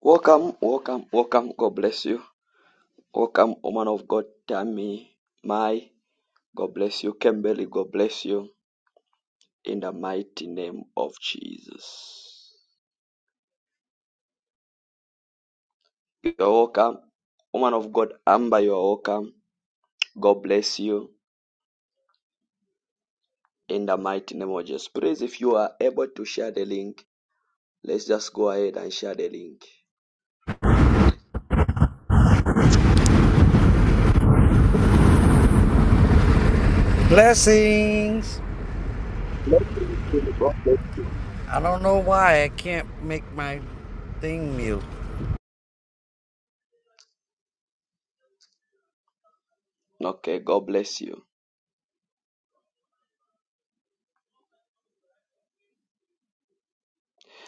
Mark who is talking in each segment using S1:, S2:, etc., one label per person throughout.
S1: Welcome, welcome, welcome. God bless you. Welcome, woman of God, Tammy, Mai. God bless you, Kimberly. God bless you in the mighty name of Jesus. You're welcome, woman of God, Amber. You're welcome. God bless you in the mighty name of Jesus. Please, if you are able to share the link, let's just go ahead and share the link.
S2: Blessings. I don't know why I can't make my thing mute.
S1: Okay, God bless you.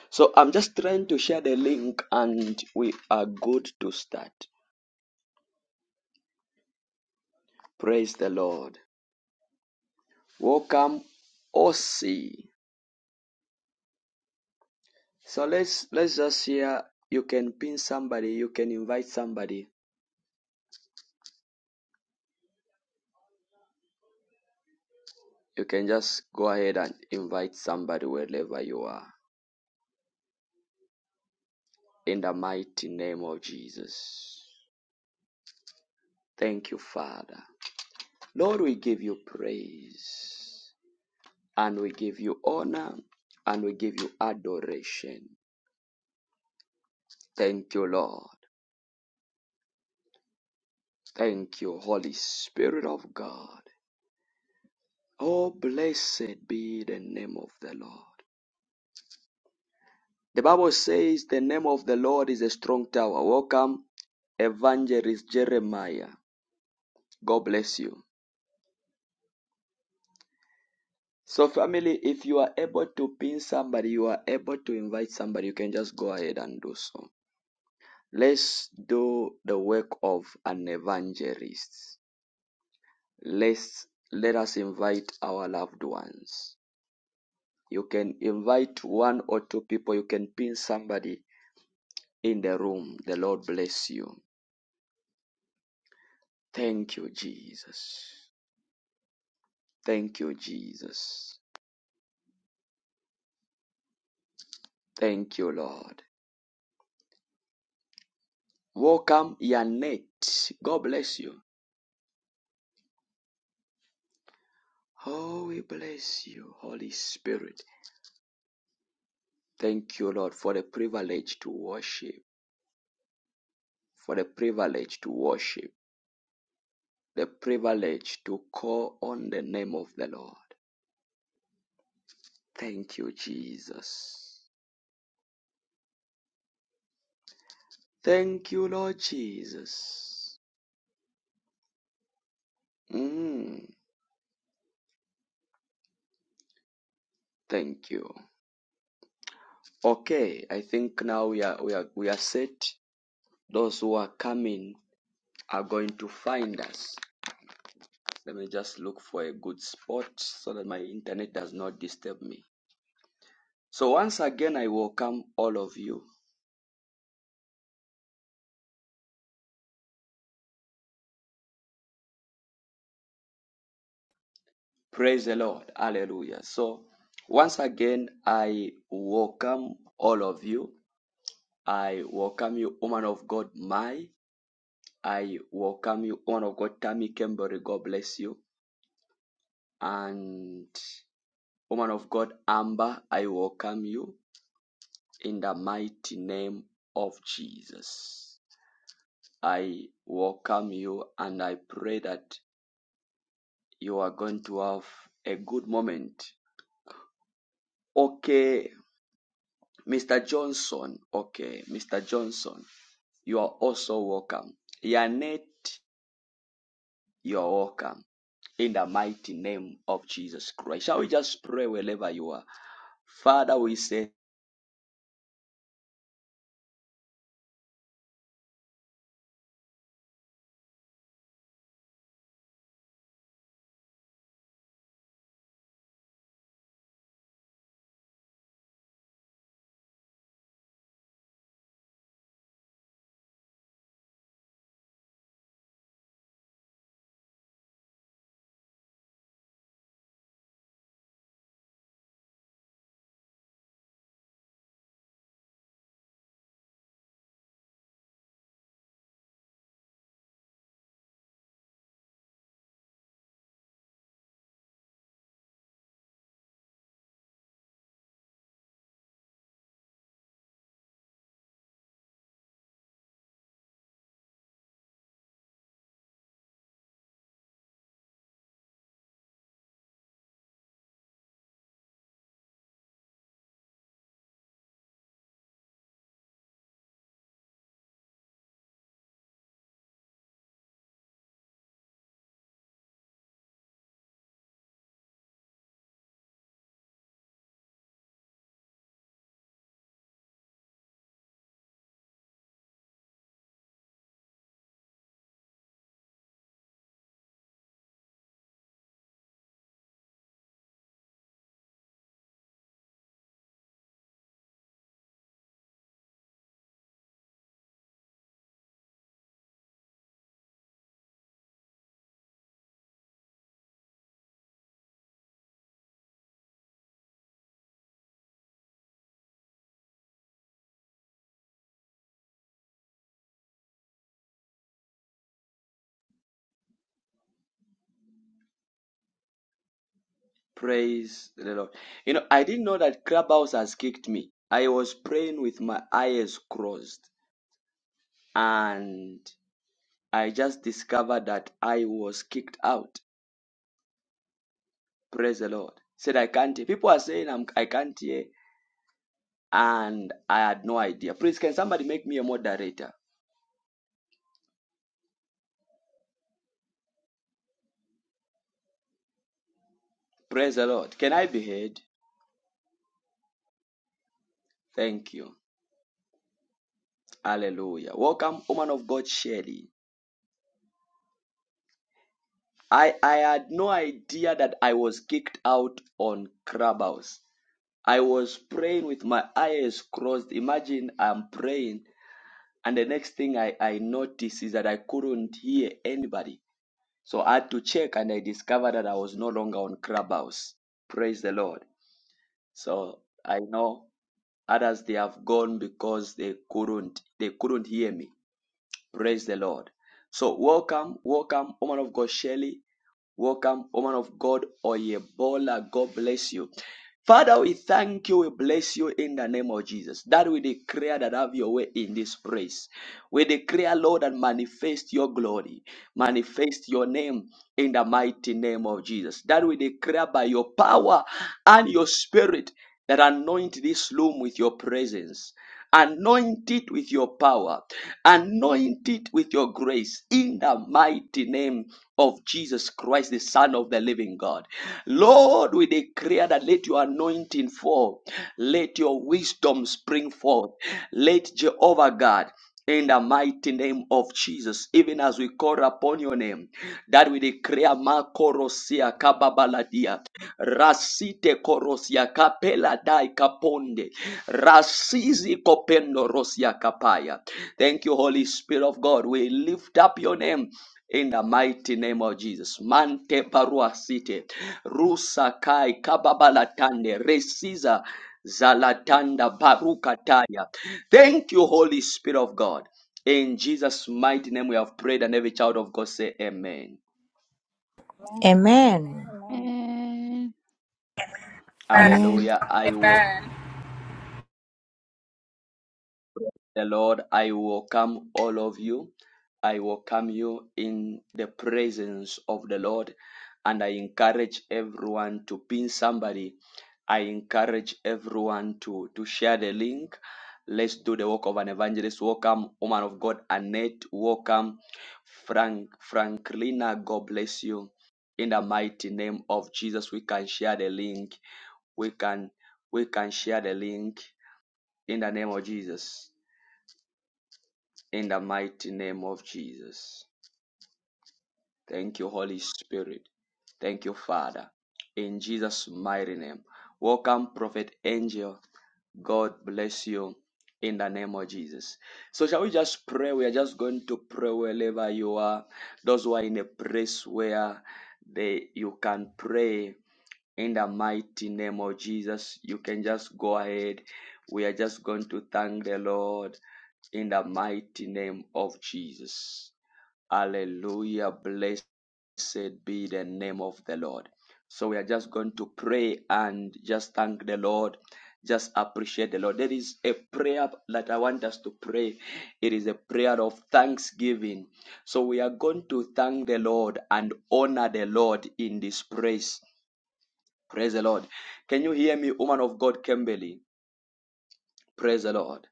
S1: So I'm just trying to share the link and we are good to start. Praise the Lord. Welcome Aussie. So let's let's just hear. You can pin somebody, you can invite somebody. You can just go ahead and invite somebody wherever you are. In the mighty name of Jesus. Thank you, Father. Lord, we give you praise and we give you honor and we give you adoration. Thank you, Lord. Thank you, Holy Spirit of God. Oh, blessed be the name of the Lord. The Bible says the name of the Lord is a strong tower. Welcome, Evangelist Jeremiah. God bless you. So, family, if you are able to pin somebody, you are able to invite somebody, you can just go ahead and do so. Let's do the work of an evangelist. Let's let us invite our loved ones. You can invite one or two people, you can pin somebody in the room. The Lord bless you. Thank you, Jesus. Thank you, Jesus. Thank you, Lord. Welcome, Yanette. God bless you. Oh, we bless you, Holy Spirit. Thank you, Lord, for the privilege to worship, for the privilege to worship, the privilege to call on the name of the Lord. Thank you, Jesus. Thank you, Lord Jesus. Mm, thank you. Okay, I think now we are we are we are set. Those who are coming are going to find us. Let me just look for a good spot so that my internet does not disturb me. So once again, I welcome all of you. Praise the Lord. Hallelujah. So once again, I welcome all of you. I welcome you, woman of God, Mai. I welcome you, woman of God, Tammy Kembury. God bless you. And woman of God, Amber, I welcome you in the mighty name of Jesus. I welcome you and I pray that you are going to have a good moment. Okay, Mr. Johnson. Okay, Mr. Johnson, you are also welcome. Yanet, you are welcome. In the mighty name of Jesus Christ. Shall we just pray wherever you are? Father, we say, Praise the Lord. You know, I didn't know that Clubhouse has kicked me. I was praying with my eyes closed and I just discovered that I was kicked out. Praise the Lord. Said I can't. hear." People are saying I'm, I can't hear, and I had no idea. Please, can somebody make me a moderator? Praise the Lord. Can I be heard? Thank you. Hallelujah. Welcome, woman of God, Shelley. I, I had no idea that I was kicked out on Clubhouse. I was praying with my eyes crossed. Imagine I'm praying, and the next thing I, I notice is that I couldn't hear anybody. So I had to check and I discovered that I was no longer on Clubhouse. Praise the Lord. So I know others they have gone because they couldn't they couldn't hear me. Praise the Lord. So welcome, welcome, woman of God Shelley. Welcome, woman of God Oyebola. God bless you. Father, we thank you, we bless you in the name of Jesus. That we declare that have your way in this place. We declare, Lord, and manifest your glory. Manifest your name in the mighty name of Jesus. That we declare by your power and your spirit that anoint this room with your presence. Anoint it with your power. Anoint it with your grace in the mighty name of Jesus Christ, the Son of the living God. Lord, we declare that let your anointing fall. Let your wisdom spring forth. Let Jehovah God in the mighty name of Jesus, even as we call upon your name, that we declare Makorosia Kababaladia, Rasite Korosia Kapela Dai Kaponde, Rasizi Kopendo Rosia Kapaya. Thank you, Holy Spirit of God. We lift up your name. In the mighty name of Jesus, Mante Parua City, Rusa Kai Kababalatande, Resiza Zalatanda Barukataya. Thank you, Holy Spirit of God. In Jesus' mighty name, we have prayed, and every child of God say, Amen.
S3: Amen.
S4: Amen.
S3: Amen.
S5: Amen.
S6: Amen.
S7: Amen.
S1: Hallelujah. I will
S6: Amen.
S1: the Lord, I welcome all of you. I welcome you in the presence of the Lord, and I encourage everyone to pin somebody. I encourage everyone to, to share the link. Let's do the work of an evangelist. Welcome, woman of God, Annette. Welcome, Frank Franklina. God bless you. In the mighty name of Jesus, we can share the link. We can we can share the link in the name of Jesus in the mighty name of Jesus. Thank you, Holy Spirit. Thank you, Father. In Jesus' mighty name. Welcome, Prophet Angel. God bless you in the name of Jesus. So, shall we just pray? We are just going to pray wherever you are. Those who are in a place where they you can pray in the mighty name of Jesus. You can just go ahead. We are just going to thank the Lord in the mighty name of Jesus. Hallelujah. Bless Blessed be the name of the Lord. So we are just going to pray and just thank the Lord. Just appreciate the Lord. There is a prayer that I want us to pray. It is a prayer of thanksgiving. So we are going to thank the Lord and honor the Lord in this praise. Praise the Lord. Can you hear me, woman of God, Kimberly? Praise the Lord.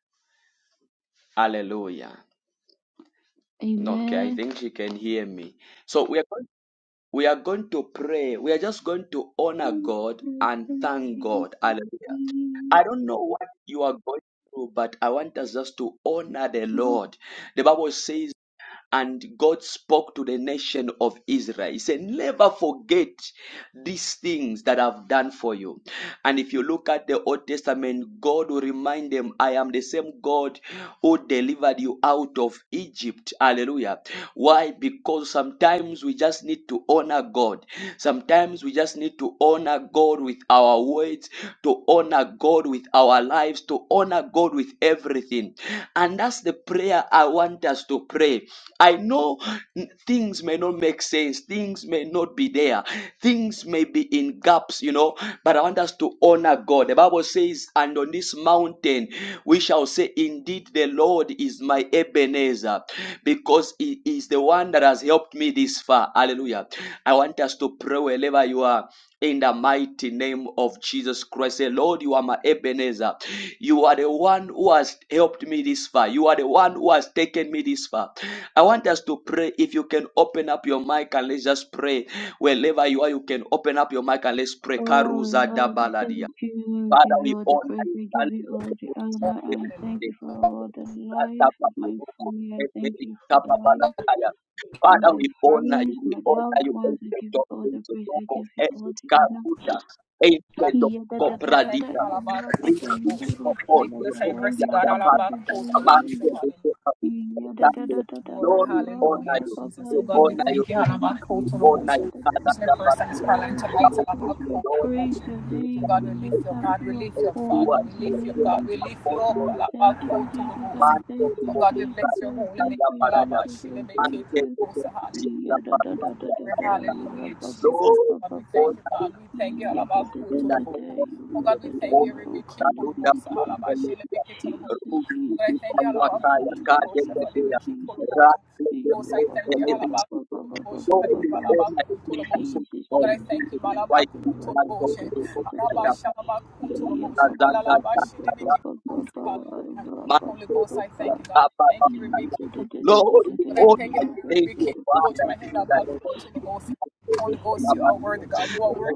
S1: Hallelujah. Okay, I
S5: Amen.
S1: think she can hear me. So we are going. We are going to pray. We are just going to honor
S5: Thank
S1: God
S5: you
S1: and
S5: for
S1: thank
S5: being
S1: God.
S5: with
S1: Hallelujah.
S5: me.
S1: I don't know what you are going through, but I want us just to honor the
S5: Lord,
S1: Lord. The Bible says and God spoke to the nation of Israel. He said, Never forget these things that I've done for you. And if you look at the Old Testament, God will remind them, I am the same God who delivered you out of Egypt. Hallelujah. Why? Because sometimes we just need to honor God. Sometimes we just need to honor God. God with our words, to honor God with our lives, to honor God with everything. And that's the prayer I want us to pray. I know n- things may not make sense, things may not be there, things may be in gaps, you know, but I want us to honor God. The Bible says, And on this mountain we shall say, Indeed, the Lord is my Ebenezer, because He is the one that has helped me this far. Hallelujah. I want us to pray wherever you are in the mighty name of Jesus Christ. Say, Lord, you are my Ebenezer. You are the one who has helped me this far. You are the one who has taken me this far. I want us to pray. If you can open up your mic and let's just pray. Wherever you are, you can open up your mic and let's pray.
S5: Oh
S1: Karuza da
S5: Lord, we thank
S1: baladi.
S5: you. We
S1: Father,
S5: give you
S1: we
S5: all the
S1: honor
S5: praise.
S1: you.
S5: We give
S1: Thank you
S5: you
S1: for
S5: all
S1: the
S5: the
S1: blessings that
S5: honor.
S1: you give
S5: I
S1: us
S5: thank
S1: today.
S5: you for all the life of my family. I thank you for the life of
S1: Father,
S5: my
S1: we honor
S5: friends,
S1: you, we
S5: my
S1: honor
S5: loved
S1: you,
S5: ones. I
S1: ancient
S5: give you
S1: of
S5: all
S1: days,
S5: the
S1: O
S5: praise.
S1: Lord
S5: I
S1: of
S5: give you all
S1: ages,
S5: the honor.
S1: Karuda, ancient of
S5: Yadadadadada,
S1: Copradita, Rich people
S5: Rabadayimbaru,
S1: of all, O Lord,
S5: Kalabadayimbaru,
S1: Yadavata, Master of
S5: Zabadayimbaru,
S1: the Family,
S5: Yadadadadada,
S1: Lord, we honor you, we honor
S5: Rabababababaimaru,
S1: you, O Jesus, we
S5: Kalibidimbaru,
S1: honor you, Father,
S5: Zabadayim.
S1: Yadavata,
S5: Oh
S1: Lord, we
S5: Jesus,
S1: thank you,
S5: we
S1: Lord.
S5: praise your name, we lift up your holy name. I thank you, Jesus, I thank you, Jesus, I thank you, Jesus, I thank you. Yadadadadadada, rabababababa,
S1: Lord, in the name
S5: yadadadadada,
S1: of Jesus, we
S5: yorobada,
S1: hold you, Kaduda,
S5: marokalibidididi.
S1: Hallelujah.
S5: Jesus, Jesus,
S1: Ruki,
S5: Jesus,
S1: Pawataya,
S5: Jesus, Jesus,
S1: Kadekeya,
S5: Jesus.
S1: Raki, Elebisi. Glory,
S5: Yabababababababababa.
S1: honor, We in the name
S5: Jesus,
S1: of
S5: Jesus,
S1: Jesus Christ,
S5: Jesus,
S1: we are going to go to the
S5: radadadadadadada.
S1: Kappa. Rasta, Zanda, Zanda, Zanda,
S5: Yababababababababa,
S1: Manto,
S5: rakabababa.
S1: Rukia, Kappa, Kappa. Lord, we
S5: Yadadadadadadada,
S1: honor you, thank you, Father, in the
S5: rabadabadabadabadabada.
S1: name of Jesus. Manto,
S5: Jesus,
S1: Rukia, Kappa,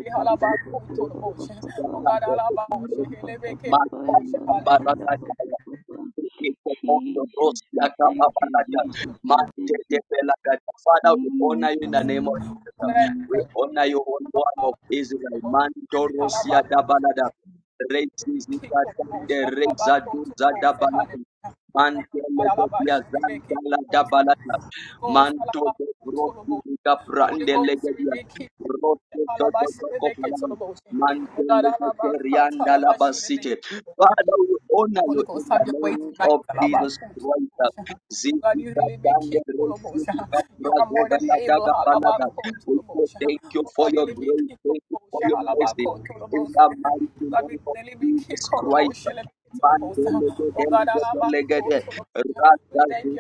S5: we thank you, Jesus, we thank you.
S1: Father, we honor you in the name of Jesus.
S5: Jesus.
S1: We honor you, on one of Israel. Mandoros Yadabalada. Rechizikatande Rezaduza Dabalada. Mandele Zanta La Dabalada. Manto de Rosi Rica Prande Legadia. Rosso Toto Toko Palawan. Manto Legadia Rianda Labasite. Father, we honor you in the name of Jesus Christ. Zikita Dande Rosi Rica Prazo Vela Daga Palada. We say thank you for your grace. Thank you for your mercy. In the mighty name of Jesus Christ. Manto Legadia Legadia Legadia. Thank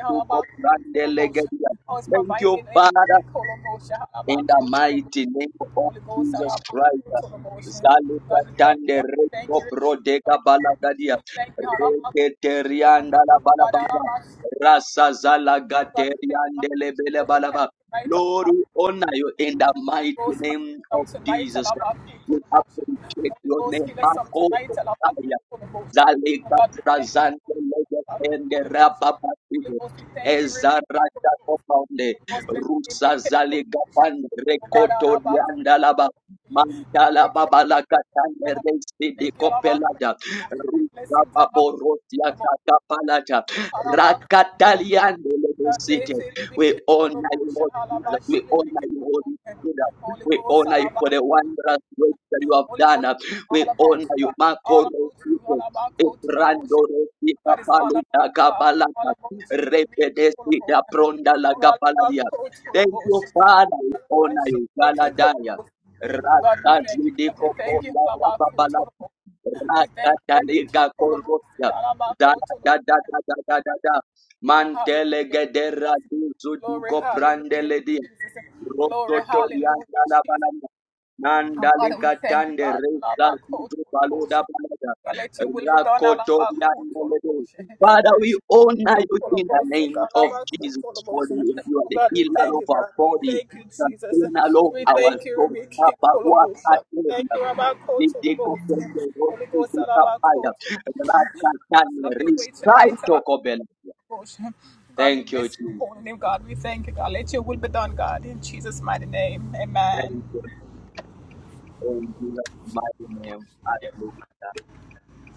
S1: you, Father, in the mighty name of Jesus Christ. Zalika tande reko prodeka balagadia. Reke terianda la balabalaba. Rasa zalaga teriande lebele balaba. Lord, we honor you in the mighty name of Jesus. We appreciate your name. Ako Otaya. Zalika prazante lege tende rababatigo. Ezara jakobaunde rusa zale gapan rekoto rianda laba babala katane resi de kopelada rusa baborotia kakapalata rakataliande lebesite we honor you Lord Jesus we honor you Holy Spirit we honor you for the wondrous work that you have done we honor you Marco Ebrando Rosita Paluta Gabalata Repedesita Pronda la Gabaladia Thank you, Father. We honor you. Galadaya. Rasadidiko Fonda Rapapala. Rakataliga Korosia. Da da da da da da da da. Mantele gedera duzu dugo prandele Rokotorianda la balanda. Nandali katande reza zizo baluda balada. Rakotorianda lebe. Father, we honor you in the name of Jesus. for the- You are the healer of our body, the healer of our soul. Kabaruakatenda. Nitikopende rosikikapaya. Rakatande risaitokobela. Thank you, Jesus. Thank you. In Jesus' mighty name. Hallelujah.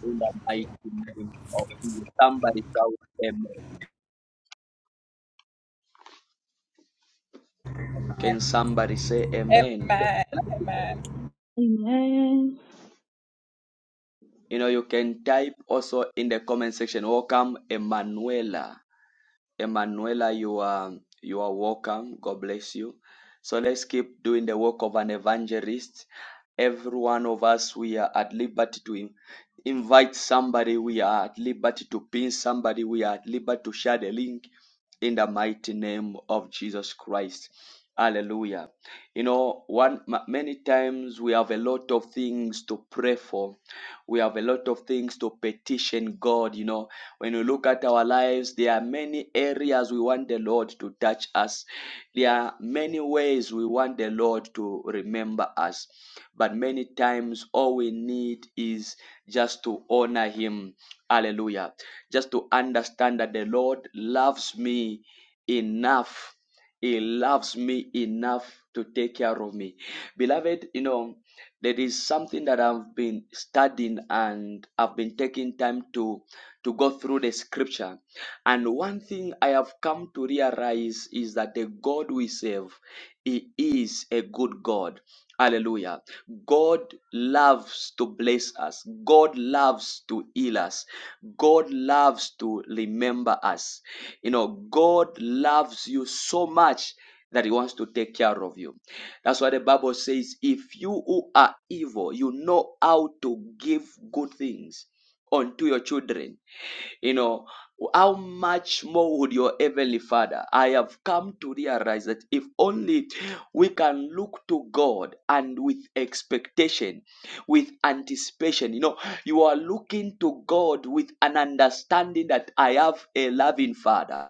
S1: in the mighty name of Jesus. Somebody shout amen. Can somebody say amen?
S5: Amen.
S1: You know, you can type also in the comment section, welcome Emanuela. Emanuela, you are you are welcome. God bless you. So let's keep doing the work of an evangelist. Every one of us, we are at liberty to in- invite somebody. We are at liberty to pin somebody. We are at liberty to share the link in the mighty name of Jesus Christ. Hallelujah. You know, one ma- many times we have a lot of things to pray for. We have a lot of things to petition God, you know when you look at our lives, there are many areas we want the Lord to touch us. There are many ways we want the Lord to remember us. But many times, all we need is just to honor Him. Hallelujah. Just to understand that the Lord loves me enough. He loves me enough to take care of me. Beloved, you know, there is something that I've been studying and I've been taking time to to go through the scripture. And one thing I have come to realize is that the God we serve, He is a good God. Hallelujah. God loves to bless us. God loves to heal us. God loves to remember us. You know, God loves you so much that He wants to take care of you. That's why the Bible says, if you who are evil, you know how to give good things unto your children you know, how much more would your Heavenly Father? I have come to realize that if only we can look to God and with expectation, with anticipation, you know, you are looking to God with an understanding that I have a loving Father.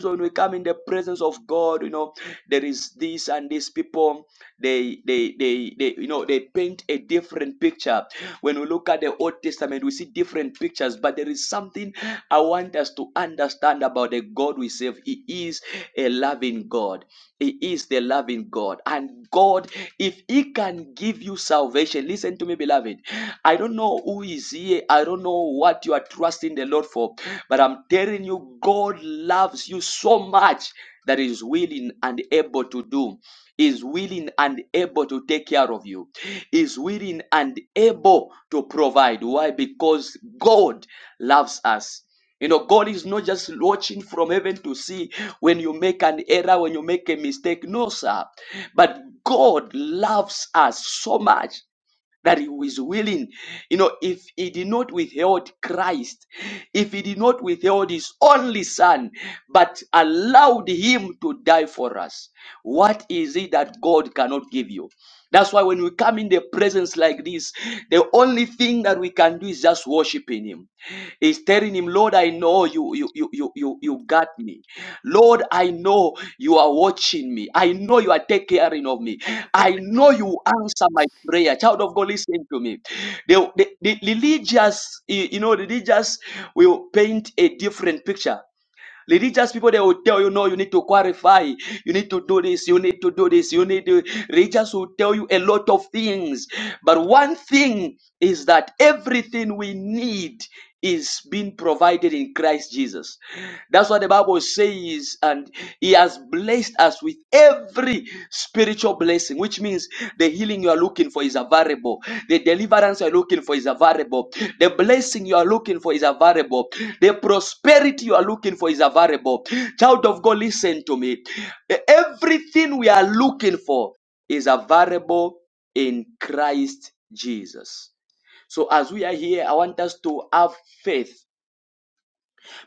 S1: So when we come in the presence of God, you know, there is this and these people, they, they, they, they, you know, they paint a different picture when we look at the Old Testament, we see different pictures, but there is something I want us to understand about the God we serve. He is a loving God. He is the loving God. And God, if He can give you salvation, listen to me, beloved. I don't know who is here. I don't know what you are trusting the Lord for, but I'm telling you, God loves you so much that He is willing and able to do is willing and able to take care of you, is willing and able to provide. Why? Because God loves us. You know, God is not just watching from heaven to see when you make an error, when you make a mistake. No, sir. But God loves us so much that he was willing. You know, if he did not withhold Christ, if he did not withhold his only son, but allowed him to die for us, what is it that God cannot give you? That's why when we come in the presence like this, the only thing that we can do is just worshiping him. Is telling him, Lord, I know you you you you you, you got me. Lord, I know you are watching me. I know you are taking care of me. I know you answer my prayer. Child of God, listen to me. The, the, the religious, you you know, religious will paint a different picture. Religious people, they will tell you, no, you need to qualify. You need to do this. You need to do this. You need to. Religious will tell you a lot of things. But one thing is that everything we need is being provided in Christ Jesus. That's what the Bible says. And he has blessed. Placed us with every spiritual blessing, which means the healing you are looking for is available, the deliverance you are looking for is available, the blessing you are looking for is available, the prosperity you are looking for is available. Child of God, listen to me. Everything we are looking for is available in Christ Jesus. So, as we are here, I want us to have faith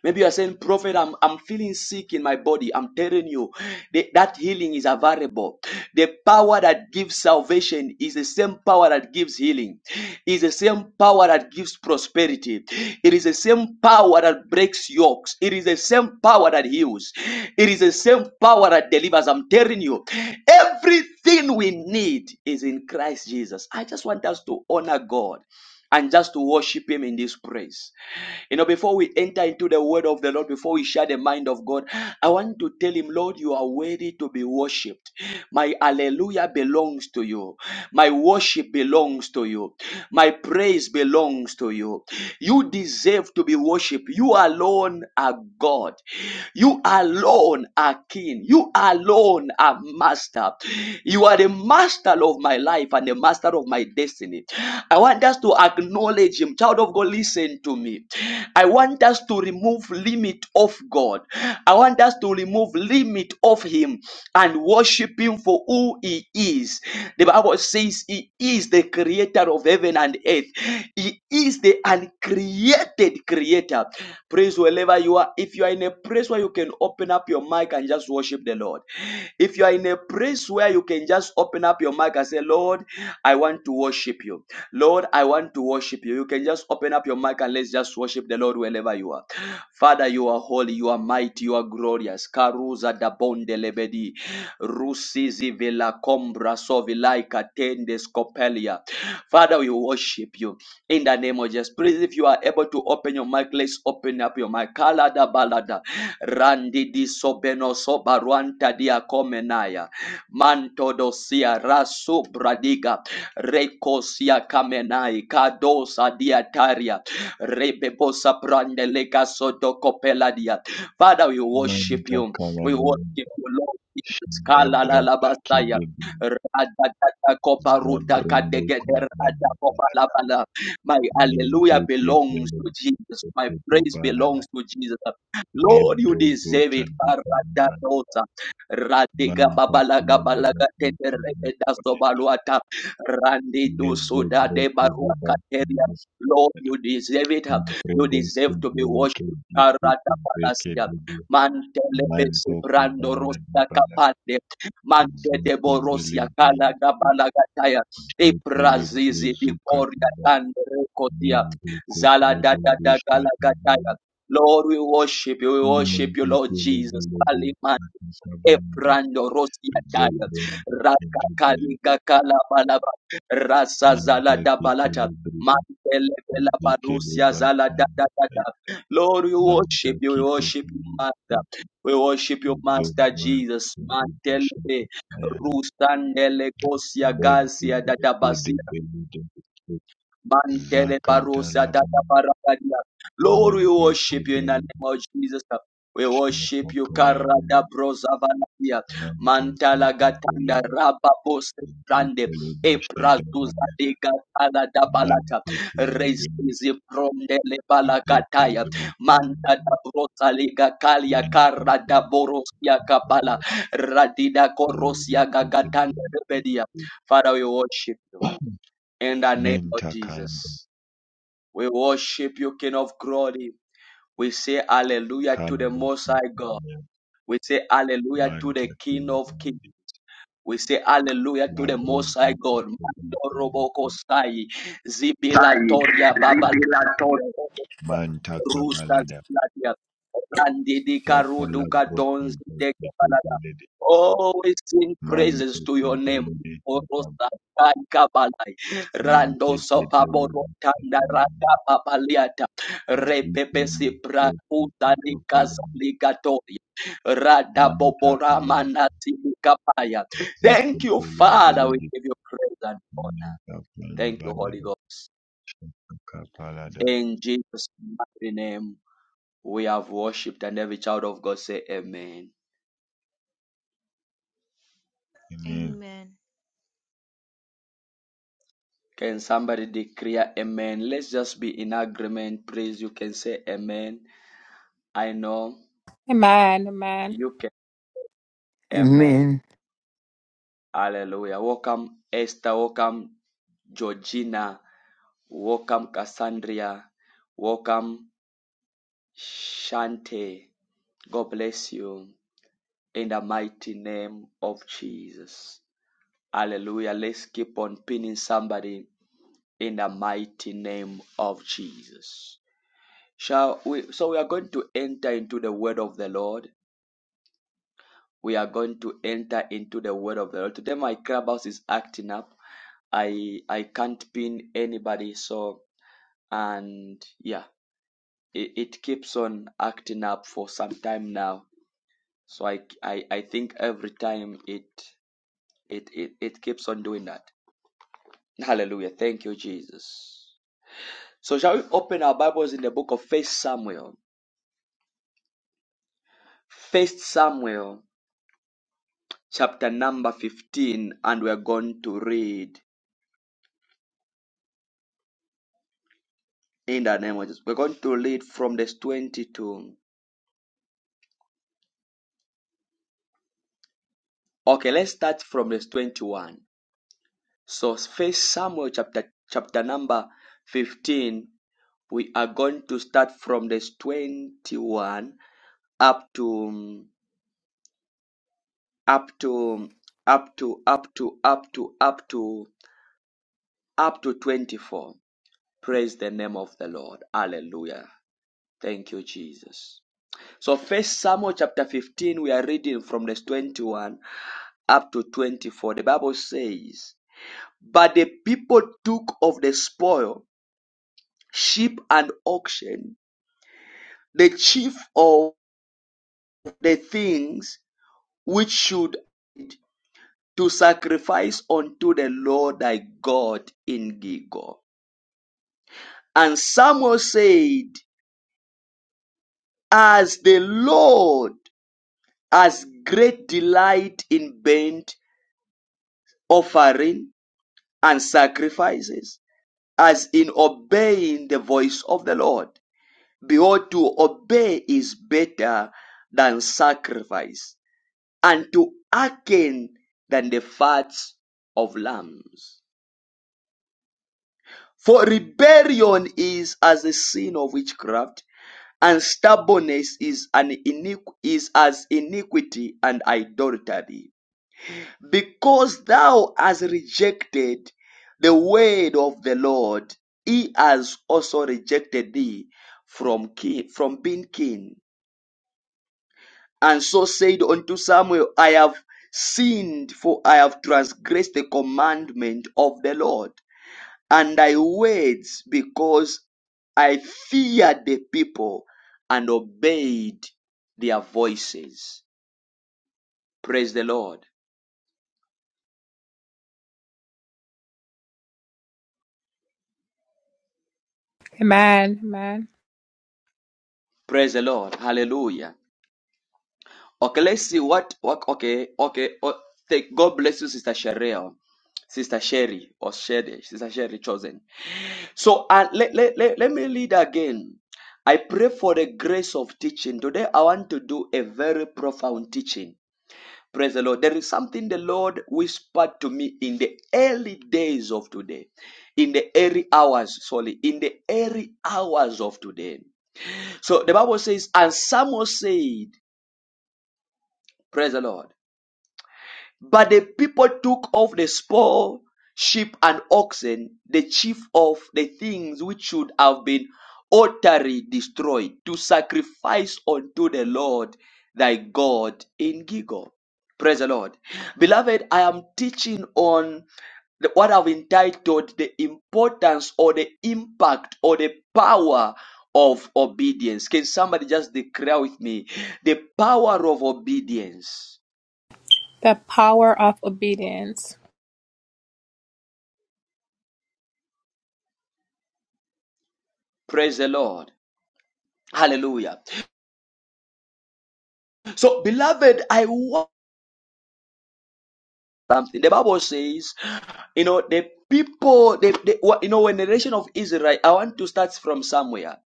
S1: Maybe you are saying, Prophet, I'm, I'm feeling sick in my body. I'm telling you, the- that healing is available. The power that gives salvation is the same power that gives healing, is the same power that gives prosperity. It is the same power that breaks yokes. It is the same power that heals. It is the same power that delivers. I'm telling you, everything we need is in Christ Jesus. I just want us to honor God and just to worship him in this praise. You know, before we enter into the word of the Lord, before we share the mind of God, I want to tell him, Lord, you are worthy to be worshipped. My hallelujah belongs to you. My worship belongs to you. My praise belongs to you. You deserve to be worshipped. You alone are God. You alone are King. You you alone are master. You are the master of my life and the master of my destiny. I want us to acknowledge Him. Child of God, listen to me. I want us to remove limit of God. I want us to remove limit of Him and worship Him for who He is. The Bible says He is the creator of heaven and earth. He is is the uncreated creator. Praise wherever you are. If you are in a place where you can open up your mic and just worship the Lord. If you are in a place where you can just open up your mic and say, Lord, I want to worship you. Lord, I want to worship you. You can just open up your mic and let's just worship the Lord wherever you are. Father, you are holy, you are mighty, you are glorious. Karuza da bonde lebedi. Rusizi vela combra sovilaika tendes scopelia. Father, we worship you in the name of Jesus. Please, if you are able to open your mic, let's open up your mic. Kalada balada. Randi di sobeno sobaruanta dia comenaya. Manto dosia rasu bradiga. rekosia kamenai. Kadosa diataria. Rebebosa brandelega soto copeladia. Father, we worship
S8: Manta
S1: you. We worship
S8: Calavera
S1: you, Lord. Jesus.
S8: and Abrata Kid
S1: Kalalalabasaya. Radadada koparuda
S8: Zabrundu
S1: kadegede
S8: Kujana balaka
S1: radakopalabala. My
S8: Mente
S1: hallelujah belongs
S8: Ketele
S1: to Jesus. My
S8: Koto
S1: praise
S8: Banana
S1: belongs to Jesus. Lord, you
S8: Lebrezo
S1: deserve it.
S8: Chandukuba
S1: Paradadosa. Radiga
S8: Manta
S1: babalaga balaga
S8: Kilebratu
S1: tendereke
S8: Napaneta
S1: dasobaluata. Randidu
S8: Levo
S1: suda de
S8: Bretu Goba
S1: baruakateria. Lord, you deserve it. You
S8: Impredesu
S1: deserve to be
S8: Beleke
S1: worshipped.
S8: Jesu Kubreke
S1: Paradabalasia.
S8: Bibu
S1: Mantele bese
S8: Manto
S1: brando
S8: Kubana
S1: rosia
S8: Napana
S1: kapande. Mante de
S8: Zake Bele
S1: borosia
S8: Bele
S1: kala e
S8: Ketele
S1: prazizi di
S8: Brezuka
S1: coria dando recotia
S8: Minduku
S1: zala da
S8: Prodo
S1: da da gala
S8: Bishataba
S1: gataya. Lord, we worship you, we worship you, Lord
S8: Minduku
S1: Jesus.
S8: Lebelebe
S1: Kaliman
S8: Katakabanda
S1: Ebrando Rosia Daya
S8: Zebrende Kedebelebe
S1: Rakakaliga balaba. Rasa Zala
S8: Manta
S1: da Dabalata
S8: Kitelebrebe
S1: Mantelebela Barusia
S8: Vikeleba
S1: Zala da da da da. Lord, we
S8: Manta
S1: worship you, we worship you, Master.
S8: Kitelebrebe
S1: We worship you, Master
S8: Zobra
S1: Jesus. Mantele
S8: Bishataya
S1: Rusandele Kosia
S8: Bendu
S1: Gasia Dadabasia
S8: Kedebelebe
S1: Mantele
S8: Zaka
S1: barosa
S8: Talaba
S1: dada barakadia. Lord, we
S8: Manto
S1: worship you in the
S8: Kodolo
S1: name of Jesus. We worship
S8: Shato
S1: you,
S8: Kalaba
S1: Karada brosa valadia.
S8: Manto
S1: Mantala gatanda rababose grande. Eprazuza de gatala da balata. Resizi prondele balagataya. Manta da brosa liga kalia karada borosia kapala. Radida korosia gagatanda rebedia. Father, we worship you in the name of
S8: Menta kalaba
S1: Jesus. We worship you, King of glory. We say hallelujah to the
S8: kalaba
S1: Most High God. We say hallelujah to
S8: manta
S1: the King of kings.
S8: kilindi
S1: We say hallelujah to the
S8: labro
S1: Most High God. Mando roboko sai zibilatoria baba
S8: manta
S1: rusa
S8: kabalada
S1: zilatia randi di
S8: chatala
S1: karuduka
S8: broko
S1: dons de kabalada.
S8: tetelede
S1: Oh, we sing
S8: manta
S1: praises to your name.
S8: tetelede chatab
S1: Orosa kai kabalai rando
S8: menta tetelede
S1: sopaboro tanda
S8: chatab
S1: raka babaliata repepesi
S8: zikindi
S1: pra
S8: oto
S1: utani kazaligatoria rada
S8: Manta
S1: bobora
S8: kala
S1: manati kapaya
S8: zike
S1: Thank you,
S8: pele
S1: Father.
S8: bele
S1: We
S8: de
S1: give you praise and honor.
S8: manta pala
S1: Thank you,
S8: baya
S1: Holy
S8: de
S1: Ghost.
S8: shaka kapala da.
S1: In Jesus' mighty name, we have worshipped, and every child of God say Amen.
S9: Amen.
S1: Can somebody declare Amen? Let's just be in agreement. Please, you can say Amen. I know you can.
S10: Amen.
S1: Amen. Hallelujah. Welcome, Esther. Welcome, Georgina. Welcome, Cassandra. Welcome, Shante. God bless you. in the mighty name of Jesus. Hallelujah. Let's keep on pinning somebody in the mighty name of Jesus. Shall we, so we are going to enter into the word of the Lord. We are going to enter into the word of the Lord. Today my clubhouse is acting up. I I can't pin anybody, so and yeah, it, it keeps on acting up for some time now. So I, I I think every time it it it, it keeps on doing that. Hallelujah. Thank you, Jesus. So shall we open our Bibles in the book of First Samuel? First Samuel chapter number 15, and we're going to read in the name of Jesus. We're going to read from this 22. Okay, let's start from this 21. So First Samuel chapter chapter number 15. We are going to start from this 21 up to up to up to up to up to up to up to 24. Praise the name of the Lord. Hallelujah. Thank you, Jesus. So first Samuel chapter 15, we are reading from verse 21 up to 24. The Bible says, But the people took of the spoil sheep and oxen, the chief of the things which should to sacrifice unto the Lord thy God in Gilgal. And Samuel said, As the Lord has great delight in burnt offering and sacrifices, as in obeying the voice of the Lord. Behold, to obey is better than sacrifice, and to hearken than the fats of lambs. For rebellion is as the sin of witchcraft, and stubbornness is, an iniqu- is as iniquity and idolatry. Because thou hast rejected the word of the Lord, he has also rejected thee from king, from being king. And so said unto Samuel, I have sinned, for I have transgressed the commandment of the Lord, and thy words, because I feared the people and obeyed their voices. Praise the Lord.
S6: Amen. Amen.
S1: Praise the Lord. Hallelujah. Okay, let's see what, what okay, okay. o- thank, God bless you, Sister Sherelle. Sister Sherry or Sherry, Sister Sherry chosen. So uh, let, let, let, let me lead again. I pray for the grace of teaching. Today I want to do a very profound teaching. Praise the Lord. There is something the Lord whispered to me in the early days of today, in the early hours, sorry, in the early hours of today. So the Bible says, and Samuel said, Praise the Lord. But the people took of the spoil sheep and oxen, the chief of the things which should have been utterly destroyed, to sacrifice unto the Lord thy God in Gigor. Praise the Lord. Beloved, I am teaching on the- what I've entitled the importance or the impact or the power of obedience. Can somebody just declare with me the power of obedience?
S6: The power of obedience.
S1: Praise the Lord. Hallelujah. So, beloved, I want something. The Bible says, you know, the people, the, the, you know, when the nation of Israel, I want to start from somewhere.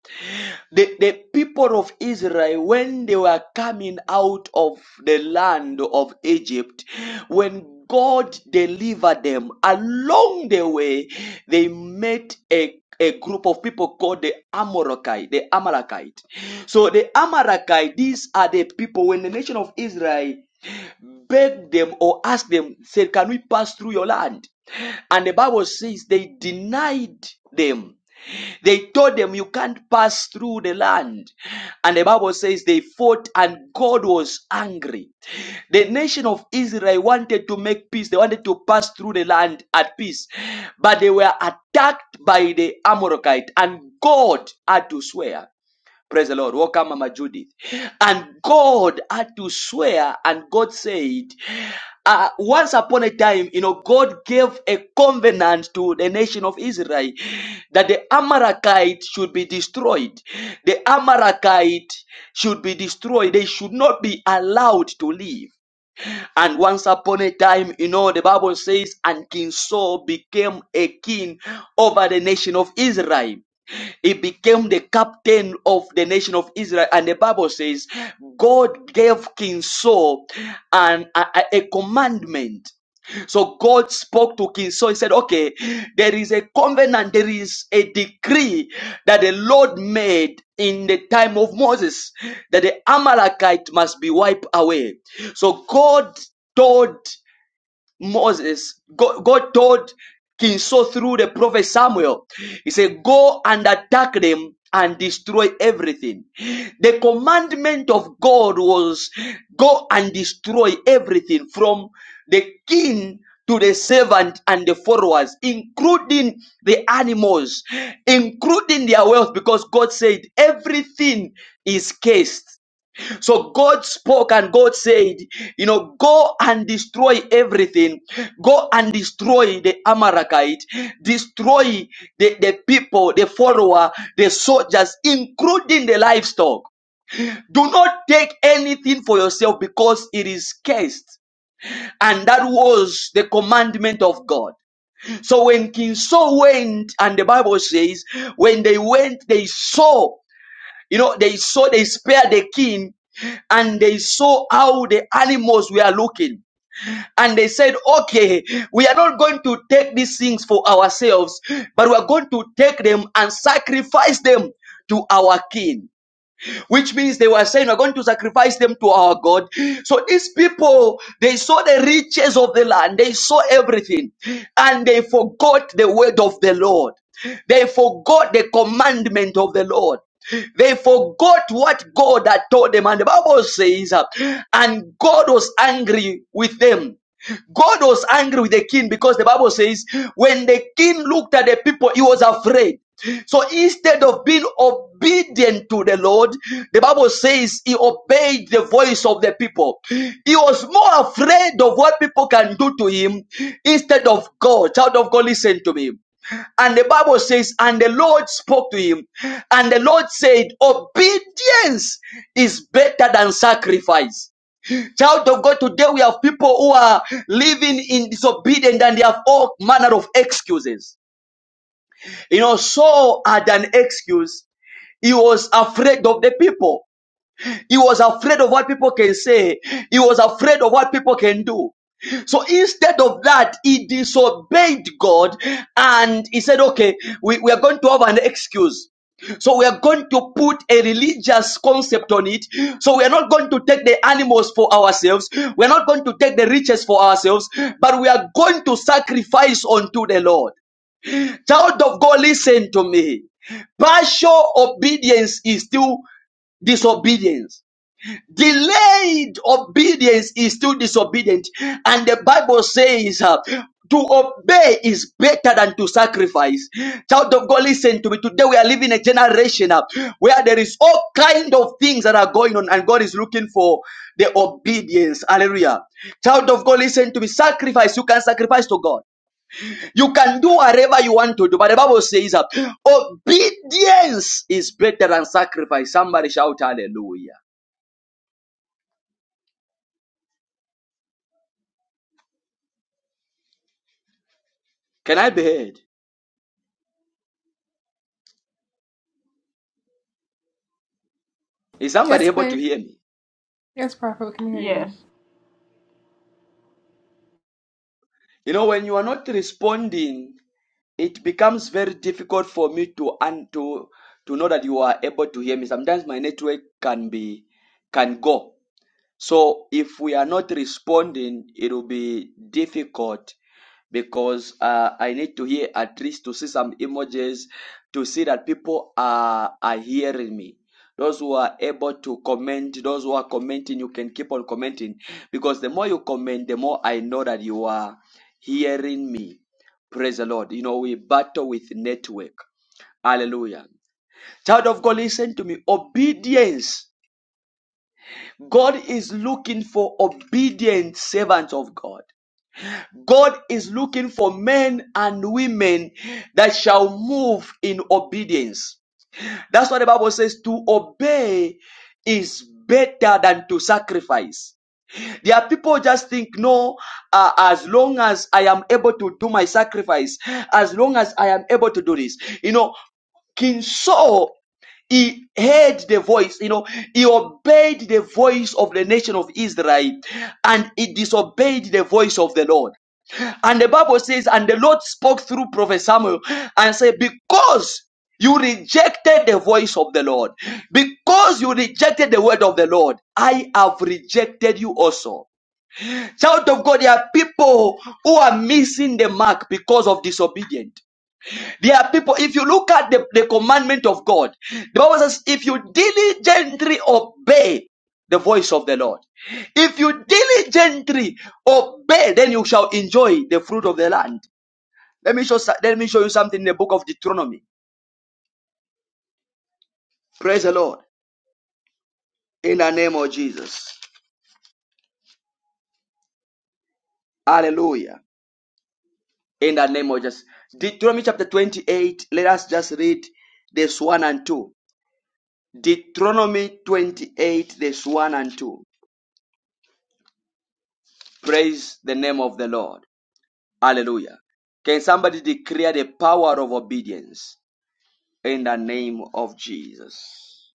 S1: The, the people of Israel, when they were coming out of the land of Egypt, when God delivered them, along the way, they met a a group of people called the Amorokite, the Amalekite. So the Amalekite, these are the people when the nation of Israel Begged them or asked them, said, Can we pass through your land? And the Bible says they denied them. They told them, You can't pass through the land. And the Bible says they fought, and God was angry. The nation of Israel wanted to make peace, they wanted to pass through the land at peace, but they were attacked by the Amorokite, and God had to swear. Praise the Lord. Welcome, Mama Judith. And God had to swear, and God said, uh, once upon a time, you know, God gave a covenant to the nation of Israel that the Amalekites should be destroyed. The Amalekites should be destroyed. They should not be allowed to live. And once upon a time, you know, the Bible says, and King Saul became a king over the nation of Israel. He became the captain of the nation of Israel. And the Bible says, God gave King Saul an, a, a a commandment so God spoke to King. So he said, okay, there is a covenant, there is a decree that the Lord made in the time of Moses that the Amalekite must be wiped away. So God told Moses, God, God told King Saul through the prophet Samuel, he said, Go and attack them and destroy everything. The commandment of God was go and destroy everything from the king to the servant and the followers, including the animals, including their wealth, because God said everything is cursed. So God spoke and God said, you know, go and destroy everything. Go and destroy the Amalekite. Destroy the, the people, the follower, the soldiers, including the livestock. Do not take anything for yourself because it is cursed. And that was the commandment of God. So when King Saul went, and the Bible says, when they went, they saw you know, they saw, they spared the king and they saw how the animals were looking. And they said, okay, we are not going to take these things for ourselves, but we are going to take them and sacrifice them to our king which means they were saying we're going to sacrifice them to our God. So these people, they saw the riches of the land, they saw everything, and they forgot the word of the Lord. They forgot the commandment of the Lord. They forgot what God had told them. And the Bible says, uh, and God was angry with them. God was angry with the king because the Bible says, when the king looked at the people, he was afraid. So instead of being obedient to the Lord, the Bible says he obeyed the voice of the people. He was more afraid of what people can do to him instead of God. Child of God, listen to me. And the Bible says, and the Lord spoke to him, and the Lord said, obedience is better than sacrifice. Child of God, today we have people who are living in disobedience and they have all manner of excuses. You know, Saul had an excuse. He was afraid of the people. He was afraid of what people can say. He was afraid of what people can do. So instead of that, he disobeyed God and he said, okay, we, we are going to have an excuse. So we are going to put a religious concept on it. So we are not going to take the animals for ourselves. We are not going to take the riches for ourselves, but we are going to sacrifice unto the Lord. Child of God, listen to me. Partial obedience is still disobedience. Delayed obedience is still disobedient. And the Bible says, uh, to obey is better than to sacrifice. Child of God, listen to me. Today we are living a generation uh, where there is all kind of things that are going on and God is looking for the obedience. Hallelujah. Child of God, listen to me. Sacrifice. You can sacrifice to God. You can do whatever you want to do, but the Bible says that obedience is better than sacrifice. Somebody shout hallelujah. Can I be heard? Is somebody
S6: Yes,
S1: able to
S6: please.
S1: hear me?
S6: Yes, Prophet, we can hear you.
S11: Yes
S1: You know, when you are not responding, it becomes very difficult for me to and to to know that you are able to hear me. Sometimes my network can be can go. So if we are not responding, it will be difficult because uh, I need to hear at least to see some images to see that people are are hearing me. Those who are able to comment, those who are commenting, you can keep on commenting because the more you comment, the more I know that you are hearing me. Praise the Lord. You know, we battle with network. Hallelujah. Child of God, listen to me. Obedience God is looking for obedient servants of God. God is looking for men and women that shall move in obedience. That's what the Bible says to obey is better than to sacrifice. There are people just think, no, uh, as long as I am able to do my sacrifice, as long as I am able to do this, you know, King Saul he heard the voice, you know, he obeyed the voice of the nation of Israel and he disobeyed the voice of the Lord. And the Bible says, and the Lord spoke through Prophet Samuel and said, Because you rejected the voice of the Lord, because you rejected the word of the Lord, I have rejected you also. Child of God, there are people who are missing the mark because of disobedience. There are people, if you look at the, the commandment of God, the Bible says, if you diligently obey the voice of the Lord, if you diligently obey, then you shall enjoy the fruit of the land. Let me show, let me show you something in the book of Deuteronomy. Praise the Lord. In the name of Jesus. Hallelujah. In the name of Jesus. Deuteronomy chapter 28. Let us just read this 1 and 2. Deuteronomy 28, this 1 and 2. Praise the name of the Lord. Hallelujah. Can somebody declare the power of obedience in the name of Jesus?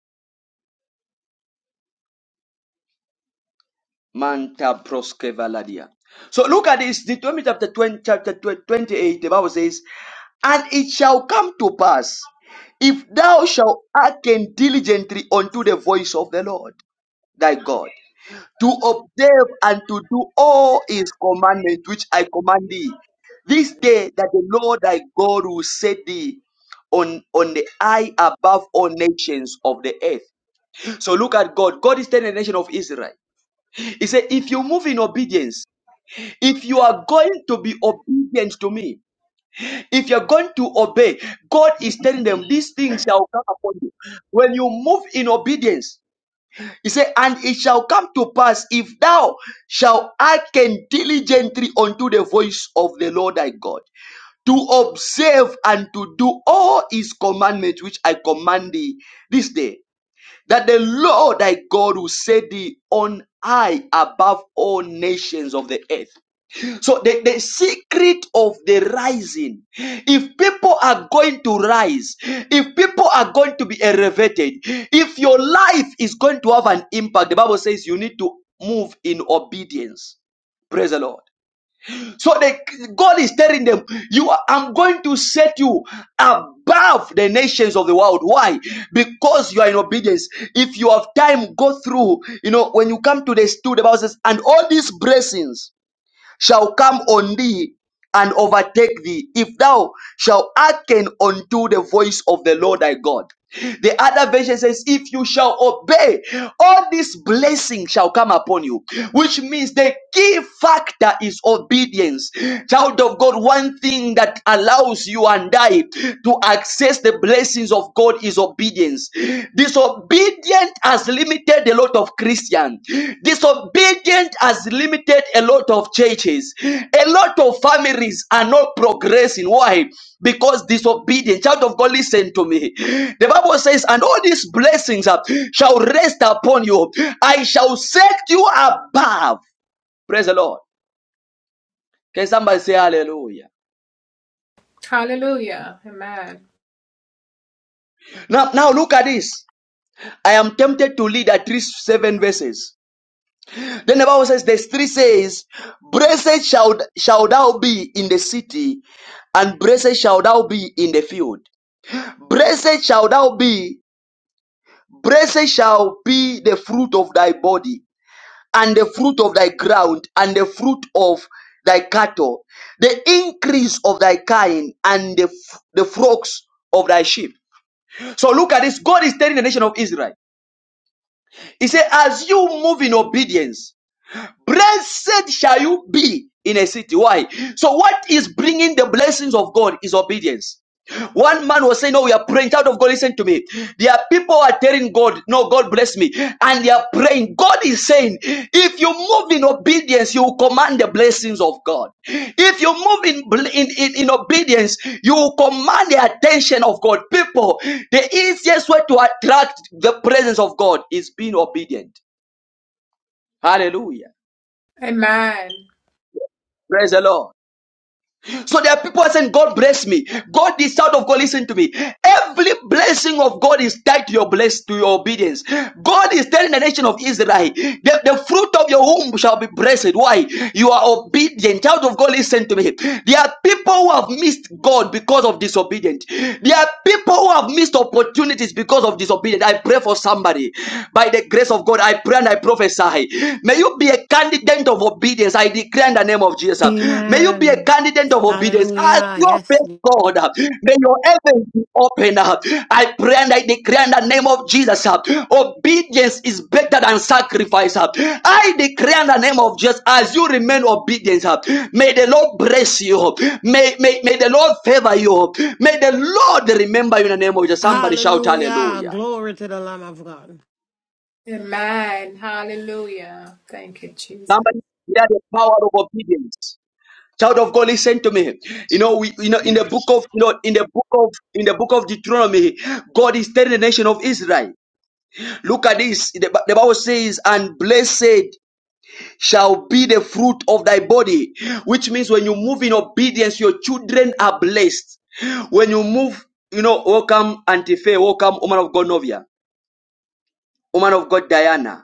S1: Manta proskevaladia. So look at this, Deuteronomy chapter 20, chapter 28, the Bible says, And it shall come to pass, if thou shalt hearken diligently unto the voice of the Lord thy God to observe and to do all his commandments which I command thee. This day that the Lord thy God will set thee on, on the high above all nations of the earth. So look at God. God is telling the nation of Israel. He said, if you move in obedience, if you are going to be obedient to me, if you're going to obey, God is telling them these things shall come upon you. When you move in obedience, he said, And it shall come to pass if thou shalt hearken diligently unto the voice of the Lord thy God, to observe and to do all his commandments which I command thee this day, that the Lord thy God will set thee on high above all nations of the earth. So the, the secret of the rising, if people are going to rise, if people are going to be elevated, if your life is going to have an impact, the Bible says you need to move in obedience. Praise the Lord. So the, God is telling them, you are, I'm going to set you above the nations of the world. Why? Because you are in obedience. If you have time, go through. You know, when you come to the stool, the Bible says, and all these blessings shall come on thee and overtake thee if thou shalt hearken unto the voice of the Lord thy God. The other version says, If you shall obey, all this blessing shall come upon you, which means the key factor is obedience. Child of God, one thing that allows you and I to access the blessings of God is obedience. Disobedient has limited a lot of Christians. Disobedient has limited a lot of churches. A lot of families are not progressing. Why? Because disobedient. Child of God, listen to me. The Bible says, and all these blessings uh, shall rest upon you. I shall set you above. Praise the Lord. Can somebody say hallelujah?
S6: Hallelujah. Amen.
S1: Now, now look at this. I am tempted to lead at least seven verses Then the Bible says, verse three says, Blessed shall, shall thou be in the city, and blessed shall thou be in the field. Blessed shall thou be, blessed shall be the fruit of thy body, and the fruit of thy ground, and the fruit of thy cattle, the increase of thy kind, and the, f- the flocks of thy sheep. So look at this. God is telling the nation of Israel. He said, As you move in obedience, Blessed shall you be in a city. Why? So, what is bringing the blessings of God is obedience. One man was saying, No, we are praying. Child of God, listen to me. There are people who are telling God, No, God bless me. And they are praying. God is saying, If you move in obedience, you will command the blessings of God. If you move in, in, in, in obedience, you will command the attention of God. People, the easiest way to attract the presence of God is being obedient. Hallelujah.
S6: Amen.
S1: Praise the Lord. So there are people who are saying, God bless me. God, the child of God, listen to me. Every blessing of God is tied to your bless to your obedience. God is telling the nation of Israel, the, the fruit of your womb shall be blessed. Why? You are obedient. Child of God, listen to me. There are people who have missed God because of disobedience. There are people who have missed opportunities because of disobedience. I pray for somebody by the grace of God. I pray and I prophesy. May you be a candidate of obedience. I declare in the name of Jesus. May you be a
S12: Amen.
S1: candidate of obedience. As
S12: Hallelujah.
S1: you
S12: Yes.
S1: obey God, may your heavens be open. I pray and I declare in the name of Jesus. Obedience is better than sacrifice. I declare in the name of Jesus. As you remain obedient, may the Lord bless you. May, may, may the Lord favor you. May the Lord remember you in the name of Jesus. Somebody shout
S12: Hallelujah.
S1: hallelujah.
S12: Glory to the Lamb of God.
S6: Amen. Hallelujah. Thank you, Jesus.
S1: Somebody declare the power of obedience. Child of God, listen to me. You know, we you know in the book of you know in the book of in the book of Deuteronomy, God is telling the nation of Israel. Look at this. The, Bi- the Bible says, "And blessed shall be the fruit of thy body," which means when you move in obedience, your children are blessed. When you move, you know, welcome Auntie Faye, welcome woman of God Novia, woman of God Diana.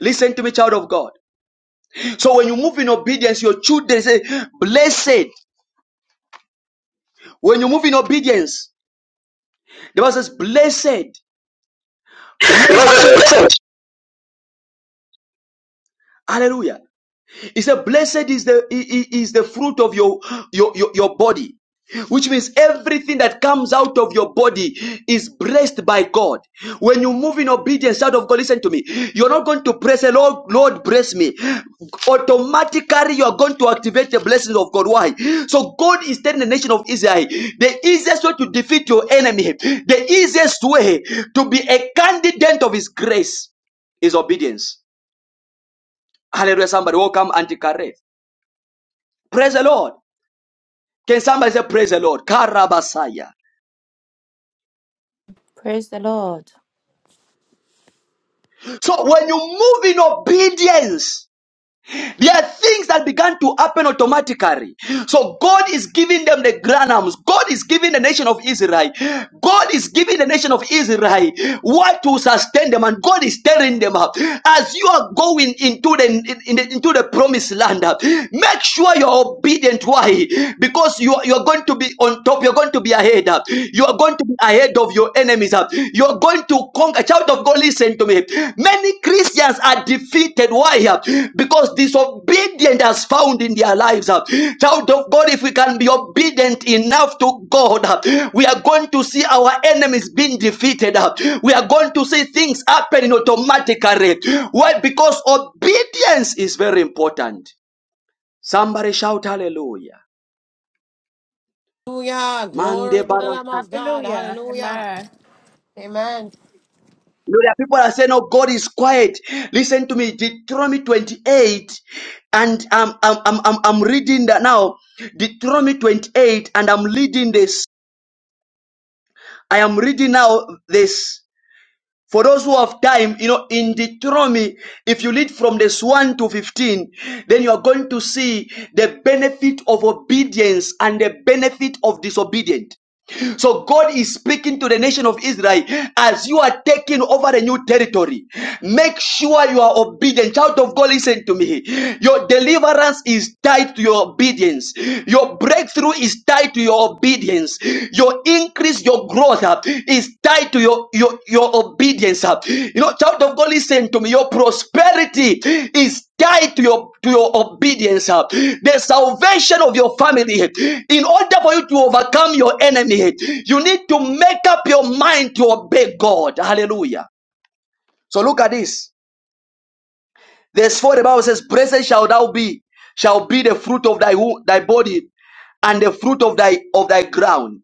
S1: Listen to me, child of God. So when you move in obedience, your children say, "Blessed." When you move in obedience. The Bible says, Blessed, blessed,
S13: listen
S1: hallelujah, He said, Blessed is the is the fruit of your your your, your body. Which means everything that comes out of your body is blessed by God. When you move in obedience out of God, listen to me. You're not going to pray, say, Lord, Lord, bless me. Automatically, you're going to activate the blessings of God. Why? So God is telling the nation of Israel, the easiest way to defeat your enemy, the easiest way to be a candidate of his grace is obedience. Hallelujah, somebody. Welcome, Auntie Kareth. Praise the Lord. Can somebody say, Praise the Lord? Karabasaya.
S4: Praise the Lord.
S1: So when you move in obedience, there are things that began to happen automatically. So God is giving them the granums. God is giving the nation of Israel. God is giving the nation of Israel what to sustain them, and God is telling them up as you are going into the, in- in the- into the promised land. uh, Make sure you're obedient. Why? Because you are, you are going to be on top. You're going to be ahead. uh, You are going to be ahead of of your enemies. uh, You're going to conquer. Child of God, listen to me. Many Christians are defeated. Why? uh? Because disobedience has found in their lives. uh. Child of God, if we can be obedient enough to God, uh, we are going to see our enemies being defeated. uh. We are going to see things happening automatically. Why? Because obedience is very important. Somebody shout hallelujah.
S12: Hallelujah.
S1: Mande
S12: Glory to the
S1: bara
S12: Lamb of God. Hallelujah. Amen.
S1: You know, there are people that say, no, God is quiet. Listen to me. Deuteronomy 28, and I'm, I'm, I'm, I'm I'm reading that now. Deuteronomy 28, and I'm reading this. I am reading now this. For those who have time, you know, in Deuteronomy, if you read from this 1 to 15, then you are going to see the benefit of obedience and the benefit of disobedience. So God is speaking to the nation of Israel as you are taking over a new territory. Make sure you are obedient. Child of God, listen to me. Your deliverance is tied to your obedience. Your breakthrough is tied to your obedience. Your increase, your growth up is tied to your your your obedience uh. you know child of god listen to me your prosperity is tied to your to your obedience uh. the salvation of your family in order for you to overcome your enemy you need to make up your mind to obey god hallelujah so look at this verse 4 the bible says blessed shall thou be shall be the fruit of thy wo- thy body and the fruit of thy of thy ground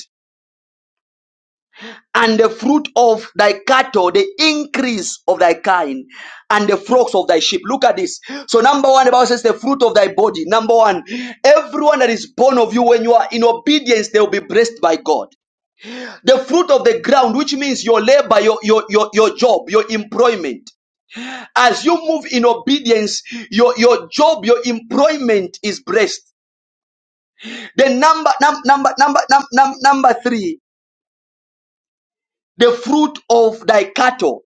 S1: and the fruit of thy cattle, the increase of thy kind, and the flocks of thy sheep. Look at this. So, number one, the Bible says, the fruit of thy body. Number one, everyone that is born of you, when you are in obedience, they will be blessed by God. The fruit of the ground, which means your labor, your, your, your, your job, your employment. As you move in obedience, your, your job, your employment is blessed. Then number, num, number, number, num, num, number three, the fruit of thy cattle.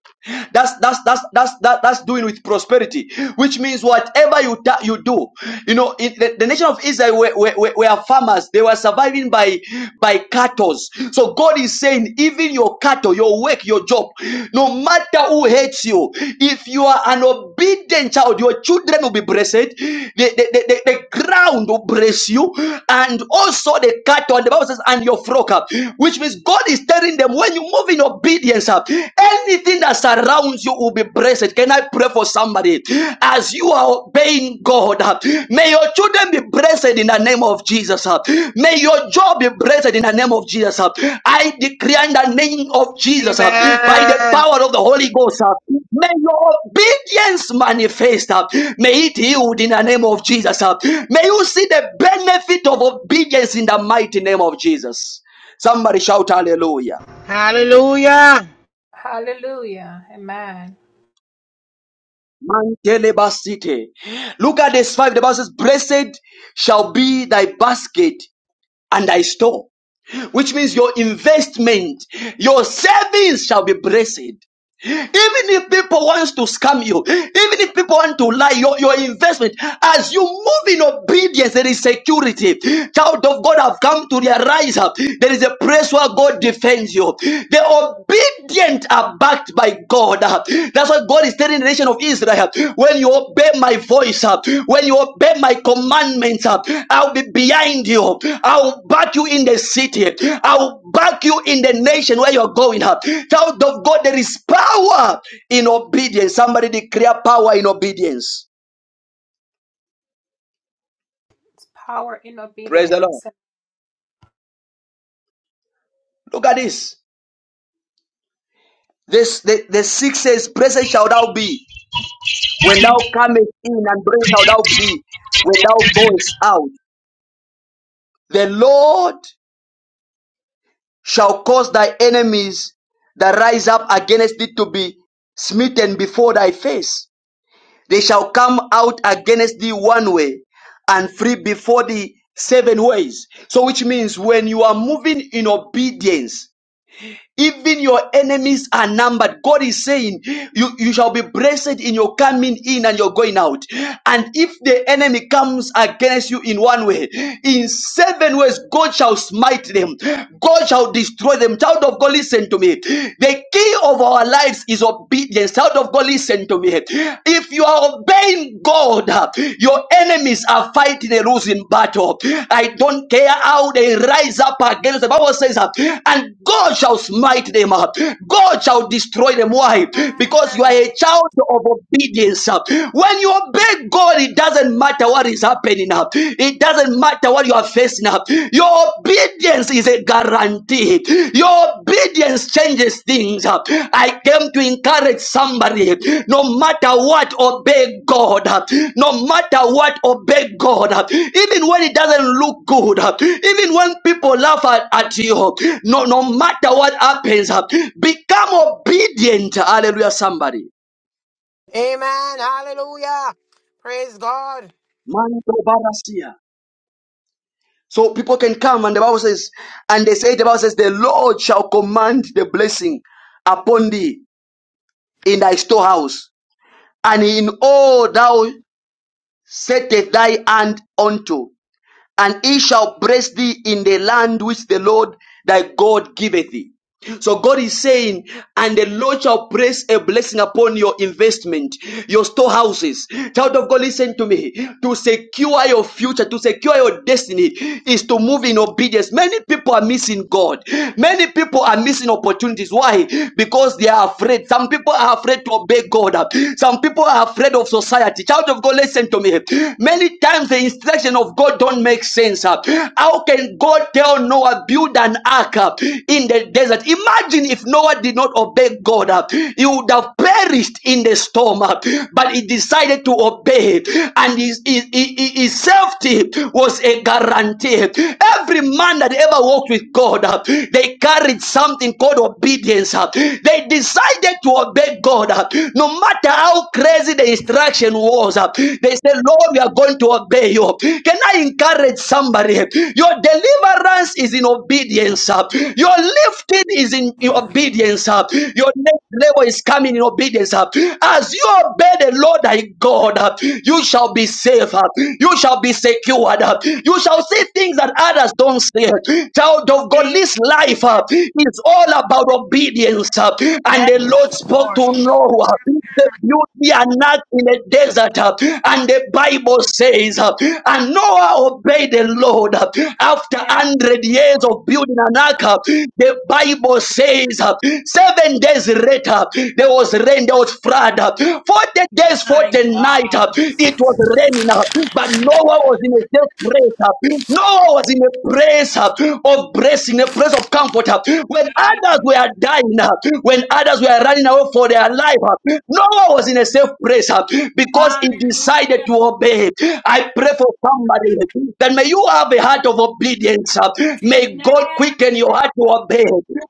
S1: That's that's that's that's that, that's doing with prosperity, which means whatever you ta- you do, you know, in the, the nation of Israel were, were, were farmers. They were surviving by by cattle. So God is saying, even your cattle, your work, your job, no matter who hates you, if you are an obedient child, your children will be blessed. The the, the, the, the ground will bless you, and also the cattle. And the Bible says, and your flock, which means God. God is telling them when you move in obedience, uh, anything that surrounds you will be blessed. Can I pray for somebody? As you are obeying God, uh, may your children be blessed in the name of Jesus. uh. May your job be blessed in the name of Jesus. uh. I declare in the name of Jesus uh, by the
S12: Amen.
S1: power of the Holy Ghost. uh, May your obedience manifest. uh, May it yield in the name of Jesus. uh. May you see the benefit of obedience in the mighty name of Jesus. Somebody shout hallelujah.
S12: Hallelujah.
S6: Hallelujah. Amen.
S1: Mantelebasite. Look at this five. The Bible says, Blessed shall be thy basket and thy store, which means your investment, your savings shall be blessed. Even if people wants to scam you, even if people want to lie, your, your investment, as you move in obedience, there is security. Child of God have come to realize uh, there is a place where God defends you. The obedient are backed by God. Uh, That's what God is telling of Israel, when you obey my voice, uh, when you obey my commandments, uh, I'll be behind you. I'll back you in the city. I'll back you in the nation where you're going. uh. Child of God, there is power in obedience. Somebody declare power in obedience.
S6: It's power in
S1: Praise the Lord.
S6: obedience.
S1: Look at this. This the, the six says, Present shall thou be when thou comest in, and present shall thou be when thou goest out. The Lord shall cause thy enemies that rise up against thee to be smitten before thy face. They shall come out against thee one way and flee before thee seven ways. So, which means when you are moving in obedience, even your enemies are numbered. God is saying, you, you shall be blessed in your coming in and your going out. And if the enemy comes against you in one way, in seven ways, God shall smite them. God shall destroy them. Child of God, listen to me. The key of our lives is obedience. Child of God, listen to me. If you are obeying Knowing God, uh, your enemies are fighting a losing battle. I don't care how they rise up against. The Bible says, uh, and God shall smite them. up. God shall destroy them. Why? Because you are
S12: Amen.
S1: a child of obedience. uh. When you obey God, it doesn't matter what is happening. uh. It doesn't matter what you are facing. uh. Your obedience is a guarantee. Your obedience changes things. I came to encourage somebody. No matter what, obey God. No matter what, obey God. Even when it doesn't look good. Even when people laugh at, at you. No, no matter what happens, become obedient. Hallelujah, somebody.
S12: Amen. Hallelujah. Praise God.
S1: Mando barasia. So people can come and the Bible says, and they say the Bible says, the Lord shall command the blessing upon thee in thy storehouse, and in all thou settest thy hand unto, and it shall bless thee in the land which the Lord thy God giveth thee. So God is saying, and the Lord shall place a blessing upon your investment, your storehouses. Child of God, listen to me. To secure your future, to secure your destiny, is to move in obedience. Many people are missing God. Many people are missing opportunities. Why? Because they are afraid. Some people are afraid to obey God. Some people are afraid of society. Child of God, listen to me. Many times the instruction of God don't make sense. How can God tell Noah, build an ark uh, in the desert? Imagine if Noah did not obey God, uh, he would have perished in the storm, uh, but he decided to obey, and his, his, his his safety was a guarantee. Every man that ever walked with God, uh, they carried something called obedience. uh. They decided to obey God, uh, no matter how crazy the instruction was. uh, They they say, Lord, we are going to obey you. Can I encourage somebody? Your deliverance is in obedience. uh. Your lifting is in obedience. uh. Your next level is coming in obedience. uh. As you obey the Lord thy God, uh, you shall be safe. uh. You shall be secured. uh. You shall see things that others don't see. Child of God,
S14: Yes,
S1: this life uh, is all about obedience. uh. And
S14: yes,
S1: the Lord spoke
S14: Lord.
S1: to to know uh, the beauty and not in the desert. uh, And the Bible says, uh, and Noah obeyed the Lord uh, after
S14: Yes,
S1: 100 years
S14: Lord.
S1: of building an ark. uh, The Bible says, uh, seven days later, there was rain, there was flood. uh, 40 days,
S14: My
S1: 40 nights,
S14: God.
S1: it was raining, uh, but Noah was in a safe place. uh, Noah was in a place uh, of blessing, a place of comfort comforter. When others were
S14: Amen.
S1: dying, uh, when others were running away for their life, uh, Noah was in a safe place uh, because he decided
S14: Hallelujah.
S1: to obey. I pray for somebody that may you have a heart of obedience. uh, May
S14: Amen.
S1: God quicken your heart to obey.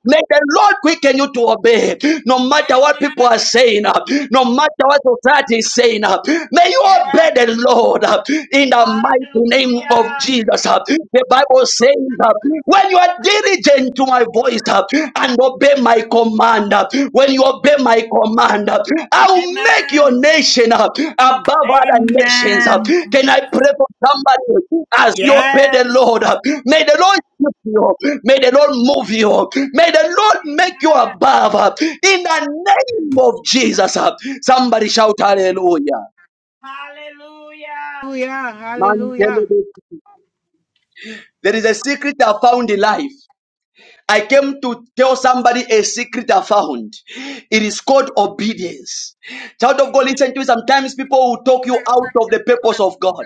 S1: May the Lord quicken you to obey. No matter what people
S14: Amen.
S1: are saying, uh, no matter what society is saying, uh, may you
S14: Yes.
S1: obey the Lord uh, in the mighty name of
S14: Hallelujah.
S1: Jesus. uh, The Bible says, uh, when you are diligent to my voice uh, and obey my command, uh, when you obey my command, uh, I will make your
S14: Amen.
S1: nation uh, above other nations. uh.
S14: Amen.
S1: Can I pray for somebody as you obey the
S14: Yes.
S1: Lord? uh, May the Lord shift you. May the Lord move you. May the Lord make you
S14: Amen.
S1: above. uh, In the name of Jesus. uh. Somebody shout hallelujah.
S14: Hallelujah.
S12: Hallelujah.
S1: Man,
S12: Hallelujah.
S1: There is a secret I found in life. I came to tell somebody a secret I found. It is called obedience. Child of
S14: Amen.
S1: God, listen to me. Sometimes people will talk you out of the purpose of God.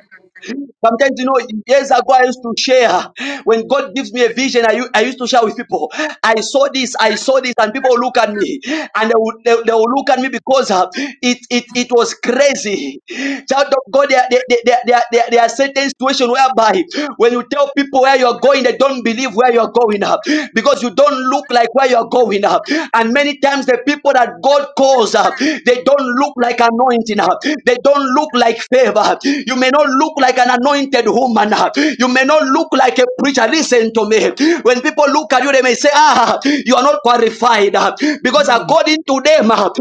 S1: Sometimes you know, years ago I used to share. When God gives me a vision, I, u- I used to share with people. I saw this, I saw this, and people look at me, and they will, they, they will look at me because uh, it, it it was crazy. Child of God, there, there, there, there, there, there there are certain situations whereby when you tell people where you're going, they don't believe where you're going up because you don't look like where you're going up. And many times the people that God calls up, they don't look like anointing up. They don't look like favor. You may you may not look like an anointed woman. You may not look like a preacher. Listen to me. When people look at you, they may say, Ah, you are not qualified. Because
S14: Mm.
S1: according to them, a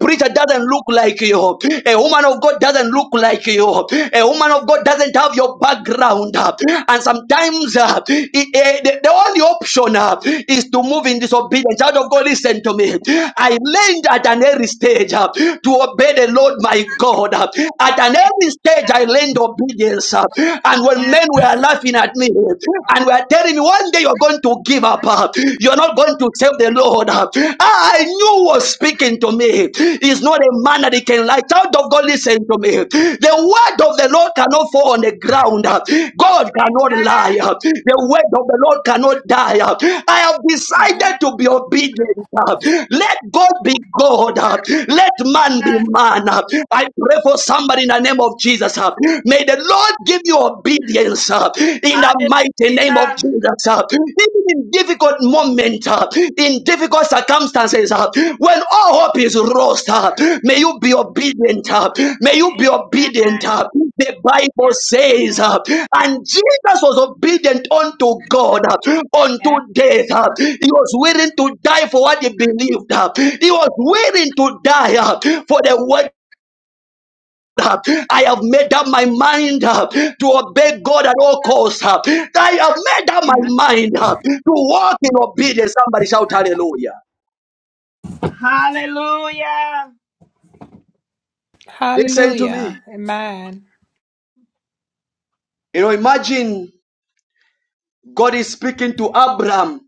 S1: preacher doesn't look like you. A woman of God doesn't look like you. A woman of God doesn't have your background. And sometimes uh, it- eh, the, the only option uh, is to move in disobedience. Child of God, listen to me. I learned at an early stage uh, to obey the Lord my God. At an early every stage I learned obedience. uh, And when
S14: Amen.
S1: men were laughing at me and were telling me one day you're going to give up, uh, you're not going to serve the Lord, uh, I knew was speaking to me. He's not a man that he can lie. Child of God, listen to me. The word of the Lord cannot fall on the ground. uh, God cannot
S14: Amen.
S1: lie. uh, The word of the Lord cannot die. uh, I have
S14: Amen.
S1: decided to be obedient. uh, Let God be God. uh, Let man be
S14: Yes.
S1: man. uh, I pray pray for somebody in the name of Jesus. uh. May the Lord give you obedience uh, in the mighty name of
S14: Hallelujah.
S1: Jesus. uh. Even in difficult moments, uh, in difficult circumstances, uh, when all hope is lost, uh, may you be obedient. uh. May you be
S14: Amen.
S1: obedient. uh. The Bible
S14: Yes,
S1: says,
S14: Lord.
S1: uh, and Jesus was obedient unto God uh, unto
S14: Yes.
S1: death. uh. He was willing to die for what he believed. uh. He was willing to die uh, for the word uh, I have made up my mind uh, to obey God at all costs. uh, I have made up
S14: Amen.
S1: my mind uh, to walk in obedience. Somebody shout hallelujah.
S14: Hallelujah.
S1: Listen to
S6: Hallelujah.
S1: me.
S6: Amen.
S1: You know, imagine God is speaking to Abram,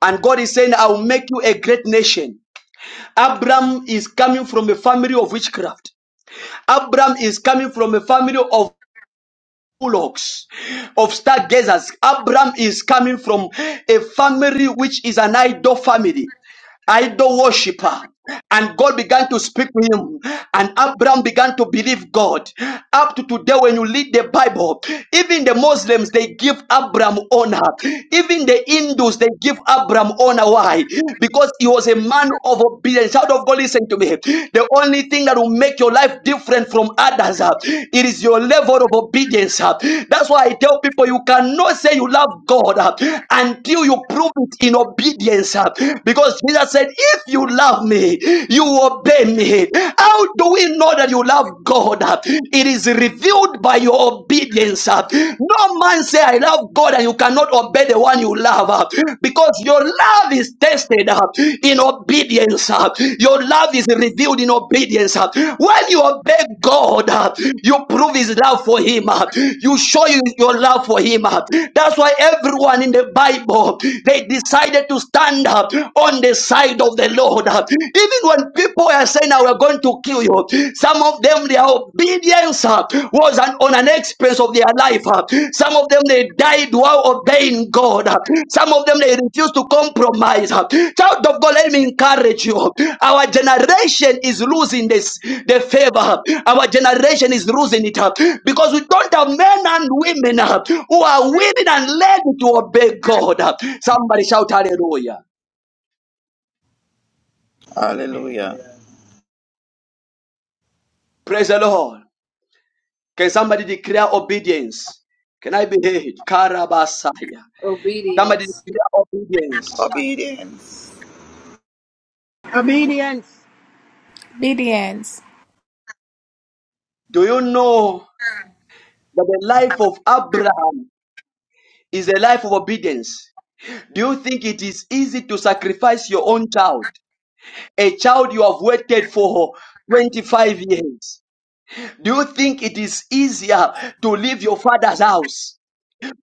S1: and God is saying, I'll make you a great nation. Abram is coming from a family of witchcraft. Abram is coming from a family of bullocks, of stargazers. Abram is coming from a family which is an idol family. idol worshiper. And God began to speak to him, and Abraham began to believe God. Up to today, when you read the Bible, even the Muslims they give Abraham honor, even the Hindus they give Abraham honor. Why? Because he was a man of obedience. Out of God, listen to me. The only thing that will make your life different from others, uh, it is your level of obedience. uh. That's why I tell people you cannot say you love God uh, until you prove it in obedience, uh, because because Jesus said, If you love me, you obey me. How do we know that you love God? It is revealed by your obedience. No man say, I love God, and you cannot obey the one you love. Because your love is tested in obedience. Your love is revealed in obedience. When you obey God, you prove his love for him. You show you- your love for him. That's why everyone in the Bible, they decided to stand up uh, on the side of the Lord. uh. Even when people are saying, "I we're going to kill you," some of them their obedience uh, was an, on an expense of their life. uh. Some of them they died while obeying God. uh. Some of them they refused to compromise. uh. Child of God, let me encourage you. Our generation is losing this the favor. Our generation is losing it up because we don't have men and women uh, who are willing and led to obey God. Somebody shout hallelujah.
S15: Hallelujah.
S1: Praise the Lord. Can somebody declare obedience? Can I be heard? Karabasaya. Somebody
S16: Obedience.
S1: declare obedience.
S15: Obedience.
S12: Obedience.
S6: Obedience.
S1: Do you know that the life of Abraham is a life of obedience? Do you think it is easy to sacrifice your own child? A child you have waited for 25 years. Do you think it is easier to leave your father's house?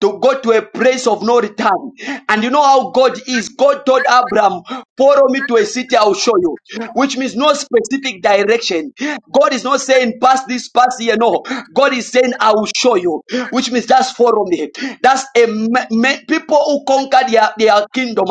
S1: to go to a place of no return. And you know how God is. God told Abraham, follow me to a city, I'll show you. Which means no specific direction. God is not saying, pass this, pass here. No. God is saying, I will show you. Which means just follow me. That's a ma- ma- people who conquer their, their kingdom.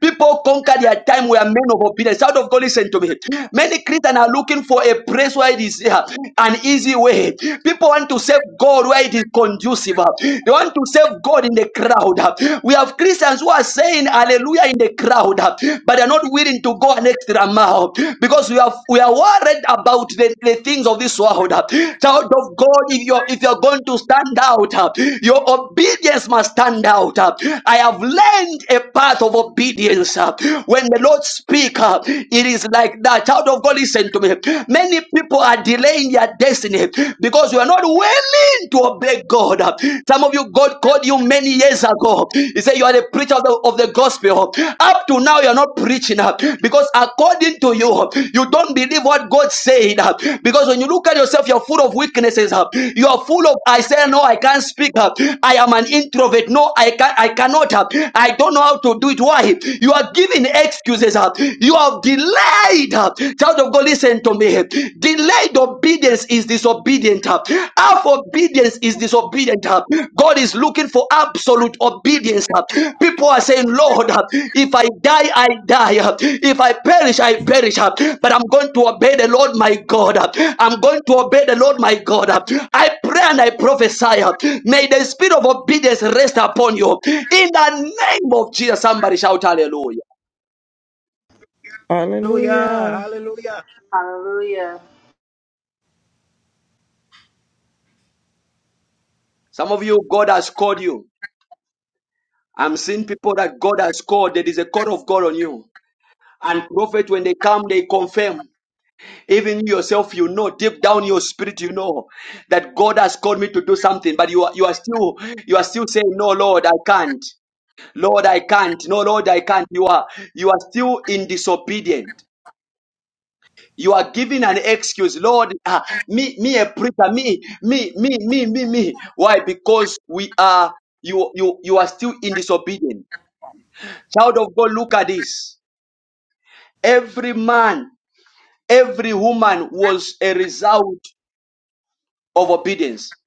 S1: People who conquer their time were men of obedience. Child of God, listen to me. Many Christians are looking for a place where it is uh, an easy way. People want to save serve God where it is conducive. uh. They want to serve God in the crowd. uh. We have Christians who are saying hallelujah in the crowd, uh, but they're not willing to go an extra mile because we are we are worried about the, the things of this world. uh. Child of God, if you're if you're going to stand out, uh, your obedience must stand out. uh. I have learned a path of obedience. uh. When the Lord speaks, it is like that. Child of God, listen to me. Many people are are delaying their destiny because you are not willing to obey God. Some of you, God called you many years ago. He said you are the preacher of the, of the gospel. Up to now, you are not preaching because according to you, you don't believe what God said. Because when you look at yourself, you're full of weaknesses. You are full of I say no, I can't speak. I am an introvert. No, I can I cannot. I don't know how to do it. Why? You are giving excuses. You have delayed uh, Child of God, listen to me. Delayed obedience is disobedient. uh. Half obedience is disobedient. uh. God is looking for absolute obedience. uh. People are saying, Lord, uh, if I die, I die. uh. If I perish, I perish. uh. But I'm going to obey the Lord my God. uh. I'm going to obey the Lord my God. uh. I pray and I prophesy. uh, May the spirit of obedience rest upon you. In the name of Jesus, somebody shout hallelujah.
S12: Hallelujah.
S15: Hallelujah.
S12: Hallelujah.
S16: Hallelujah.
S1: Some of you, God has called you. I'm seeing people that God has called. There is a call of God on you. And prophet, when they come, they confirm. Even you yourself, you know, deep down in your spirit, you know that God has called me to do something, but you are you are still you are still saying, No, Lord, I can't. Lord, I can't. No, Lord, I can't. You are you are still in disobedient. You are giving an excuse, Lord. ah, me, me, a preacher, me, me, me, me, me, me. Why? Because we are you, you, you are still in disobedience. Child of God, look at this. Every man, every woman was a result of obedience.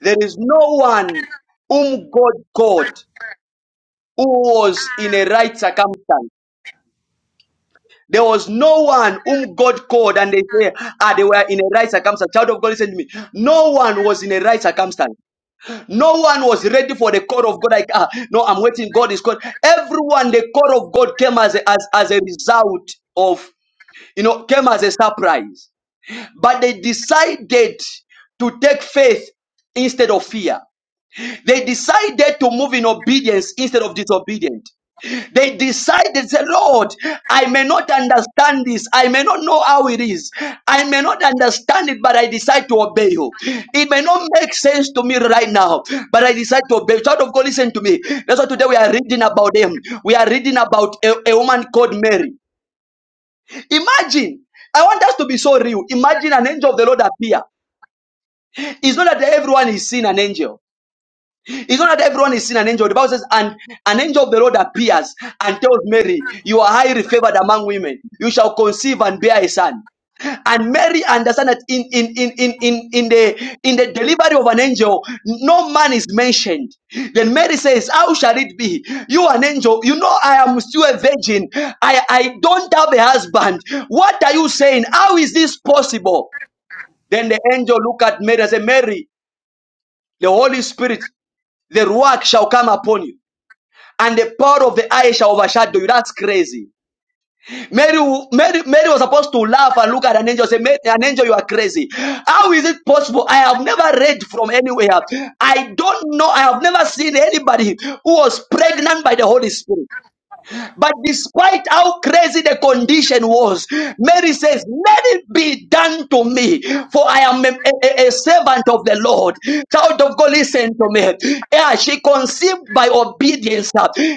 S1: There is no one whom God called who was in a right circumstance. There was no one whom God called and they say, ah, they were in a right circumstance. Child of God, listen to me. No one was in a right circumstance. No one was ready for the call of God. Like, ah, no, I'm waiting. God is called. Everyone, the call of God came as a, as, as a result of, you know, came as a surprise. but they decided to take faith instead of fear. They decided to move in obedience instead of disobedient. They decided, say, Lord, I may not understand this. I may not know how it is. I may not understand it, but I decide to obey you. It may not make sense to me right now, but I decide to obey. Child of God, listen to me. That's why today we are reading about them. We are reading about a, a woman called Mary. Imagine, I want us to be so real. Imagine an angel of the Lord appear it's not that everyone is seeing an angel. It's not that everyone is seeing an angel. The Bible says, and an angel of the Lord appears and tells Mary, You are highly favored among women. You shall conceive and bear a son. And Mary understand that in in in in in in the in the delivery of an angel, no man is mentioned. Then Mary says, "How shall it be? You an angel. You know I am still a virgin. I I don't have a husband. What are you saying? How is this possible?" Then the angel look at Mary and say, "Mary." the Holy Spirit, the Ruach shall come upon you, and the power of the eye shall overshadow you. That's crazy. Mary, Mary, Mary was supposed to laugh and look at an angel and say, "Mary, An angel, you are crazy. How is it possible? I have never read from anywhere. I don't know. I have never seen anybody who was pregnant by the Holy Spirit. But despite how crazy the condition was, Mary says, Let it be done to me, for I am a, a- a servant of the Lord. Child of God, listen to me. Yeah, she conceived by obedience.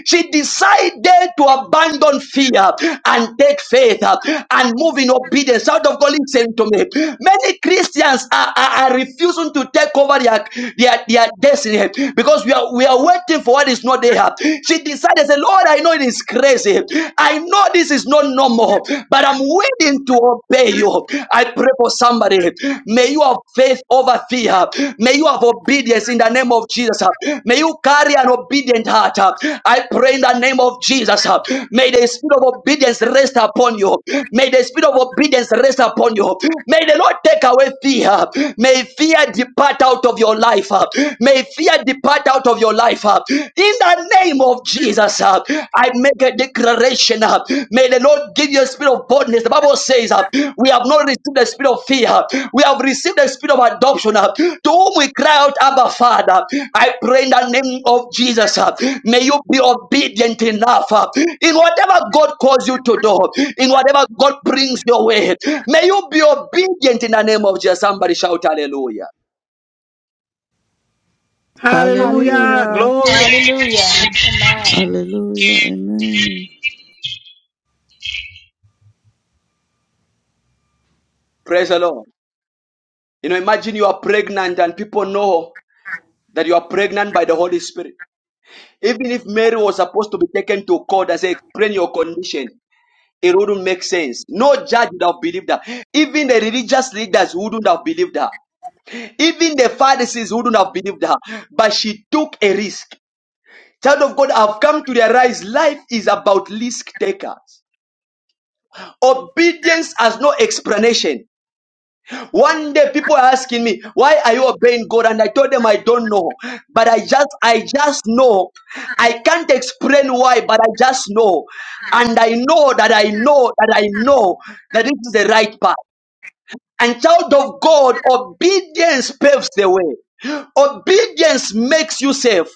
S1: She decided to abandon fear and take faith and move in obedience. Child of God, listen to me. Many Christians are, are, are refusing to take over their, their, their destiny because we are, we are waiting for what is not Ahab. She decided, "Say Lord, I know it is crazy. I know this is not normal, but I'm willing to obey you. I pray for somebody. May you have faith over fear. May you have obedience in the name of Jesus. May you carry an obedient heart. I pray in the name of Jesus. May the spirit of obedience rest upon you. May the spirit of obedience rest upon you. May the Lord take away fear. May fear depart out of your life. May Fear depart out of your life. uh, In the name of Jesus, uh, I make a declaration. uh, May the Lord give you a spirit of boldness. The Bible says, uh, We have not received the spirit of fear, uh, we have received the spirit of adoption. uh, To whom we cry out, Abba Father. I pray in the name of Jesus, uh, may you be obedient enough uh, in whatever God calls you to do, in whatever God brings your way. May you be obedient in the name of Jesus. Somebody shout hallelujah.
S12: Hallelujah.
S6: Hallelujah.
S15: Hallelujah.
S12: Glory.
S6: Hallelujah. Amen.
S15: Hallelujah. Amen.
S1: Praise the Lord. You know, imagine you are pregnant and people know that you are pregnant by the Holy Spirit. Even if Mary was supposed to be taken to court and say, explain your condition, it wouldn't make sense. No judge would have believed her. Even the religious leaders wouldn't have believed her. Even the Pharisees wouldn't have believed her. But she took a risk. Child of God, I've come to realize life is about risk takers. Obedience has no explanation. One day people are asking me, why are you obeying God? And I told them I don't know. But I just I just know. I can't explain why, but I just know. And I know that I know that I know that this is the right path. And child of God, obedience paves the way. Obedience makes you safe.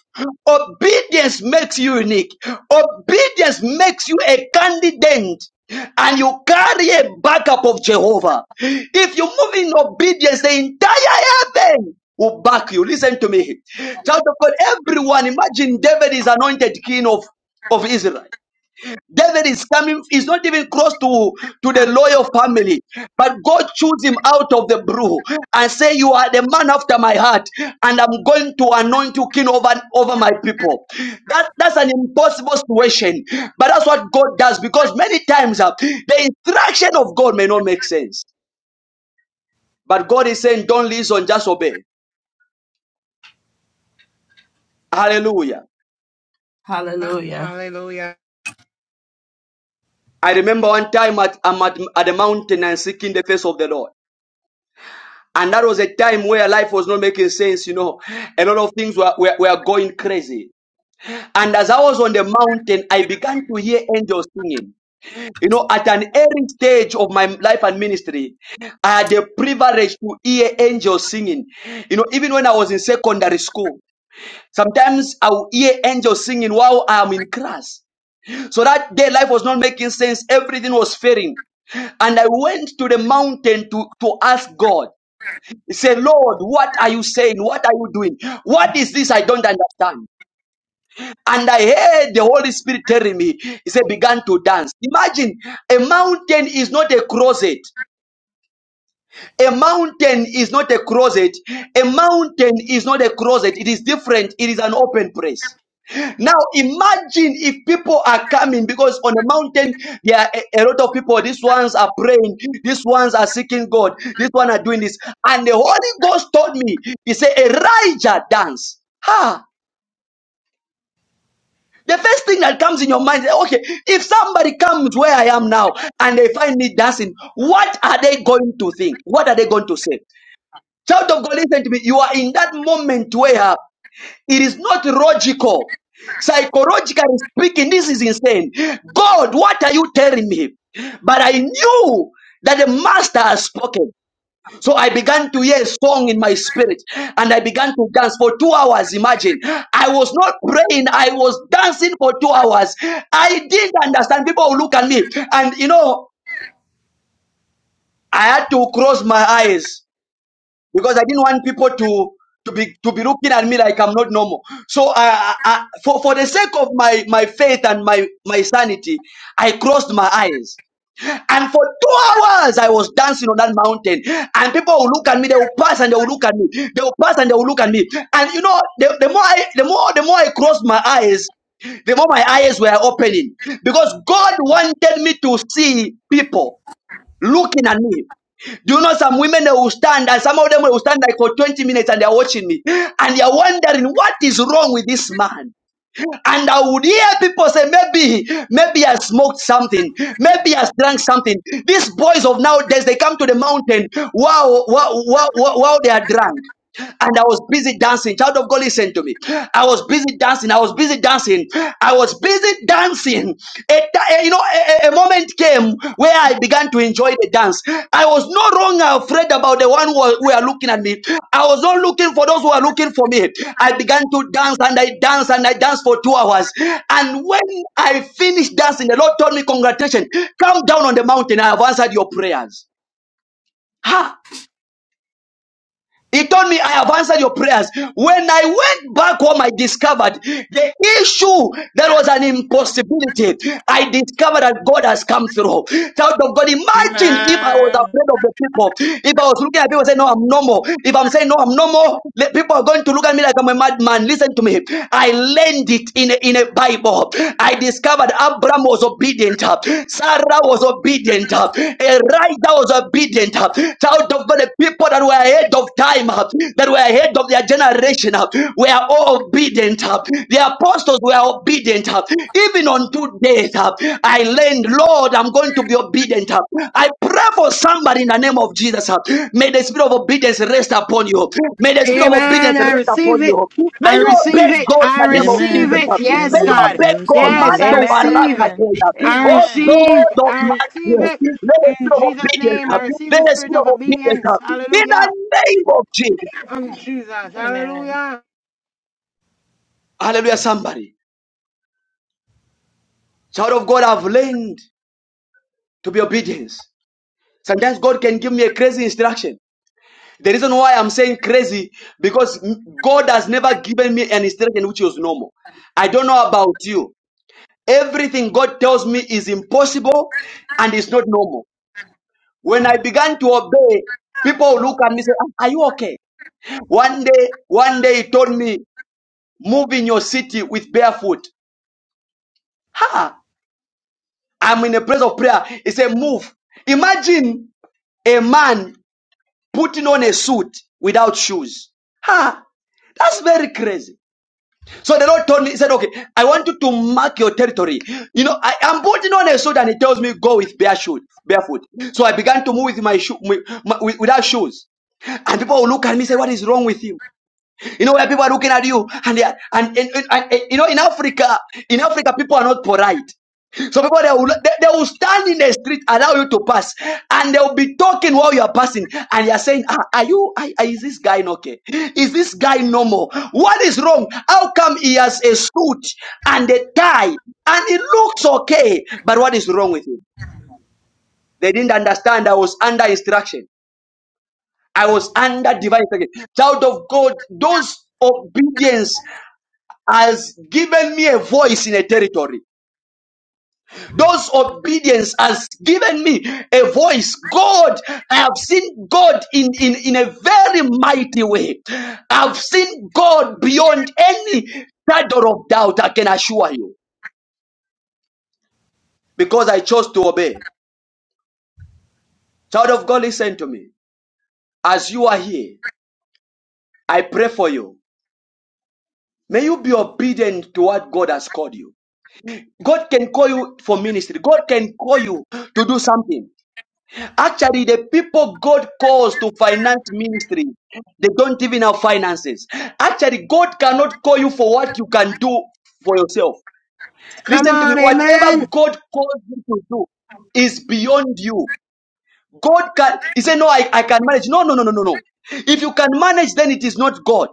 S1: Obedience makes you unique. Obedience makes you a candidate. And you carry a backup of Jehovah. If you move in obedience, the entire heaven will back you. Listen to me. Child of God, everyone, imagine David is anointed king of, of Israel. David is coming, he's not even close to, to the loyal family. But God chose him out of the brew and say, You are the man after my heart, and I'm going to anoint you king over, over my people. That that's an impossible situation. But that's what God does because many times uh, the instruction of God may not make sense. But God is saying, Don't listen, just obey. Hallelujah.
S14: Hallelujah.
S12: Hallelujah.
S1: I remember one time at, I'm at, at the mountain and seeking the face of the Lord. And that was a time where life was not making sense, you know. A lot of things were, were, were going crazy. And as I was on the mountain, I began to hear angels singing. You know, at an early stage of my life and ministry, I had the privilege to hear angels singing. You know, even when I was in secondary school, sometimes I would hear angels singing while I'm in class. So that day, life was not making sense. Everything was failing. And I went to the mountain to, to ask God. Say, Lord, what are you saying? What are you doing? What is this? I don't understand. And I heard the Holy Spirit telling me, He said, began to dance. Imagine a mountain is not a closet. A mountain is not a closet. A mountain is not a closet. It is different. It is an open place. Now imagine if people are coming because on the mountain there are a, a lot of people. These ones are praying, these ones are seeking God, these one are doing this. And the Holy Ghost told me, He said, Elijah dance. Ha! The first thing that comes in your mind, is, okay, if somebody comes where I am now and they find me dancing, what are they going to think? What are they going to say? Child of God, listen to me. You are in that moment where It is not logical. Psychologically speaking, this is insane. God, what are you telling me? But I knew that the master has spoken. So I began to hear a song in my spirit and I began to dance for two hours. Imagine, I was not praying, I was dancing for two hours. I didn't understand. People will look at me and you know, I had to close my eyes because I didn't want people to to be to be looking at me like I'm not normal. So I, I, I for for the sake of my my faith and my my sanity, I crossed my eyes. And for two hours, I was dancing on that mountain. And people will look at me. They will pass and they will look at me. They will pass and they will look at me. And you know, the, the more I, the more the more I crossed my eyes, the more my eyes were opening because God wanted me to see people looking at me. Do you know some women they will stand and some of them will stand like for 20 minutes and they're watching me and they're wondering what is wrong with this man? And I would hear people say, maybe, maybe I smoked something, maybe I drank something. These boys of nowadays, they come to the mountain, wow, wow, wow, wow, wow they are drunk and I was busy dancing. Child of God, listen to me. I was busy dancing. I was busy dancing. I was busy dancing. A, ti- you know, a, a a moment came where I began to enjoy the dance. I was no longer afraid about the one who were who were looking at me. I was not looking for those who are looking for me. I began to dance and I danced and I danced for two hours. And when I finished dancing, the Lord told me, Congratulations, come down on the mountain. I have answered your prayers. Ha! He told me, I have answered your prayers. When I went back home, I discovered the issue that was an impossibility. I discovered that God has come through. Child of God, imagine if I was
S12: Amen.
S1: afraid of the people. If I was looking at people and saying, No, I'm normal. If I'm saying, No, I'm normal, the people are going to look at me like I'm a madman. Listen to me. I learned it in in a, in a Bible. I discovered Abraham was obedient, Sarah was obedient, Elijah was obedient. Child of God, the people that were ahead of time, that were ahead of their generation, were all obedient. The apostles were obedient. Even unto death, I learned, Lord, I'm going to be obedient it up. I pray for somebody in the name of Jesus. uh, May the spirit of obedience rest upon you. May the spirit of obedience
S12: Amen. I
S1: rest
S12: receive
S1: upon you.
S12: it.
S1: May
S12: I
S1: you obey
S12: receive it.
S1: God in
S12: I
S1: the name of
S12: receive
S1: Jesus.
S15: Amen.
S12: it.
S1: uh, May
S12: Yes,
S1: you
S15: Amen.
S12: God.
S15: I
S1: obey God.
S15: receive
S12: Yes,
S15: it.
S12: I
S1: Mando
S12: receive.
S17: Amen.
S1: barakatoya.
S12: I
S1: Oh
S17: Amen.
S12: receive.
S1: God of
S12: I
S1: my
S12: receive
S1: spirit.
S12: it.
S1: May the
S12: In
S1: spirit of
S12: Jesus'
S1: obedience.
S12: name,
S1: uh,
S12: I receive
S1: May
S12: the
S1: the
S12: spirit
S1: spirit
S12: of
S1: of obedience.
S12: obedience.
S1: uh, In the
S12: Hallelujah.
S1: name of Jesus.
S12: Come, Jesus.
S17: Amen.
S12: Hallelujah.
S1: Hallelujah, somebody. Child of God, I've learned to be obedient. Sometimes God can give me a crazy instruction. The reason why I'm saying crazy because God has never given me an instruction which was normal. I don't know about you. Everything God tells me is impossible and it's not normal. When I began to obey, people look at me and say, "Ah, Are you okay? One day, one day he told me, Move in your city with barefoot. Ha! I'm in a place of prayer. He said, Move. Imagine a man putting on a suit without shoes. Ha! That's very crazy. So the Lord told me, He said, Okay, I want you to mark your territory. You know, I am putting on a suit and He tells me, Go with bare shoes, barefoot. So I began to move with my shoe, with, my- with- without shoes. And people will look at me and say, What is wrong with you? You know where people are looking at you and they are, and, and, and, and- you know in Africa, in Africa people are not polite. So people they will they, they will stand in the street, allow you to pass, and they will be talking while you are passing, and they are saying, ah, "Are you? Are, are- is this guy not okay? Is this guy normal? What is wrong? How come he has a suit and a tie and it looks okay, but what is wrong with him?" They didn't understand. I was under instruction. I was under divine instruction. Child of God, those obedience has given me a voice in a territory. Those obedience has given me a voice. God, I have seen God in, in, in a very mighty way. I've seen God beyond any shadow of doubt, I can assure you, because I chose to obey. Child of God, listen to me. As you are here, I pray for you. May you be obedient to what God has called you. God can call you for ministry. God can call you to do something. Actually, the people God calls to finance ministry, they don't even have finances. Actually, God cannot call you for what you can do for yourself.
S12: Come
S1: Listen to me.
S12: on.
S1: Whatever
S12: Amen.
S1: God calls you to do is beyond you. God can, he said, no, I, I can manage. No, no, no, no, no, no. If you can manage, then it is not God.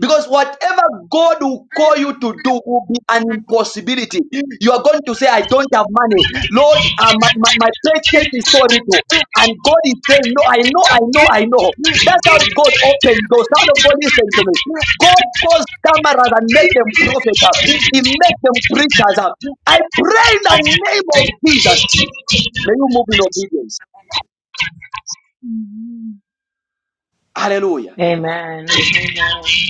S1: Because whatever God will call you to do will be an impossibility. You are going to say, I don't have money. Lord, uh, my, my, my paycheck is so little. And God is saying, No, I know, I know, I know. That's how God opens doors. Son of God, listen to me. God calls cameras and make them prophets up. He makes them preachers up. I pray in the name of Jesus. May you move in obedience.
S18: Hmm.
S1: Hallelujah.
S17: Amen. Amen.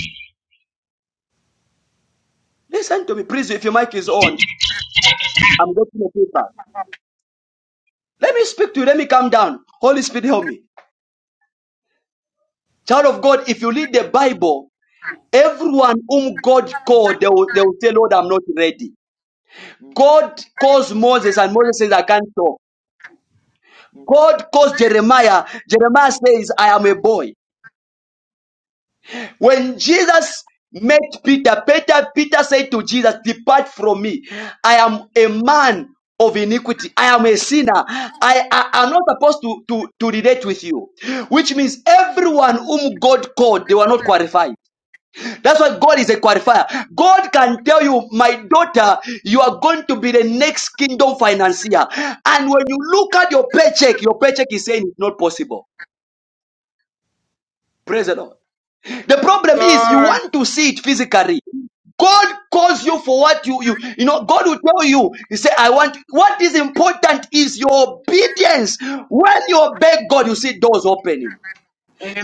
S1: Listen to me, please. If your mic is on, I'm getting a feedback. Let me speak to you. Let me calm down. Holy Spirit, help me. Child of God, if you read the Bible, everyone whom God called, they will, they will say, Lord, I'm not ready. God calls Moses, and Moses says, I can't talk. God calls Jeremiah. Jeremiah says, I am a boy. When Jesus met Peter, Peter, Peter said to Jesus, Depart from me. I am a man of iniquity. I am a sinner. I, I am not supposed to, to, to relate with you. Which means everyone whom God called, they were not qualified. That's why God is a qualifier. God can tell you, my daughter, you are going to be the next kingdom financier. And when you look at your paycheck, your paycheck is saying it's not possible. Praise the Lord. The problem is you
S12: Lord.
S1: want to see it physically. God calls you for what you, you, you know, God will tell you, He say, I want, what is important is your obedience. When you obey God, you see doors opening.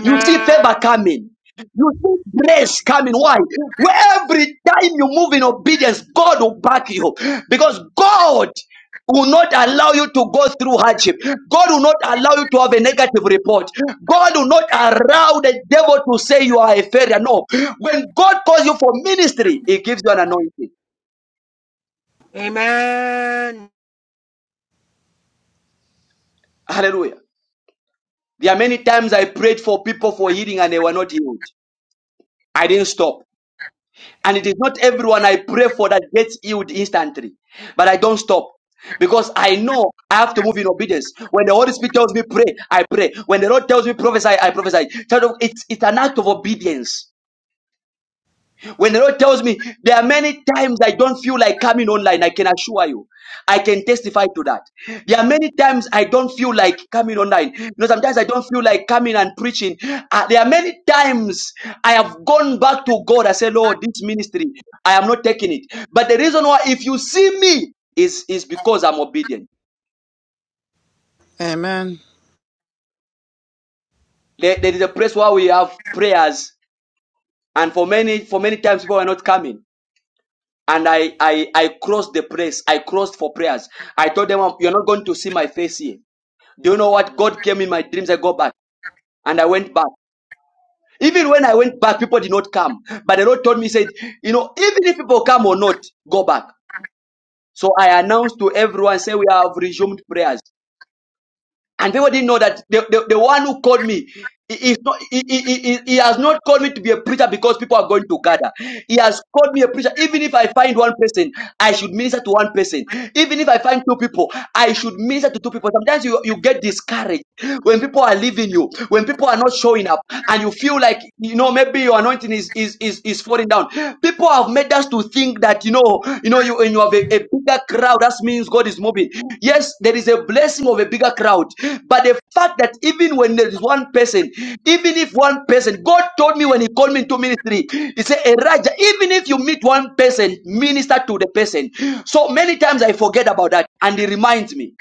S1: You see favor coming. You see grace coming. Why? Where every time you move in obedience, God will back you. Because God will not allow you to go through hardship. God will not allow you to have a negative report. God will not allow the devil to say you are a failure. No. When God calls you for ministry, He gives you an anointing.
S12: Amen.
S1: Hallelujah. There are many times I prayed for people for healing and they were not healed. I didn't stop. And it is not everyone I pray for that gets healed instantly. But I don't stop. Because I know I have to move in obedience. When the Holy Spirit tells me pray, I pray. When the Lord tells me prophesy, I prophesy. Child of- It's, it's an act of obedience. When the Lord tells me, there are many times I don't feel like coming online, I can assure you. I can testify to that. There are many times I don't feel like coming online. You know, sometimes I don't feel like coming and preaching. Uh, there are many times I have gone back to God. I say, Lord, this ministry, I am not taking it. But the reason why, if you see me, is, is because I'm obedient.
S15: Amen.
S1: There, there is a place where we have prayers, and for many, for many times people are not coming. and I, I I crossed the place. I crossed for prayers. I told them, "You're not going to see my face here." Do you know what? God came in my dreams. I go back, and I went back. Even when I went back, people did not come. But the Lord told me, said, "You know, even if people come or not, go back." So I announced to everyone, say, "We have resumed prayers." And people didn't know that the, the, the one who called me he, is not, he, he, he, he he has not called me to be a preacher because people are going to gather. He has called me a preacher. Even if I find one person, I should minister to one person. Even if I find two people, I should minister to two people. Sometimes you, you get discouraged when people are leaving you, when people are not showing up, and you feel like, you know, maybe your anointing is, is, is, is falling down. People have made us to think that you know, you know, you when you have a, a bigger crowd, that means God is moving. Yes, there is a blessing of a bigger crowd, but the fact that even when there is one person, even if one person, God told me when He called me into ministry, He said, Elijah, even if you meet one person, minister to the person. So many times I forget about that, and He reminds me.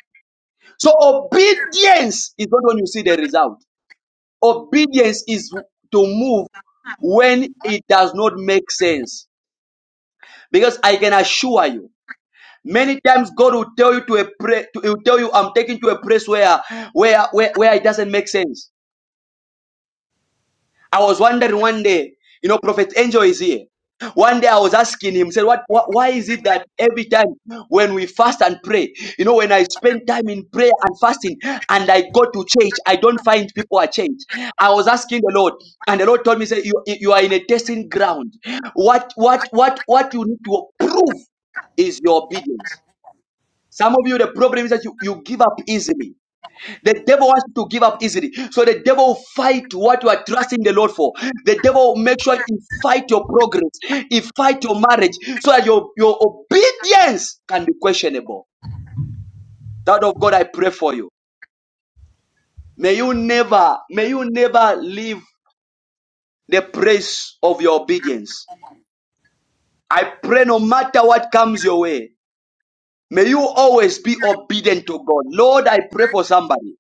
S1: So obedience is not when you see the result. Obedience is to move when it does not make sense. Because I can assure you, many times God will tell you to a pray, to, he'll tell you, I'm taking to a place where, where, where, where it doesn't make sense. I was wondering one day, you know, Prophet Angel is here. One day I was asking him, said, what, what, why is it that every time when we fast and pray, you know, when I spend time in prayer and fasting and I go to church, I don't find people are changed. I was asking the Lord, and the Lord told me, say, you, you are in a testing ground. What, what, what, what you need to prove is your obedience. Some of you, the problem is that you, you give up easily. The devil wants you to give up easily. So the devil will fight what you are trusting the Lord for. The devil will make sure he fight your progress, he fight your marriage, so that your, your obedience can be questionable. Child of God, I pray for you. May you never, may you never leave the praise of your obedience. I pray no matter what comes your way, may you always be obedient to God. Lord, I pray for somebody.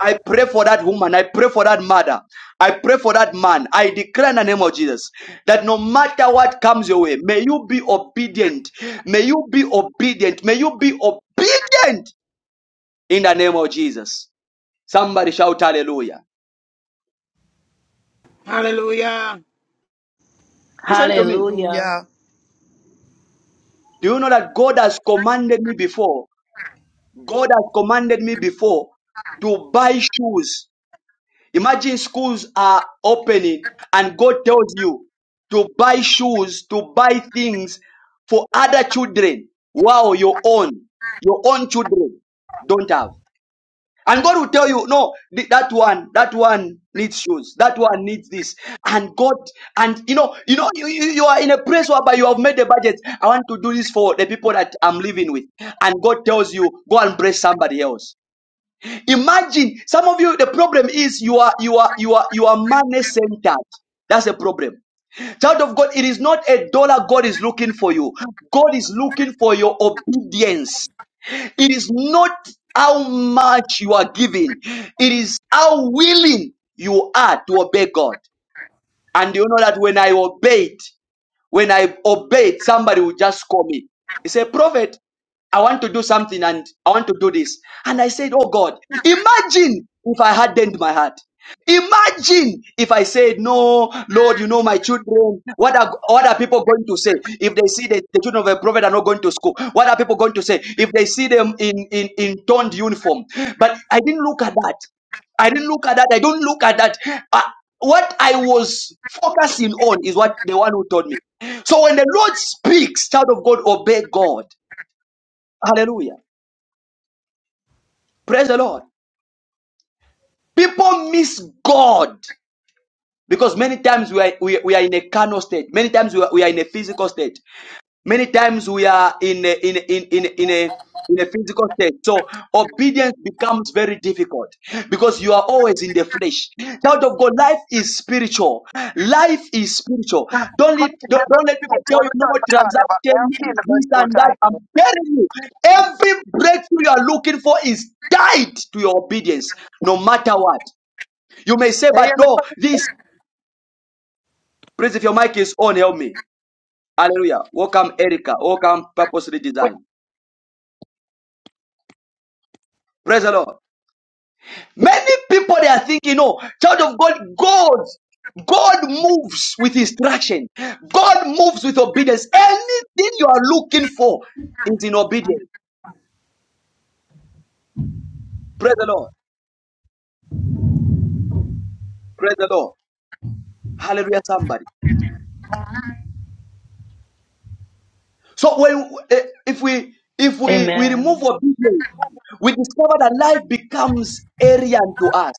S1: I pray for that woman. I pray for that mother. I pray for that man. I declare in the name of Jesus that no matter what comes your way, may you be obedient. May you be obedient. May you be obedient in the name of Jesus. Somebody shout hallelujah.
S12: Hallelujah.
S1: Listen to me.
S17: Hallelujah.
S15: Hallelujah.
S1: Do you know that God has commanded me before? God has commanded me before to buy shoes Imagine schools are opening and God tells you to buy shoes, to buy things for other children. Wow, your own, your own children don't have. And God will tell you, no, th- that one, that one needs shoes. That one needs this. And God, and you know, you know, you, you, you are in a place whereby you have made a budget. I want to do this for the people that I'm living with. And God tells you, go and bless somebody else. Imagine some of you, the problem is you are you are you are you are money centered. That's a problem. Child of God, it is not a dollar God is looking for you. God is looking for your obedience. It is not how much you are giving, it is how willing you are to obey God. And you know that when I obeyed, when I obeyed, somebody would just call me. He said, Prophet, I want to do something and I want to do this. And I said, Oh God, imagine if I hardened my heart. Imagine if I said, No, Lord, you know my children. What are what are people going to say if they see the, the children of a prophet are not going to school? What are people going to say if they see them in, in, in toned uniform? But I didn't look at that. I didn't look at that. I don't look at that. Uh, what I was focusing on is what the one who told me. So when the Lord speaks, child of God, obey God. Hallelujah. Praise the Lord. People miss God because many times we are, we, we are in a carnal state. Many times we are, we are in a physical state. Many times we are in a, in a, in in in a in a physical state. So obedience becomes very difficult because you are always in the flesh. Child of God, life is spiritual. Life is spiritual. Don't let, don't, don't let people tell you no more transaction, this and that. I'm telling you, every breakthrough you are looking for is tied to your obedience, no matter what. You may say, but no, this, praise if your mic is on, help me. Hallelujah. Welcome, Erica. Welcome, Purposely Design. Praise the Lord. Many people they are thinking, no, child of God, God, God moves with instruction. God moves with obedience. Anything you are looking for is in obedience. Praise the Lord. Praise the Lord. Hallelujah, somebody. So when eh, if we if we, we
S17: Amen.
S1: remove obedience, we discover that life becomes alien to us.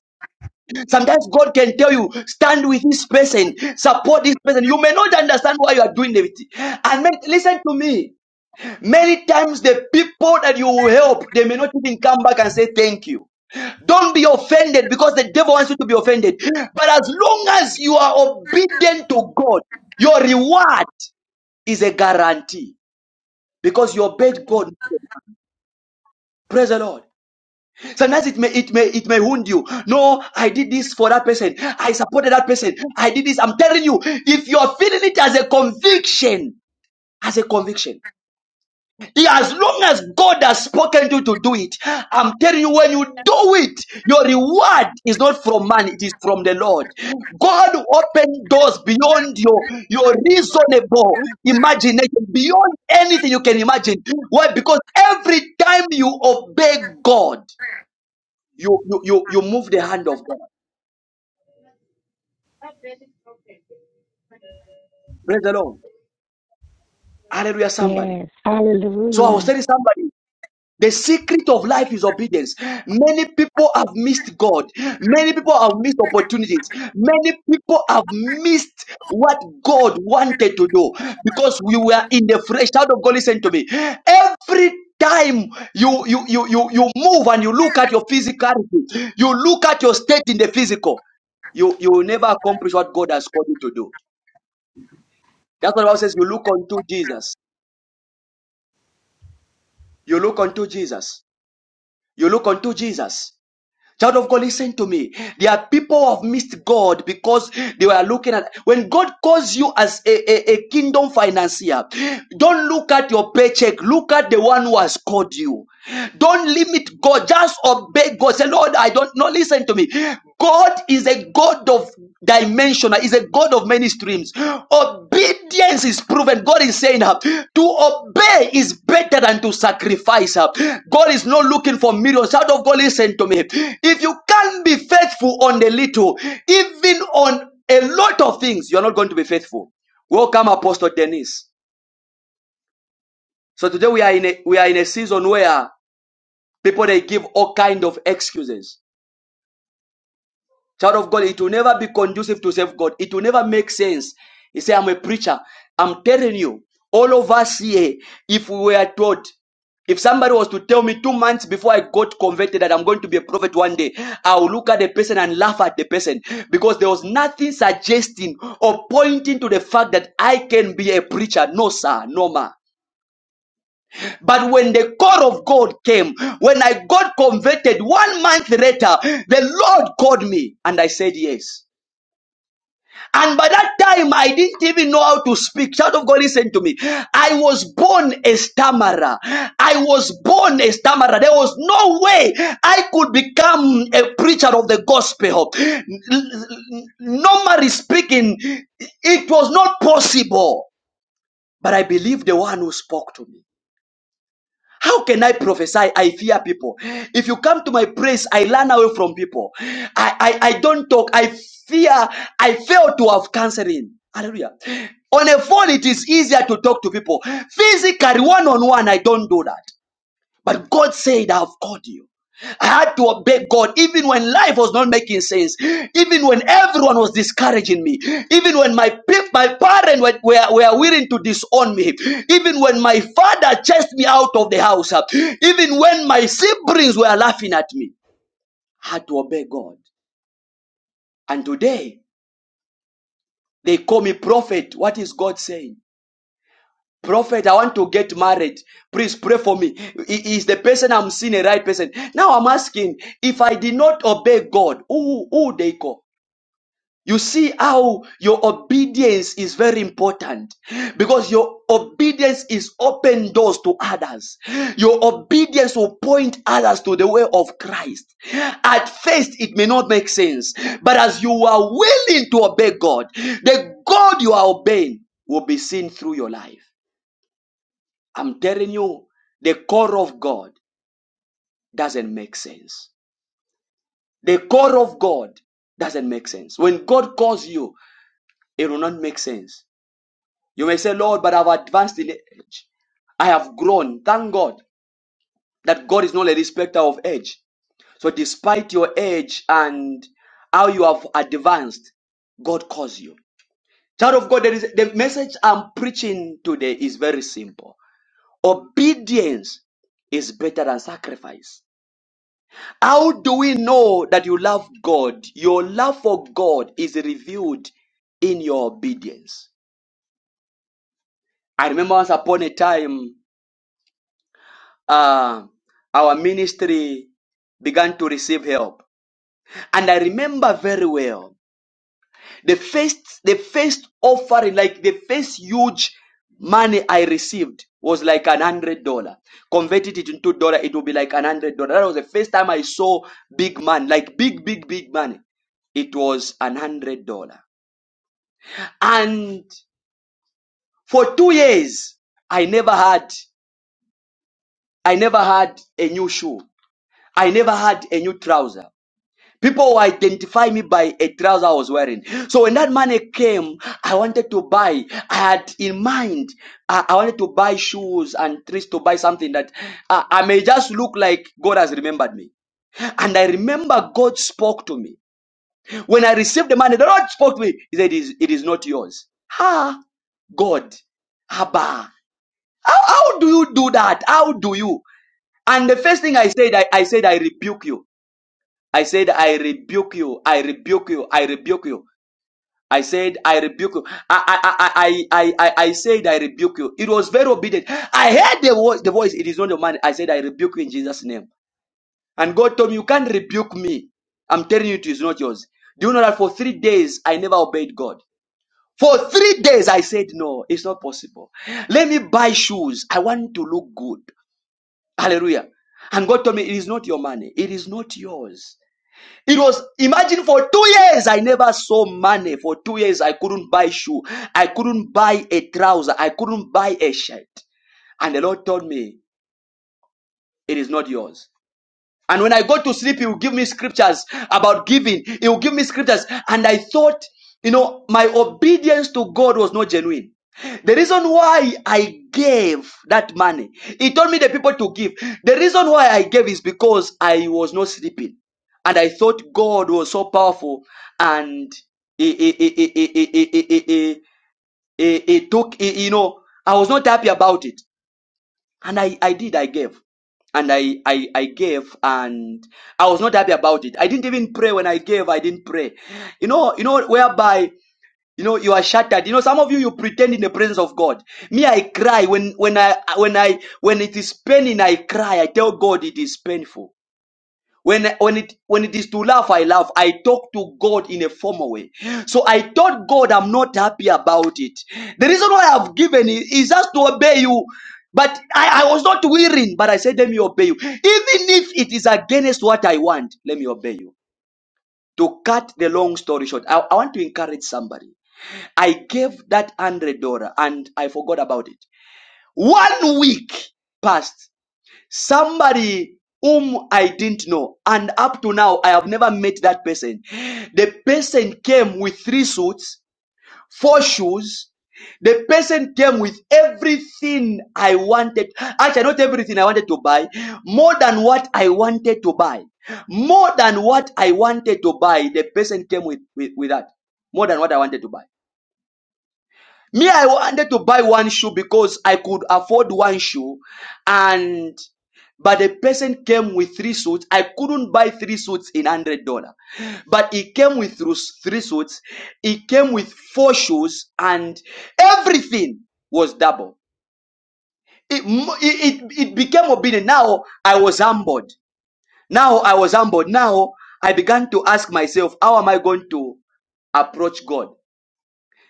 S1: Sometimes God can tell you, stand with this person, support this person. You may not understand why you are doing it. And men- listen to me. Many times the people that you will help, they may not even come back and say thank you. Don't be offended because the devil wants you to be offended. But as long as you are obedient to God, your reward is a guarantee because you obeyed God. Praise the Lord. Sometimes it may it may it may wound you. No, I did this for that person. I supported that person. I did this. I'm telling you, if you are feeling it as a conviction, as a conviction. Yeah, as long as God has spoken you to do it, I'm telling you, when you do it, your reward is not from man, it is from the Lord. God will doors beyond your, your reasonable
S19: Huh?
S1: imagination, beyond anything you can imagine. Why? Because every time you obey God, you, you, you, you move the hand of God. Praise the Lord. Hallelujah, somebody.
S20: Yes.
S1: So I was
S20: Hallelujah.
S1: telling somebody. The secret of life is obedience. Many people have missed God. Many people have missed opportunities. Many people have missed what God wanted to do because we were in the flesh. Child of God, listen to me. Every time you you you you you move and you look at your physicality, you look at your state in the physical, you you will never accomplish what God has called you to do. That's what the Bible says. You look unto Jesus. You look unto Jesus. You look unto Jesus. Child of God, listen to me. There are people who have missed God because they were looking at when God calls you as a, a, a kingdom financier. Don't look at your paycheck, look at the one who has called you. Don't limit God, just obey God. Say, Lord, I don't know. Listen to me. God is a God of dimension, is a God of many streams. Obey obedience is proven. God is saying uh, to obey is better than to sacrifice. uh. God is not looking for millions. Child of God, listen to me. If you can't be faithful on a little, even on a lot of things, you're not going to be faithful. Welcome, Apostle Dennis. So today we are in a, we are in a season where people they give all kind of excuses Child of God, it will never be conducive to serve God. It will never make sense. He said, I'm a preacher. I'm telling you, all of us here, if we were taught, if somebody was to tell me two months before I got converted that I'm going to be a prophet one day, I will look at the person and laugh at the person because there was nothing suggesting or pointing to the fact that I can be a preacher. No, sir, no, ma. But when the call of God came, when I got converted one month later, the Lord called me and I said yes. And by that time, I didn't even know how to speak. Child of God, listen to me. I was born a stammerer. I was born a stammerer. There was no way I could become a preacher of the gospel. N- n- Normally speaking, it was not possible. But I believe the one who spoke to me. How can I prophesy? I fear people. If you come to my praise, I run away from people. I, I, I don't talk. I fear. I fail to have counseling. Hallelujah. On a phone, it is easier to talk to people. Physically, one on one, I don't do that. But God said, I've called you. I had to obey God even when life was not making sense, even when everyone was discouraging me, even when my pe- my parents were, were, were willing to disown me, even when my father chased me out of the house, uh, even when my siblings were laughing at me. I had to obey God. And today they call me prophet. What is God saying? Prophet, I want to get married. Please pray for me. I- Is the person I'm seeing a right person? Now I'm asking if I did not obey God, who, who they call? You see how your obedience is very important because your obedience is open doors to others. Your obedience will point others to the way of Christ. At first, it may not make sense, but as you are willing to obey God, the God you are obeying will be seen through your life. I'm telling you, the core of God doesn't make sense. The core of God doesn't make sense. When God calls you, it will not make sense. You may say, Lord, but I've advanced in age. I have grown. Thank God that God is not a respecter of age. So, despite your age and how you have advanced, God calls you. Child of God, there is, the message I'm preaching today is very simple. Obedience is better than sacrifice. How do we know that you love God? Your love for God is revealed in your obedience. I remember once upon a time, uh, our ministry began to receive help. And I remember very well. The first, the first offering, like the first huge money I received was like an hundred dollar. Converted it into dollar, it would be like an hundred dollar. That was the first time I saw big money, like big, big, big money. It was an hundred dollar. And for two years, I never had, I never had a new shoe. I never had a new trouser. People will identify me by a trouser I was wearing. So when that money came, I wanted to buy. I had in mind, I, I wanted to buy shoes and trees to buy something that I, I may just look like God has remembered me. And I remember God spoke to me. When I received the money, the Lord spoke to me. He said, It is, it is not yours. Ha! God. Abba. How, how do you do that? How do you? And the first thing I said, I, I said, I rebuke you. I said, I rebuke you. I rebuke you. I rebuke you. I said, I rebuke you. I, I, I, I, I, I said, I rebuke you. It was very obedient. I heard the, vo- the voice. It is not your man. I said, I rebuke you in Jesus' name. And God told me, you can't rebuke me. I'm telling you, it is not yours. Do you know that for three days, I never obeyed God? For three days, I said, no, it's not possible. Let me buy shoes. I want to look good. Hallelujah. And God told me, it is not your money. It is not yours. It was imagine for two years I never saw money. For two years I couldn't buy shoe, I couldn't buy a trouser, I couldn't buy a shirt. And the Lord told me, "It is not yours." And when I go to sleep, he will give me scriptures about giving. He will give me scriptures. And I thought, you know, my obedience to God was not genuine. The reason why I gave that money, he told me the people to give. The reason why I gave is because I was not sleeping. And I thought God was so powerful and he, he, he, he, he, he, he, he, he, took, he- you know, I was not happy about it. And I, I did, I gave. And I, I, I gave and I was not happy about it. I didn't even pray when I gave, I didn't pray. You know, you know, whereby, you know, you are shattered. You know, some of you, you pretend in the presence of God. Me, I cry when, when I, when I, when it is paining, I cry. I tell God it is painful. When, when it when it is to laugh, I laugh. I talk to God in a formal way. So I told God I'm not happy about it. The reason why I've given it is just to obey you. But I, I was not willing, but I said, Let me obey you. Even if it is against what I want, let me obey you. To cut the long story short, I, I want to encourage somebody. I gave that one hundred dollar and I forgot about it. One week passed. Somebody whom I didn't know, and up to now, I have never met that person. The person came with three suits, four shoes, the person came with everything I wanted. Actually, not everything I wanted to buy. More than what I wanted to buy. More than what I wanted to buy. The person came with, with, with that. More than what I wanted to buy. Me, I wanted to buy one shoe because I could afford one shoe, and but the person came with three suits. I couldn't buy three suits in hundred dollar, but he came with thro- three suits. He came with four shoes, and everything was double. It mo- it it, it became obedient. Now I was humbled. Now I was humbled. Now I began to ask myself, how am I going to approach God?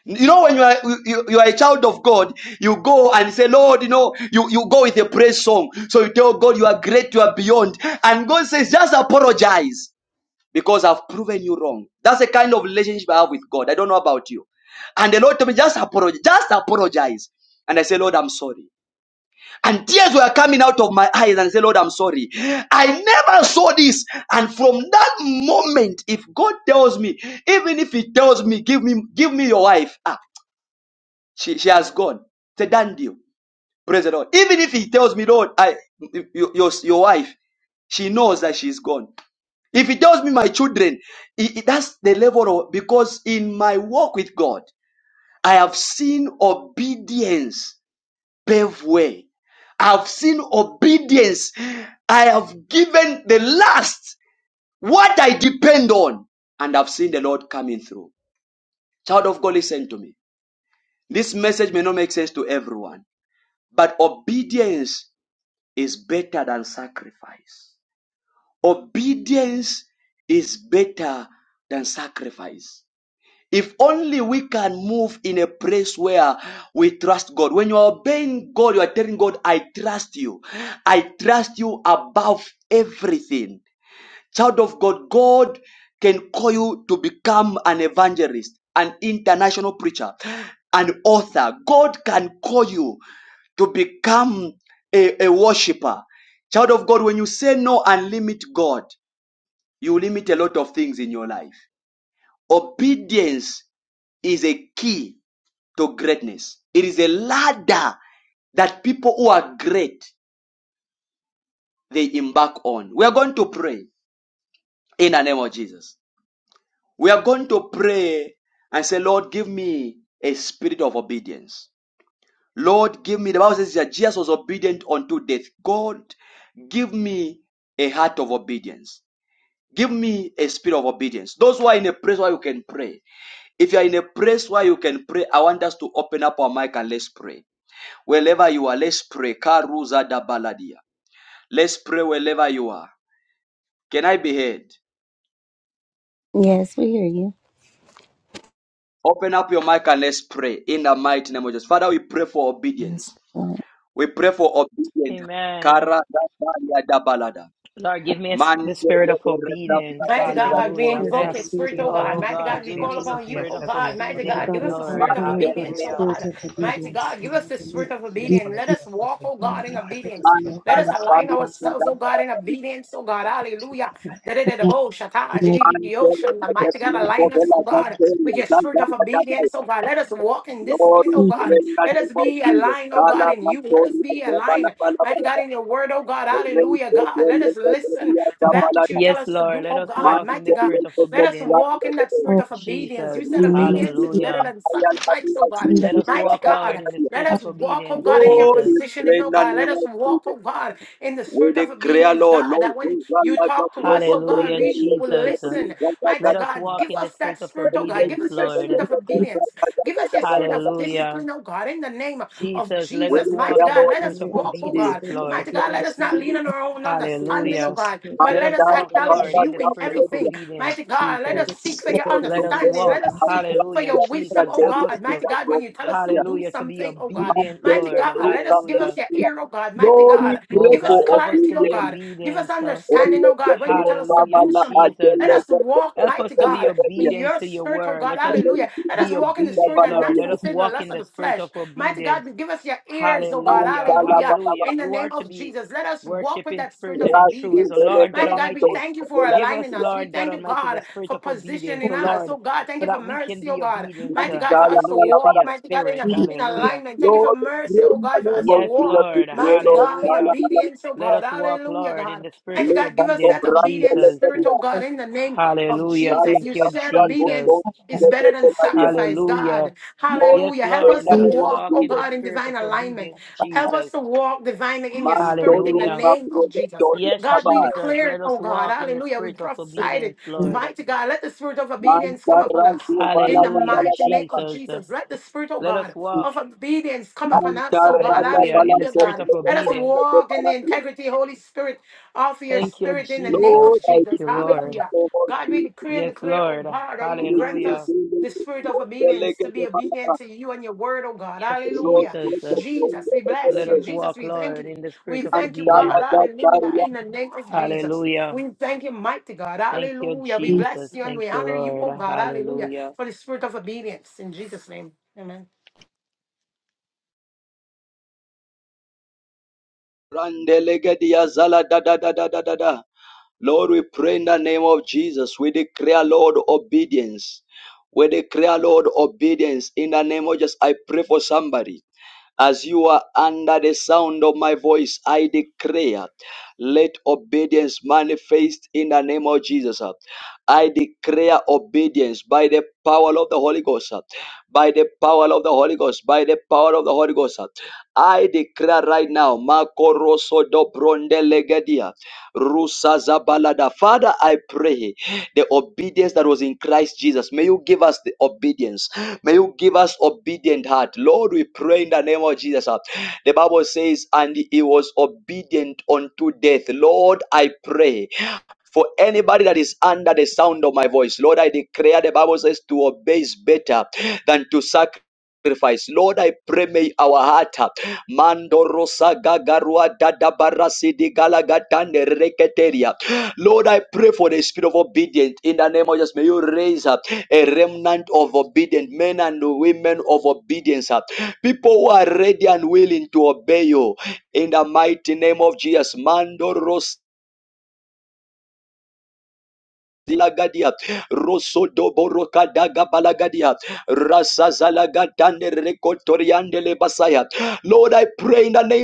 S1: You know, when you are you, you are a child of God, you go and say, Lord, you know, you, you go with a praise song. So you tell God you are great, you are beyond. And God says, just apologize because I've proven you wrong. That's the kind of relationship I have with God. I don't know about you. And the Lord told me, just apologize, just apologize. And I say, Lord, I'm sorry. And tears were coming out of my eyes and I say, Lord, I'm sorry. I never saw this. And from that moment, if God tells me, even if He tells me, give me, give me your wife. ah, she, she has gone. Say, thank you. Praise the Lord. Even if he tells me, Lord, I, your, your, your wife, she knows that she's gone. If he tells me my children, i- i- that's the level of, because in my walk with God, I have seen obedience pave way. I've seen obedience. I have given the last what I depend on, and I've seen the Lord coming through. Child of God, listen to me. This message may not make sense to everyone, but obedience is better than sacrifice. Obedience is better than sacrifice. If only we can move in a place where we trust God. When you are obeying God, you are telling God, I trust you. I trust you above everything. Child of God, God can call you to become an evangelist, an international preacher, an author. God can call you to become a, a worshiper. Child of God, when you say no and limit God, you limit a lot of things in your life. Obedience is a key to greatness. It is a ladder that people who are great they embark on. We are going to pray in the name of Jesus. We are going to pray and say, Lord, give me a spirit of obedience. Lord, give me, the Bible says that Jesus was obedient unto death. God, give me a heart of obedience. Give me a spirit of obedience. Those who are in a place where you can pray. If you are in a place where you can pray, I want us to open up our mic and let's pray. Wherever you are, let's pray. Karuza da baladia. Let's pray wherever you are. Can I be heard?
S20: Yes, we hear you.
S1: Open up your mic and let's pray in the mighty name of Jesus. Father, we pray for
S20: Yes.
S1: obedience.
S20: Lord.
S1: We pray for obedience.
S17: Amen.
S1: Kara da balia da balada.
S17: Lord, give me a sp-
S1: Man
S17: the
S1: Lord,
S17: spirit
S1: we
S17: of
S21: Oh,
S1: pray in
S17: obedience.
S21: Father,
S12: Mighty
S21: give them
S12: God,
S21: the
S12: we
S17: Hallelujah.
S21: spirit
S12: invoke
S21: of
S12: your
S22: Triasca,
S12: spirit, oh
S21: obedience
S22: triasca,
S12: God.
S17: Oh
S21: and
S22: triasca,
S21: that
S12: Mighty
S21: you
S17: God,
S12: God, we
S17: give
S12: call
S17: me
S22: triasca,
S21: Jesus.
S22: triasca,
S17: the
S12: upon you,
S17: spirit
S12: oh
S17: of
S22: triasca,
S12: God. Mighty
S21: Father
S12: God,
S17: obedience,
S12: give
S21: God, we
S12: us the
S21: call
S17: Lord.
S12: spirit of
S21: upon you for the
S12: obedience, oh
S22: triasca,
S17: Hallelujah.
S21: spirit
S12: God.
S21: of
S22: triasca,
S12: Mighty
S21: obedience
S12: God,
S21: in
S12: give
S21: the
S12: us the spirit
S21: name
S12: of
S21: of
S20: We
S21: Jesus.
S12: obedience. Let us
S20: thank
S12: walk, oh
S21: Oh
S22: triasca,
S12: God, in
S21: Lord, we
S12: obedience.
S21: just walk
S22: triasca,
S12: Let
S21: in
S12: us
S21: the
S12: align
S21: spirit of
S12: ourselves, oh
S21: obedience.
S12: God, in obedience, oh God.
S21: Thank you, Jesus,
S12: Hallelujah.
S21: I am
S12: Da-da-da-da-bo, shata, di-di-di-di-o, shanda.
S21: the
S12: Mighty God,
S21: spirit
S12: align
S21: of
S12: us, oh God,
S21: obedience.
S12: with your
S1: the
S12: spirit of obedience, oh God. Let us walk in discipline, oh God. Let
S1: name
S12: us
S1: of
S12: be
S1: Jesus.
S12: aligned, oh God,
S1: Kala
S12: in you. Let us
S1: Masoria,
S12: be
S1: Jabala, Bala,
S12: aligned.
S1: Bala,
S12: Mighty God,
S1: Bala.
S12: in your word, oh God,
S1: Raise
S12: hallelujah,
S1: the
S12: God. Let
S1: Lord,
S12: us
S1: the
S12: listen
S1: Gloria,
S12: to that
S1: Jabala,
S12: which you tell
S17: Yes,
S12: us to
S17: Lord,
S12: do,
S17: let
S12: oh
S17: us
S1: Man,
S12: God.
S17: walk in
S12: Mighty
S17: the
S1: the
S12: God,
S17: spirit
S1: Lord,
S17: of
S1: the
S12: let
S1: Gloria,
S12: us
S17: obedience.
S1: Jabala.
S12: walk
S1: Raise
S12: in
S1: the
S12: that
S1: Lord,
S12: spirit
S20: oh,
S12: of obedience.
S1: the
S12: You
S17: Jesus.
S12: said
S1: Gloria,
S20: name of
S12: obedience is better
S17: Hallelujah.
S12: than
S1: Jabala,
S12: sacrifice, oh
S1: Bala,
S12: God.
S20: Jesus,
S17: Let us
S12: Mighty
S17: walk, Lord,
S12: God,
S17: in the
S1: Bala.
S12: let
S17: spirit
S20: I
S12: us
S17: of
S12: walk, oh
S17: obedience,
S12: God,
S20: thank
S12: in your
S1: Lord,
S17: Jesus.
S1: we pray
S12: positioning,
S1: in
S12: oh
S1: the
S12: God. Let
S1: name
S12: us
S1: of Jesus.
S12: walk, oh God, in the
S1: We
S12: spirit of
S1: declare,
S12: obedience,
S1: Lord,
S12: God,
S1: Lord,
S12: that
S1: those
S12: when
S1: are
S12: you
S1: like a
S12: talk to us,
S1: broken
S12: oh God,
S17: Hallelujah,
S1: tender,
S12: we
S1: like
S12: will
S1: a
S17: Jesus.
S12: listen.
S1: broken
S12: Mighty
S17: Let
S1: tender.
S17: us
S12: God,
S17: walk
S12: give
S17: in the
S12: us that
S17: spirit of
S12: spirit, oh God. Give
S17: obedience,
S12: us your
S17: Lord.
S12: spirit of
S20: you
S12: obedience. Give us your spirit of
S17: Hallelujah.
S12: discipline, oh God, in the name of
S17: Jesus, let
S1: We
S17: us
S12: Jesus. Mighty
S17: walk
S1: declare,
S17: in
S12: God,
S17: the
S1: Lord,
S12: let
S21: And
S12: us
S17: spirit
S21: we
S17: of
S12: walk,
S21: ask
S12: oh
S21: for the
S17: obedience,
S12: God.
S21: spirit of
S17: Lord.
S12: Mighty God, let
S21: obedience,
S12: us not
S21: Lord.
S12: lean on our own understanding,
S21: Because
S12: oh
S21: the
S17: Hallelujah.
S12: God,
S21: spirit
S12: but
S1: man
S21: of
S17: Let
S12: let
S17: us
S12: us
S1: shall
S17: walk,
S1: not have
S21: obedience,
S12: acknowledge
S17: Lord,
S1: broken
S17: in
S12: you
S17: the
S21: Almighty
S12: in
S1: down
S17: spirit
S1: the
S21: God.
S17: of
S12: everything.
S1: relationship.
S17: obedience,
S12: Mighty God, let
S21: Give
S17: Jesus.
S12: us
S21: us the
S12: seek for
S21: spirit
S12: your
S21: of
S17: Let us
S21: obedience,
S12: understanding. Let
S17: walk.
S12: us
S21: Lord.
S12: seek for
S17: Hallelujah,
S12: your wisdom,
S17: Jesus.
S12: oh
S17: Help us
S12: God.
S17: to,
S12: Mighty God, when you tell us to do
S17: hallelujah, to be
S12: something, oh
S20: for
S12: God.
S17: obedient,
S12: Mighty
S17: Lord.
S12: God, let us give us
S17: Hallelujah.
S12: your
S1: Lord,
S12: ear, oh God. Mighty
S1: Glory,
S12: God,
S17: Oh
S1: pray
S12: give us
S1: for
S17: God, help us
S12: clarity,
S17: to
S12: oh
S17: be
S12: God.
S1: obedience.
S12: Give us
S17: obedient. Uh,
S1: All
S12: understanding, oh
S1: the
S12: God, when you tell
S1: fruits
S12: us to
S1: of
S17: Hallelujah,
S1: our
S12: do
S1: life,
S12: something.
S17: Jesus.
S12: Let
S17: Uh,
S12: us
S1: all
S12: walk,
S17: Help us
S12: mighty
S17: to be
S12: God,
S1: the
S12: in
S17: obedient
S12: your
S17: to your
S12: spirit, oh
S17: word.
S12: God.
S17: Let us
S1: Lord,
S12: Hallelujah. Let us
S17: be
S12: walk in the spirit
S17: obedient,
S12: and
S17: Lord.
S12: not
S17: Let us
S12: fulfill the
S17: walk
S12: lust
S17: in
S12: of
S17: the
S12: the
S17: spirit
S12: flesh.
S17: of
S12: Mighty
S17: obedience.
S12: God, give us your ears, oh God.
S17: Hallelujah,
S12: Hallelujah.
S17: hallelujah.
S12: In the
S17: You are
S12: name
S17: to
S12: of
S17: be
S12: Jesus, let us walk
S17: worshiped
S12: with
S17: in
S12: that spirit
S17: spirit
S12: of
S17: and in truth. So,
S12: obedience.
S17: Lord God
S12: Mighty God, we
S17: Almighty,
S12: thank you for
S17: give us,
S12: aligning us. We
S17: Lord God
S12: thank you,
S17: Almighty, the
S12: God,
S17: spirit
S12: for
S17: of obedience.
S12: positioning
S17: So,
S12: us.
S17: Lord,
S12: Oh God, thank
S17: so
S12: you for
S17: that we can
S12: mercy, oh
S17: be
S12: God.
S17: obedient
S12: Mighty
S17: to,
S12: God, for us to
S17: hallelujah, to
S12: walk,
S17: your
S12: mighty God, in,
S17: spirit.
S20: each of these
S12: in
S17: Hallelujah.
S12: alignment. Thank you for mercy, oh
S1: in the
S12: God, for
S1: name
S12: us to
S1: of
S17: Yes,
S12: walk.
S1: Jesus, we
S17: Lord,
S1: pray,
S12: Mighty
S1: Lord,
S12: God, in
S1: Shala,
S17: hallelujah.
S1: la, la,
S12: obedience, oh
S17: Let
S12: God.
S17: us walk,
S12: Hallelujah,
S17: Lord, in
S12: God.
S17: the spirit
S12: Mighty
S17: of
S1: let
S12: God,
S1: us
S12: give us
S1: stop
S17: obedience,
S12: that
S1: run,
S12: obedience
S1: let us
S12: spirit,
S17: Jesus.
S12: oh
S1: run,
S12: God, in the name of
S17: Hallelujah.
S1: Shala,
S12: Jesus.
S17: Thank
S12: You
S17: you,
S1: just
S12: said
S1: run, go,
S17: Jesus.
S1: go, go,
S12: obedience is better than sacrifice,
S17: Hallelujah.
S12: God.
S1: Lord,
S17: Yes,
S12: Hallelujah. Help
S1: in
S17: Lord,
S12: us to
S1: the
S17: let us
S1: name of
S12: walk,
S17: walk
S12: oh
S17: in
S1: Jesus,
S17: the
S12: God, in
S17: spirit of
S12: divine alignment.
S17: obedience,
S12: Help
S17: Jesus.
S12: us to walk divinely in your
S1: man,
S12: spirit
S1: don't
S12: in the
S1: run,
S17: Hallelujah.
S1: stop,
S12: name of
S1: run,
S12: Jesus.
S1: don't
S17: Yes,
S1: let us
S12: God, we
S1: buy.
S17: Jesus,
S12: declare it,
S17: let us
S12: oh God.
S17: walk in the
S12: Hallelujah. We
S17: spirit of
S12: prophesied it.
S17: obedience, Lord.
S12: Mighty God, let the spirit of
S1: Man,
S12: obedience come
S1: don't
S12: upon
S1: run,
S12: us.
S1: do, ba,
S12: In
S1: la,
S12: the
S1: ba, ba,
S17: Hallelujah,
S1: la,
S12: mighty
S1: ba, la,
S12: name
S1: ba.
S12: of
S17: Jesus.
S12: Jesus, let the Spirit, oh
S17: Let us
S12: God,
S17: walk,
S12: of obedience come upon
S1: Man,
S12: us, so
S1: don't
S12: God.
S1: run, da, ba,
S17: hallelujah, in
S1: la,
S17: the
S12: Hallelujah,
S1: do,
S17: spirit
S12: God.
S17: of
S1: play, do,
S12: Let us
S17: obedience.
S12: walk in the integrity, Holy Spirit, of your
S17: Thank you,
S12: spirit in the name
S17: Jesus.
S12: of
S1: Lord, I
S17: Thank
S12: Jesus.
S17: you,
S1: declare
S17: Lord.
S1: that
S12: Hallelujah.
S1: over
S12: God, we
S1: you,
S12: decree and
S17: Yes,
S12: declare, oh
S17: Lord.
S12: God, that you will
S1: you,
S12: grant
S1: you,
S17: Hallelujah.
S1: you,
S12: us
S1: you,
S12: the
S1: you,
S12: spirit of
S1: Lord, the
S12: obedience to
S1: legacy
S12: be
S1: of
S12: obedient
S1: Allah,
S12: to you and your word, oh God.
S17: Yes,
S1: Lord,
S12: Hallelujah.
S17: Jesus.
S1: Lord, the throne
S12: Jesus, we
S1: of the
S12: bless
S17: Let
S12: you.
S17: us
S1: legacy,
S12: Jesus,
S17: walk,
S12: we thank
S17: Lord,
S12: you.
S17: in the
S12: We
S17: spirit of
S1: and
S12: thank you, God.
S1: Zala,
S17: obedience.
S1: da, da,
S12: Hallelujah. In the
S1: ya,
S12: name of Jesus.
S17: Hallelujah.
S12: We thank you, mighty God.
S17: Thank you,
S12: Hallelujah. We bless
S17: Jesus.
S12: you and
S17: Thank
S12: we
S17: you,
S12: honor you,
S17: Lord.
S12: oh God. Hallelujah.
S17: Hallelujah.
S12: For the spirit of obedience. In Jesus' name. Amen.
S1: and the legacy, ya, Zala, da, da, da, da, da, da, da. Lord, we pray in the name of Jesus. We declare, Lord, obedience. We declare, Lord, obedience in the name of Jesus. I pray for somebody. As you are under the sound of my voice, I declare, let obedience manifest in the name of Jesus. I declare obedience by the power of the Holy Ghost, by the power of the Holy Ghost, by the power of the Holy Ghost. I declare right now, Marco Rosso do Bronde Legadia, Rusa Zabalada. Father, I pray the obedience that was in Christ Jesus. May you give us the obedience. May you give us obedient heart. Lord, we pray in the name of Jesus. uh, The Bible says, and he was obedient unto death. Lord, I pray for anybody that is under the sound of my voice. Lord, I declare the Bible says to obey is better than to sacrifice. Lord, I pray may our heart uh, Mandorosa gagarua dadabarasidi galagatande reketeria Lord, I pray for the spirit of obedience in the name of Jesus. May you raise up a remnant of obedient men and women of obedience. uh, People who are ready and willing to obey you in the mighty name of Jesus. Mando Ros. Dilagadia, Rosodoboroka Dagabalagadia, Rasazalagatane Rekotoriandele Basaya. Lord, I pray in the name.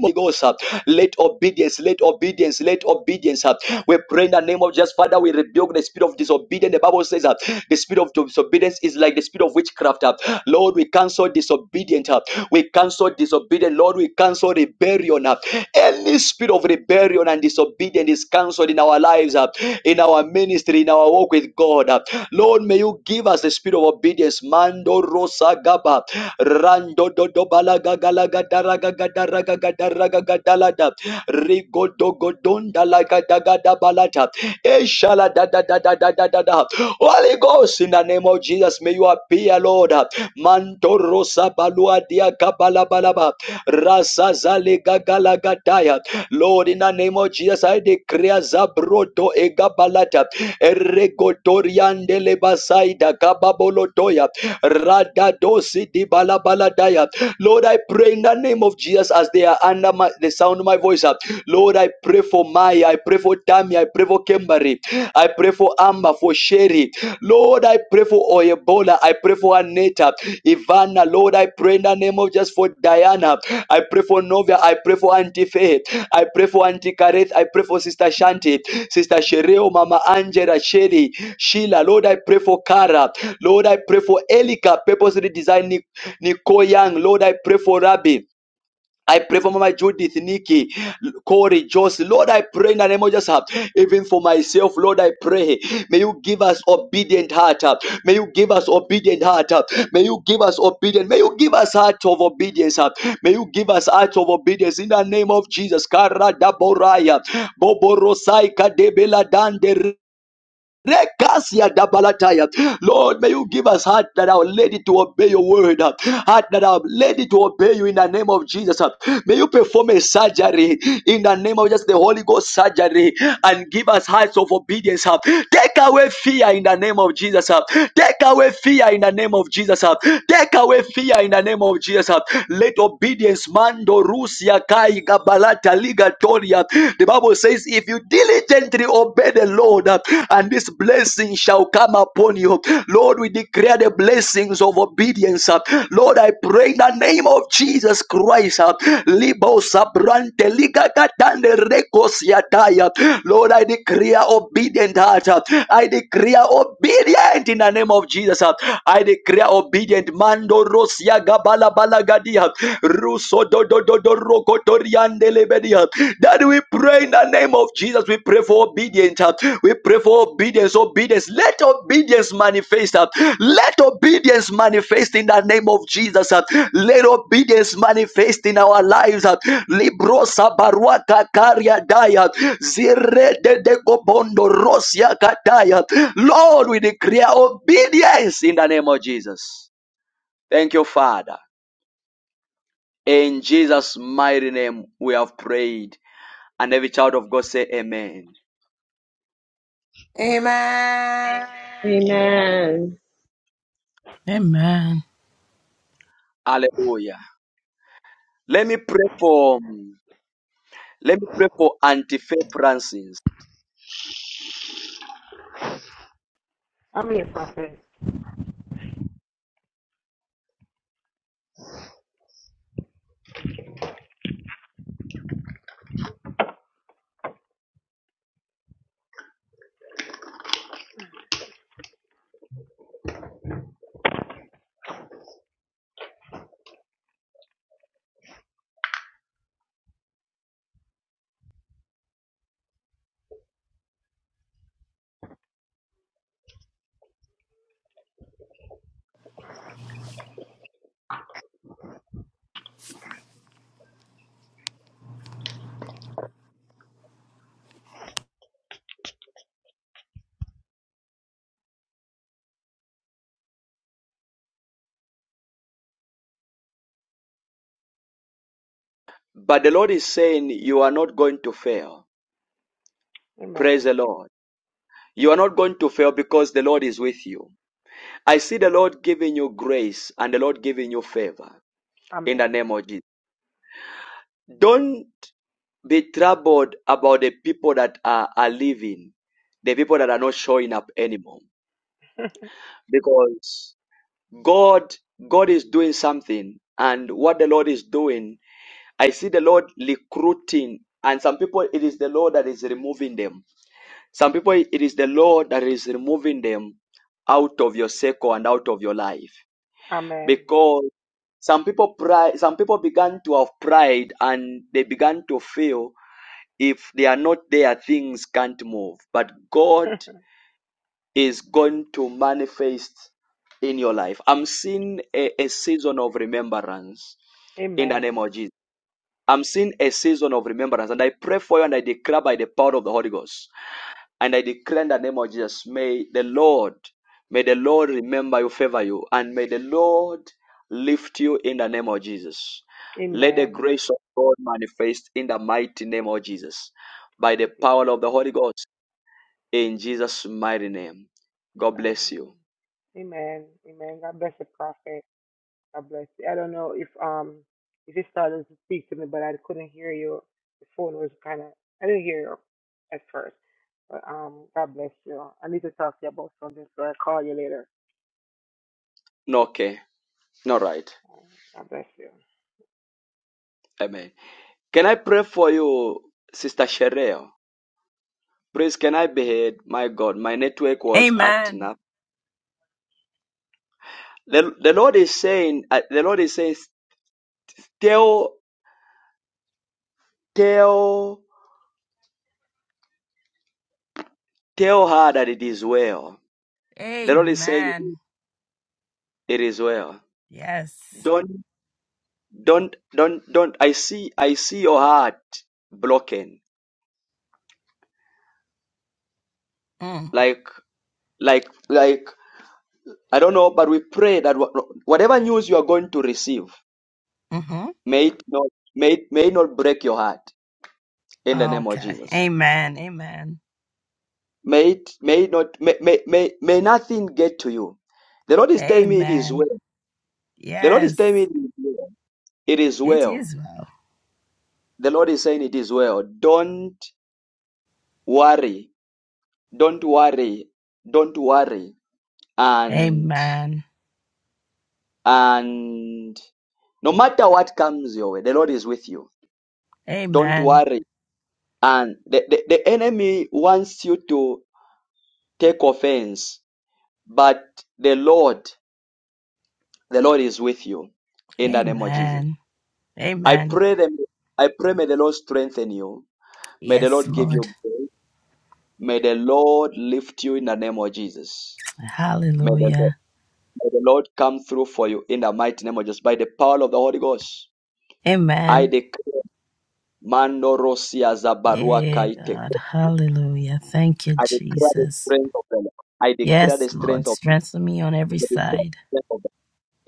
S1: Holy Ghost, uh, let obedience, let obedience, let obedience. uh, We pray in the name of Jesus, Father. We rebuke the spirit of disobedience. The Bible says uh, the spirit of disobedience is like the spirit of witchcraft. uh. Lord, we cancel disobedience. uh, We cancel disobedience. Lord, we cancel rebellion. uh. Any spirit of rebellion and disobedience is cancelled in our lives, uh, in our ministry, in our walk with God. uh. Lord, may you give us the spirit of obedience. Mando Rosa Gaba. Rando do do balaga galaga daraga gadaraga gadaraga gadalada. Rigo do godonda laga daga da balata. Eshala da da da da da da da da. Holy Ghost, in the name of Jesus, may you appear, Lord. Manto rosa balua dia kabala balaba. Rasa zale gagala gataya. Lord, in the name of Jesus, I declare Zabroto Egabalata, Eregotoriandele Basaida, Kababolotoya, Radadosi di Balabaladaya. Lord, I pray in the name of Jesus as they are under my, the sound of my voice. uh, Lord, I pray for Maya, I pray for Tammy, I pray for Kimberly, I pray for Amber, for Sherry, Lord, I pray for Oyebola. I pray for Aneta, Ivana. Lord, I pray in the name of just for Diana. I pray for Novia. I pray for Auntie Faith. I pray for Auntie Kareth. I pray for Sister Shanti, Sister Shereo, Mama Angela, Sherry, Sheila. Lord, I pray for Kara. Lord, I pray for Elika, purposely designed Nico Young. Lord, I pray for Rabbi. I pray for my Judith, Nikki, Corey, Joyce. Lord, I pray in the name of Jesus. uh, Even for myself, Lord, I pray. May you give us obedient heart. uh, May you give us obedient heart. uh, May you give us obedient. May you give us heart of obedience. uh, May you give us heart of obedience in the name of Jesus. Karadaboraya, Boborosai, Kadebela, dande Rekasia dabalataya. Lord, may you give us heart that are ready to obey your word, uh, heart that are ready to obey you in the name of Jesus. uh. May you perform a surgery in the name of just the Holy Ghost surgery and give us hearts of obedience. uh. Take away fear in the name of Jesus. uh. Take away fear in the name of Jesus. uh. Take away fear in the name of Jesus. uh. Let obedience mando rusia kai gabalata ligatoria The the Bible says, if you diligently obey the Lord, uh, and this blessing shall come upon you. Lord, we declare the blessings of obedience. uh. Lord, I pray in the name of Jesus Christ. uh, Libo sabrante liga katande rekos yataya. Lord, I declare obedient heart. uh. I declare obedient in the name of Jesus. uh. I declare obedient. Mando rosia gabala bala gadia. That we pray in the name of Jesus. We pray for obedience. uh, We pray for obedience. Obedience. Let obedience manifest. uh, Let obedience manifest in the name of Jesus. uh, Let obedience manifest in our lives. uh, Libro sabaruata karia daya. Zire de de gobondo rosia kataya. Lord, we declare obedience in the name of Jesus. Thank you, Father. In Jesus' mighty name, we have prayed. And every child of God say amen.
S12: Amen.
S22: Amen.
S21: Amen.
S14: Amen.
S1: Hallelujah. Let me pray for let me pray for Auntie Faith Francis. But the Lord is saying you are not going to fail. Praise the Lord. You are not going to fail because the Lord is with you. I see the Lord giving you grace and the Lord giving you favor in the name of Jesus. Don't be troubled about the people that are, are leaving, the people that are not showing up anymore. because God God is doing something and what the Lord is doing I see the Lord recruiting and some people it is the Lord that is removing them some people it is the Lord that is removing them out of your circle and out of your life because some people pride some people began to have pride and they began to feel if they are not there things can't move but God is going to manifest in your life. I'm seeing a, a season of remembrance in the name of Jesus. I'm seeing a season of remembrance, and I pray for you and I declare by the power of the Holy Ghost. And I declare in the name of Jesus, may the Lord, may the Lord remember you, favor you, and may the Lord lift you in the name of Jesus. Let the grace of God manifest in the mighty name of Jesus. By the power of the Holy Ghost, in Jesus' mighty name. God bless you. No, Okay. All right. Amen. Can I pray for you, Sister Shereo? Please, can I be heard? My God, my network was acting
S14: Amen.
S1: up. The, the Lord is saying, uh, the Lord is saying, tell, tell, tell her that it is well. The Lord is saying,
S14: Amen.
S1: it is well.
S14: Yes.
S1: Don't, don't, don't, don't. I see, I see your heart broken.
S14: Mm.
S1: Like, like, like, I don't know, but we pray that wha- whatever news you are going to receive,
S14: Mm-hmm.
S1: May it not may it, may it not break your heart in the name of
S14: Okay.
S1: Jesus.
S14: Amen. Amen.
S1: May it may it not may, may, may, may nothing get to you. The Lord is telling me it is
S14: Amen.
S1: well. The Lord is telling me
S14: Yes.
S1: it is well. It is
S14: It
S1: well.
S14: is well.
S1: The Lord is saying it is well. Don't worry. Don't worry. Don't worry. And
S14: Amen.
S1: and no matter what comes your way, the Lord is with you. Don't
S14: Amen.
S1: worry. And the, the, the enemy wants you to take offense But the Lord, the Lord is with you in the name of Jesus.
S14: Amen.
S1: I
S14: Amen.
S1: pray them. I pray may the Lord strengthen you. May the
S14: Yes,
S1: Lord give
S14: Lord.
S1: you grace. May the Lord lift you in the name of Jesus. May the Lord,
S14: Hallelujah.
S1: may the Lord come through for you in the mighty name of Jesus by the power of the Holy Ghost. I
S14: Amen.
S1: declare Mando Rosia Zabarua
S14: Yeah,
S1: Kaite.
S14: God. Hallelujah. Thank you,
S1: I declare the
S14: Jesus.
S1: strength of the Lord. I declare
S14: Yes,
S1: the strength
S14: Lord.
S1: of,
S14: Strengthen me on every side.
S1: the Lord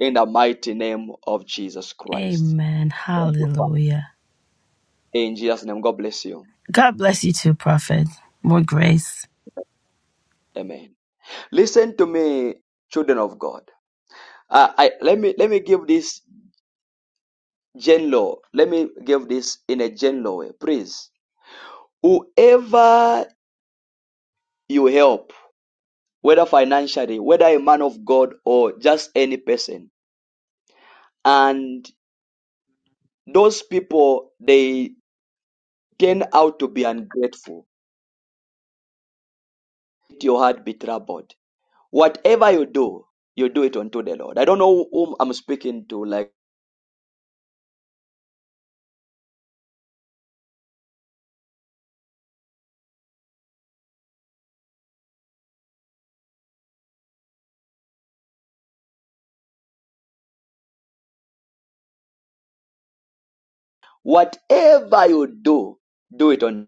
S1: in the mighty name of Jesus Christ.
S14: Amen.
S1: Thank you,
S14: Hallelujah.
S1: In Jesus' name, God bless you.
S14: God bless you too, Prophet. More grace.
S1: Amen. Listen to me, children of God. Uh, I let me let me give this general. Let me give this in a general way, please. Whoever you help, whether financially, whether a man of God or just any person, and those people they turn out to be ungrateful. Let your heart be troubled. Whatever you do, you do it unto the Lord. I don't know whom I'm speaking to, like. Whatever you do, do it on.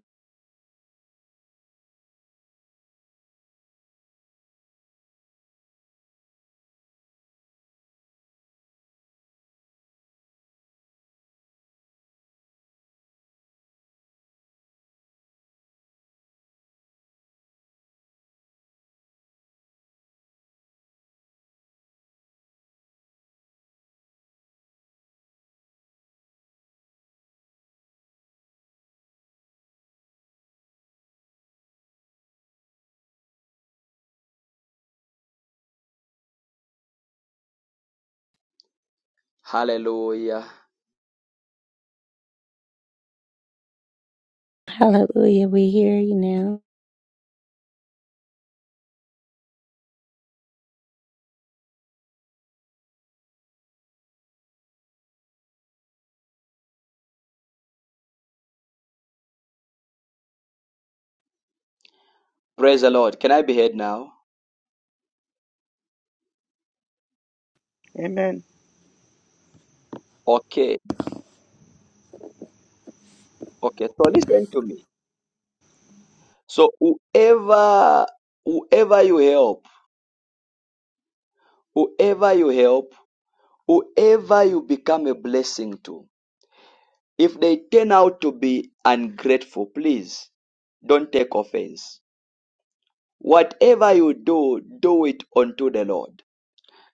S1: Hallelujah.
S20: Hallelujah. We hear you now.
S1: Praise the Lord. Can I be heard now?
S15: Amen.
S1: Okay. Okay. So listen to me. So whoever, whoever you help, whoever you help, whoever you become a blessing to, if they turn out to be ungrateful, please don't take offense. Whatever you do, do it unto the Lord.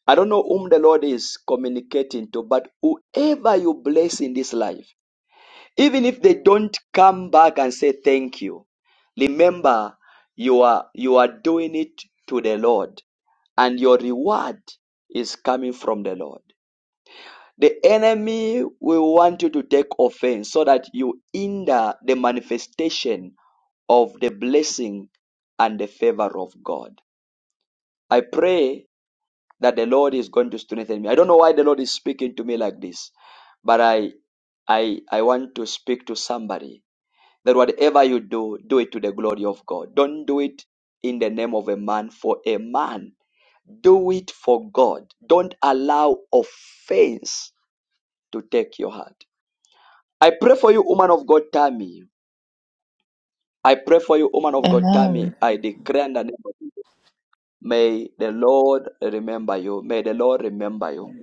S1: I don't know whom the Lord is communicating to, but whoever you bless in this life, Even if they don't come back and say thank you, remember you are you are doing it to the Lord and your reward is coming from the Lord. The enemy will want you to take offense so that you hinder the manifestation of the blessing and the favor of God. I pray that the Lord is going to strengthen me. I don't know why the Lord is speaking to me like this, but I I I want to speak to somebody that whatever you do, do it to the glory of God. Don't do it in the name of a man for a man. Do it for God. Don't allow offense to take your heart. I pray for you, woman of God, Tammy. I pray for you, woman of God, Tammy.
S4: Amen.
S1: I declare in the name of Jesus. May the Lord remember you. May the Lord remember you.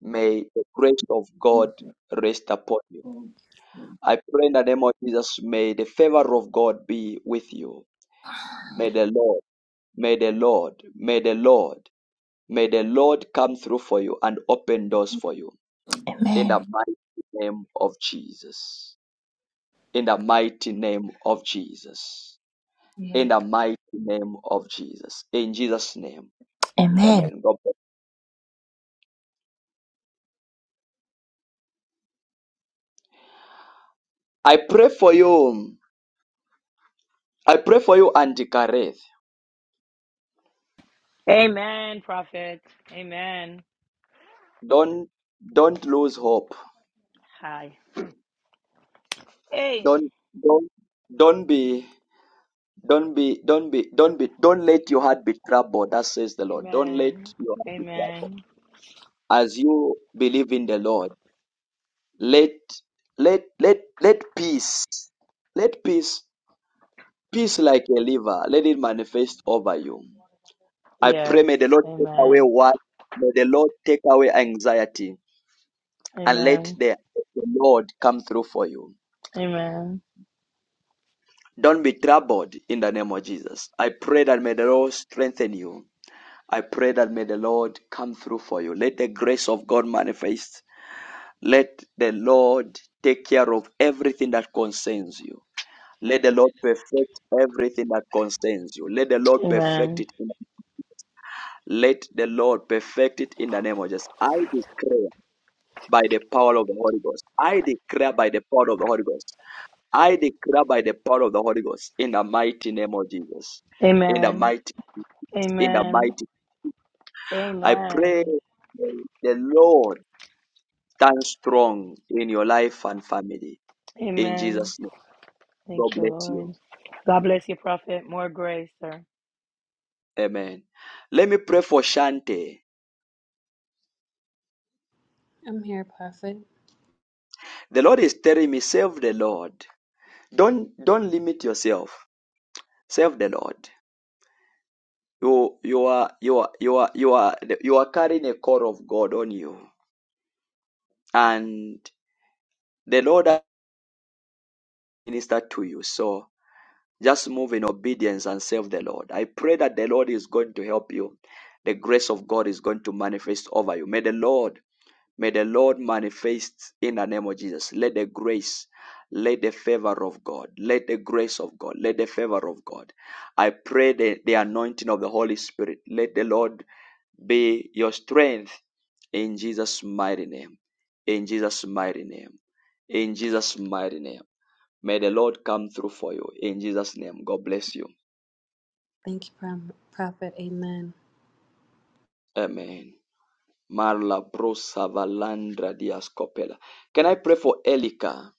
S1: May the grace of God rest upon you. I pray in the name of Jesus. May the favor of God be with you. May the Lord May the Lord, may the Lord, may the Lord come through for you and open doors for you in
S4: Amen.
S1: the mighty name of Jesus. In the mighty name of Jesus. In the mighty name of Jesus. In Jesus' name.
S4: Amen.
S1: Amen. God bless. I pray for you. I pray for you, Auntie Kareth.
S17: Amen, prophet. Amen.
S1: Don't don't lose hope.
S17: Hi. Hey.
S1: Don't don't don't be don't be don't be don't be don't let your heart be troubled. That says the Lord. Don't let
S17: Amen.
S1: your heart be troubled.
S17: Amen.
S1: as you believe in the Lord, let let let let peace, let peace, peace like a liver, let it manifest over you. I pray
S17: Yes.
S1: may the Lord take away
S17: Amen.
S1: what may the Lord take away anxiety and let
S17: Amen.
S1: the, the Lord come through for you.
S17: Amen.
S1: Don't be troubled in the name of Jesus. I pray that may the Lord strengthen you. I pray that may the Lord come through for you. Let the grace of God manifest Let the Lord take care of everything that concerns you. Let the Lord perfect everything that concerns you. Let the Lord perfect
S17: Amen.
S1: it. In, let the Lord perfect it in the name of Jesus. I declare by the power of the Holy Ghost. I declare by the power of the Holy Ghost. I declare by the power of the Holy Ghost in the mighty name of Jesus. In the
S17: Amen.
S1: mighty, in the
S17: Amen.
S1: mighty. I pray
S17: Amen.
S1: the the Lord stand strong in your life and family. In
S17: Amen.
S1: Jesus' name. God
S17: Thank you,
S1: bless you.
S17: Lord. God bless you, prophet. More grace, sir.
S1: Amen. Let me pray for Shante.
S16: I'm here, Prophet.
S1: The Lord is telling me, serve the Lord. Don't don't limit yourself. Serve the Lord. You you are you are you are you are you are carrying a core of God on you, and the Lord has ministered to you. So just move in obedience and serve the Lord. I pray that the Lord is going to help you. The grace of God is going to manifest over you. May the Lord May the Lord manifest in the name of Jesus. Let the grace, let the favor of God, let the grace of God, let the favor of God. I pray the, the anointing of the Holy Spirit. Let the Lord be your strength in Jesus' mighty name. In Jesus' mighty name. In Jesus' mighty name. May the Lord come through for you. In Jesus' name. God bless you.
S16: Thank you, Prom- Prophet. Amen.
S1: Amen. Marla Brosa Valandra Dias Copela. Can I pray for Elika?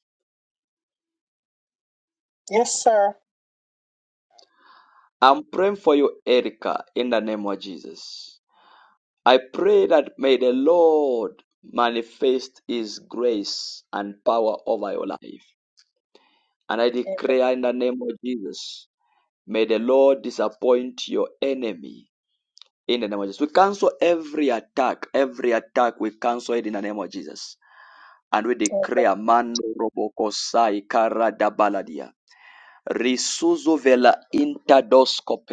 S23: Yes, sir.
S1: I'm praying for you, Erica, in the name of Jesus. I pray that may the Lord manifest his grace and power over your life. And I declare in the name of Jesus, may the Lord disappoint your enemy in the name of Jesus. We cancel every attack, every attack, we cancel it in the name of Jesus. And we declare, man robokosai kara Risuzo vela interdosko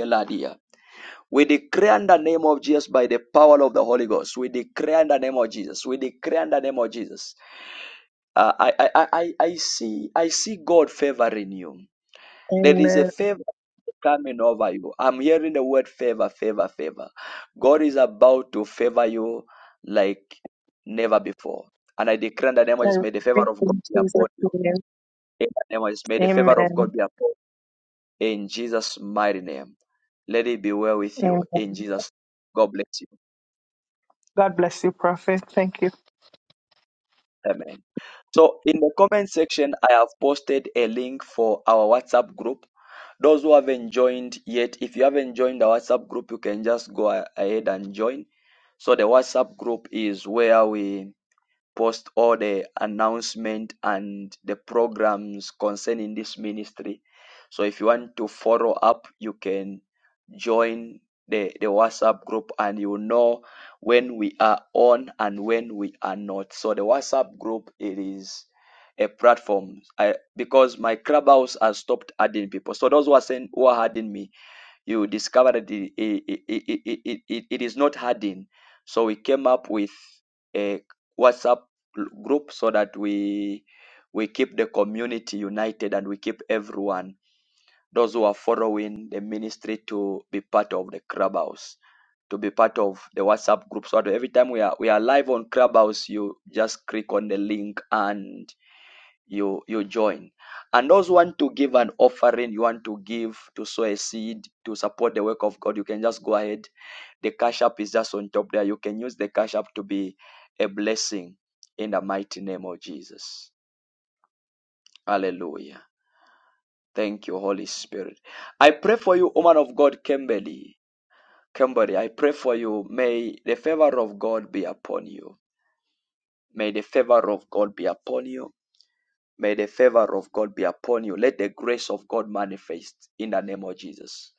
S1: We declare in the name of Jesus by the power of the Holy Ghost. We declare in the name of Jesus. We declare in the name of Jesus. Uh, I, I, I, I I see, I see God favoring you. There is a
S23: Amen.
S1: favor coming over you. I'm hearing the word favor, favor, favor. God is about to favor you like never before. And I declare in the name of
S23: I
S1: Jesus, may the
S23: receive
S1: favor of God
S23: in
S1: be
S23: Jesus'
S1: upon you.
S23: name.
S1: In the name of Jesus, may the favor of
S23: Amen.
S1: God be upon you. In Jesus' mighty name. Let it be well with
S23: Amen.
S1: you. In Jesus' name. God bless you.
S23: God bless you, Prophet. Thank you.
S1: Amen. So in the comment section, I have posted a link for our WhatsApp group. Those who haven't joined yet, if you haven't joined the WhatsApp group, you can just go a- ahead and join. So the WhatsApp group is where we post all the announcement and the programs concerning this ministry. So if you want to follow up, you can join the, the WhatsApp group and you know when we are on and when we are not. So the WhatsApp group it is a platform I, because my clubhouse has stopped adding people. So those who are saying who are adding me, you will discover that it, it, it, it, it, it, it is not hardened. So we came up with a WhatsApp group so that we we keep the community united and we keep everyone, those who are following the ministry to be part of the clubhouse, to be part of the WhatsApp group. So that every time we are we are live on clubhouse, you just click on the link and you you join and those want to give an offering you want to give to sow a seed to support the work of god you can just go ahead the cash app is just on top there you can use the cash app to be a blessing in the mighty name of jesus hallelujah thank you holy spirit i pray for you woman of god kimberly kimberly i pray for you may the favor of god be upon you may the favor of god be upon you May the favor of God be upon you. Let the grace of God manifest in the name of Jesus.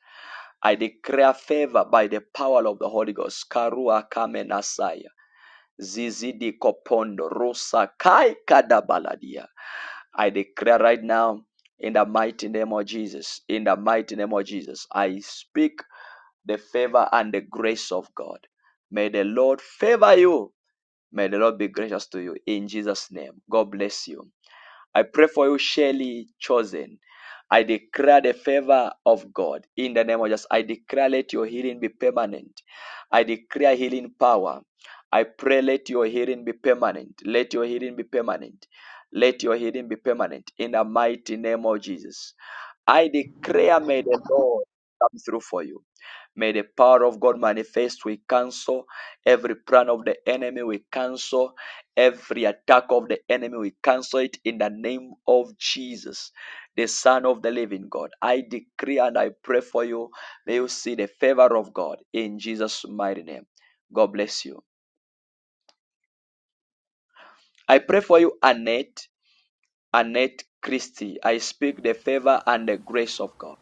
S1: I declare favor by the power of the Holy Ghost. Karua kamenasaya. Zizidi kopondo rosa kai kadabaladia. I declare right now in the mighty name of Jesus. In the mighty name of Jesus. I speak the favor and the grace of God. May the Lord favor you. May the Lord be gracious to you in Jesus' name. God bless you. I pray for you, Shelly Chosen. I declare the favor of God in the name of Jesus. I declare let your healing be permanent. I declare healing power. I pray let your healing be permanent. Let your healing be permanent. Let your healing be permanent in the mighty name of Jesus. I declare may the Lord come through for you. May the power of God manifest. We cancel every plan of the enemy. We cancel every attack of the enemy. We cancel it in the name of Jesus, the Son of the living God. I decree and I pray for you. May you see the favor of God in Jesus' mighty name. God bless you. I pray for you, Annette, Annette Christie. I speak the favor and the grace of God.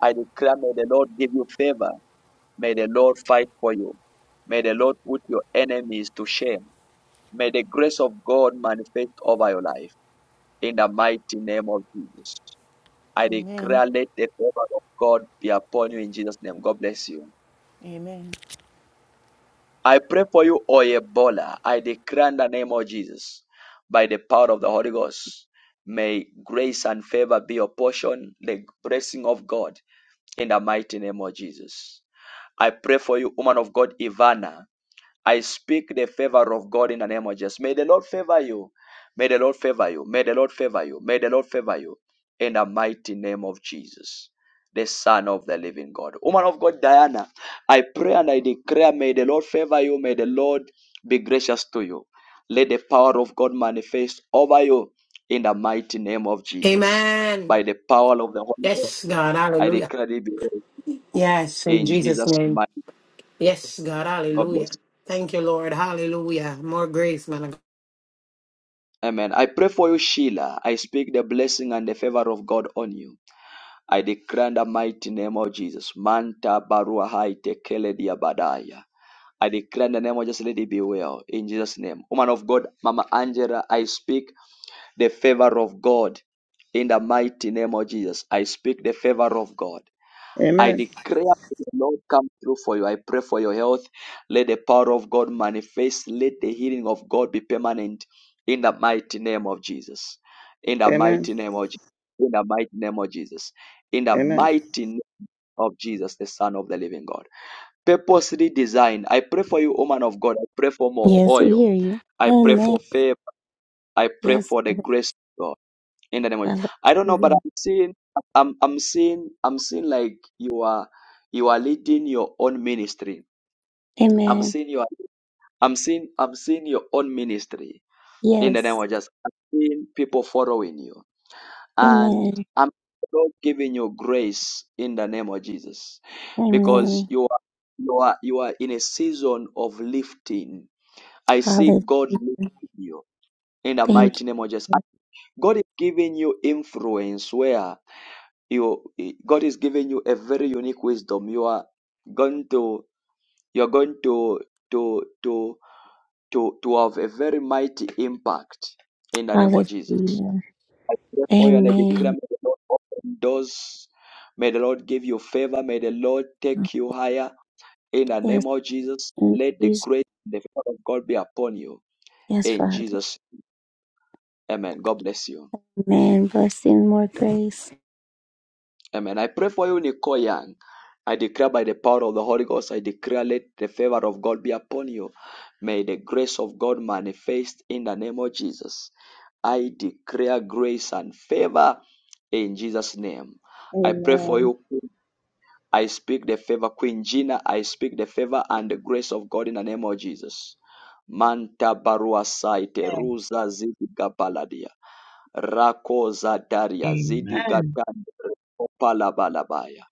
S1: I declare, may the Lord give you favor. May the Lord fight for you. May the Lord put your enemies to shame. May the grace of God manifest over your life. In the mighty name of Jesus. I
S7: Amen.
S1: declare let the favor of God be upon you in Jesus' name. God bless you.
S7: Amen.
S1: I pray for you, Oyebola. I declare in the name of Jesus, by the power of the Holy Ghost, may grace and favor be your portion, the blessing of God, in the mighty name of Jesus. I pray for you, woman of God, Ivana. I speak the favor of God in the name of Jesus. May the Lord favor you. May the Lord favor you. May the Lord favor you. May the Lord favor you in the mighty name of Jesus, the Son of the living God. Woman of God, Diana, I pray and I declare, may the Lord favor you. May the Lord be gracious to you. Let the power of God manifest over you in the mighty name of Jesus.
S12: Amen.
S1: By the power of the Holy
S12: Yes,
S1: Ghost,
S12: God.
S1: I
S12: Hallelujah.
S1: declare it be well.
S12: Yes, in
S1: in
S12: Jesus'
S1: Jesus'
S12: name.
S1: mighty
S12: Yes, God.
S1: name. God bless.
S12: Hallelujah. Thank you, Lord. Hallelujah. More grace, man. of
S1: Amen. I pray for you, Sheila. I speak the blessing and the favor of God on you. I declare in the mighty name of Jesus. Manta barua haite kele diabadaya. I declare in the name of Jesus, let it be well. In Jesus' name. Woman of God, Mama Angela, I speak the favor of God. In the mighty name of Jesus, I speak the favor of God. I
S15: Amen.
S1: declare may the Lord come through for you. I pray for your health. Let the power of God manifest. Let the healing of God be permanent in the mighty name of Jesus. In the
S15: Amen.
S1: mighty name of Jesus. In the mighty name of Jesus. In the
S15: Amen.
S1: mighty name of Jesus, the Son of the Living God. Purposely designed. I pray for you, woman of God. I pray for more
S20: Yes, we
S1: oil.
S20: hear you.
S1: I pray
S20: Amen.
S1: for favor. I pray
S20: Yes,
S1: for the
S20: Lord.
S1: grace of God in the name of Jesus. I don't know, but
S20: Hallelujah.
S1: I'm seeing, I'm, I'm seeing, I'm seeing like you are, you are leading your own ministry. I'm
S20: Amen.
S1: seeing your, I'm seeing, I'm seeing your own ministry in the name
S20: Yes.
S1: of Jesus. I'm seeing people following you, and
S20: Amen.
S1: I'm Lord giving you grace in the name of Jesus, because
S20: Amen.
S1: you are, you are, you are in a season of lifting. I see
S20: Hallelujah.
S1: God lifting you in the
S20: Thank
S1: mighty
S20: you.
S1: name of Jesus.
S20: Lord.
S1: God is giving you influence where you God is giving you a very unique wisdom. You are going to you're going to to to to to have a very mighty impact in the name of Jesus.
S20: Hallelujah.
S1: I pray for you and I declare
S20: Amen.
S1: may the Lord open doors. May the Lord give you favor. May the Lord take you higher in the
S20: Yes.
S1: name of Jesus.
S20: In
S1: Let the
S20: Jesus.
S1: grace and the favor of God be upon you.
S20: Yes,
S1: In
S20: Father.
S1: Jesus. name. Amen. God bless you.
S20: Amen. Blessing, more grace.
S1: Amen. I pray for you, Nicole Young. I declare by the power of the Holy Ghost, I declare let the favor of God be upon you. May the grace of God manifest in the name of Jesus. I declare grace and favor in Jesus' name. I pray for
S21: Amen.
S1: you. I speak the favor, Queen Gina. I speak the favor and the grace of God in the name of Jesus. Manta barua saite ruza zidi gabaladia. Rako daria zidi
S24: Amen.
S1: gatan opala balabaya.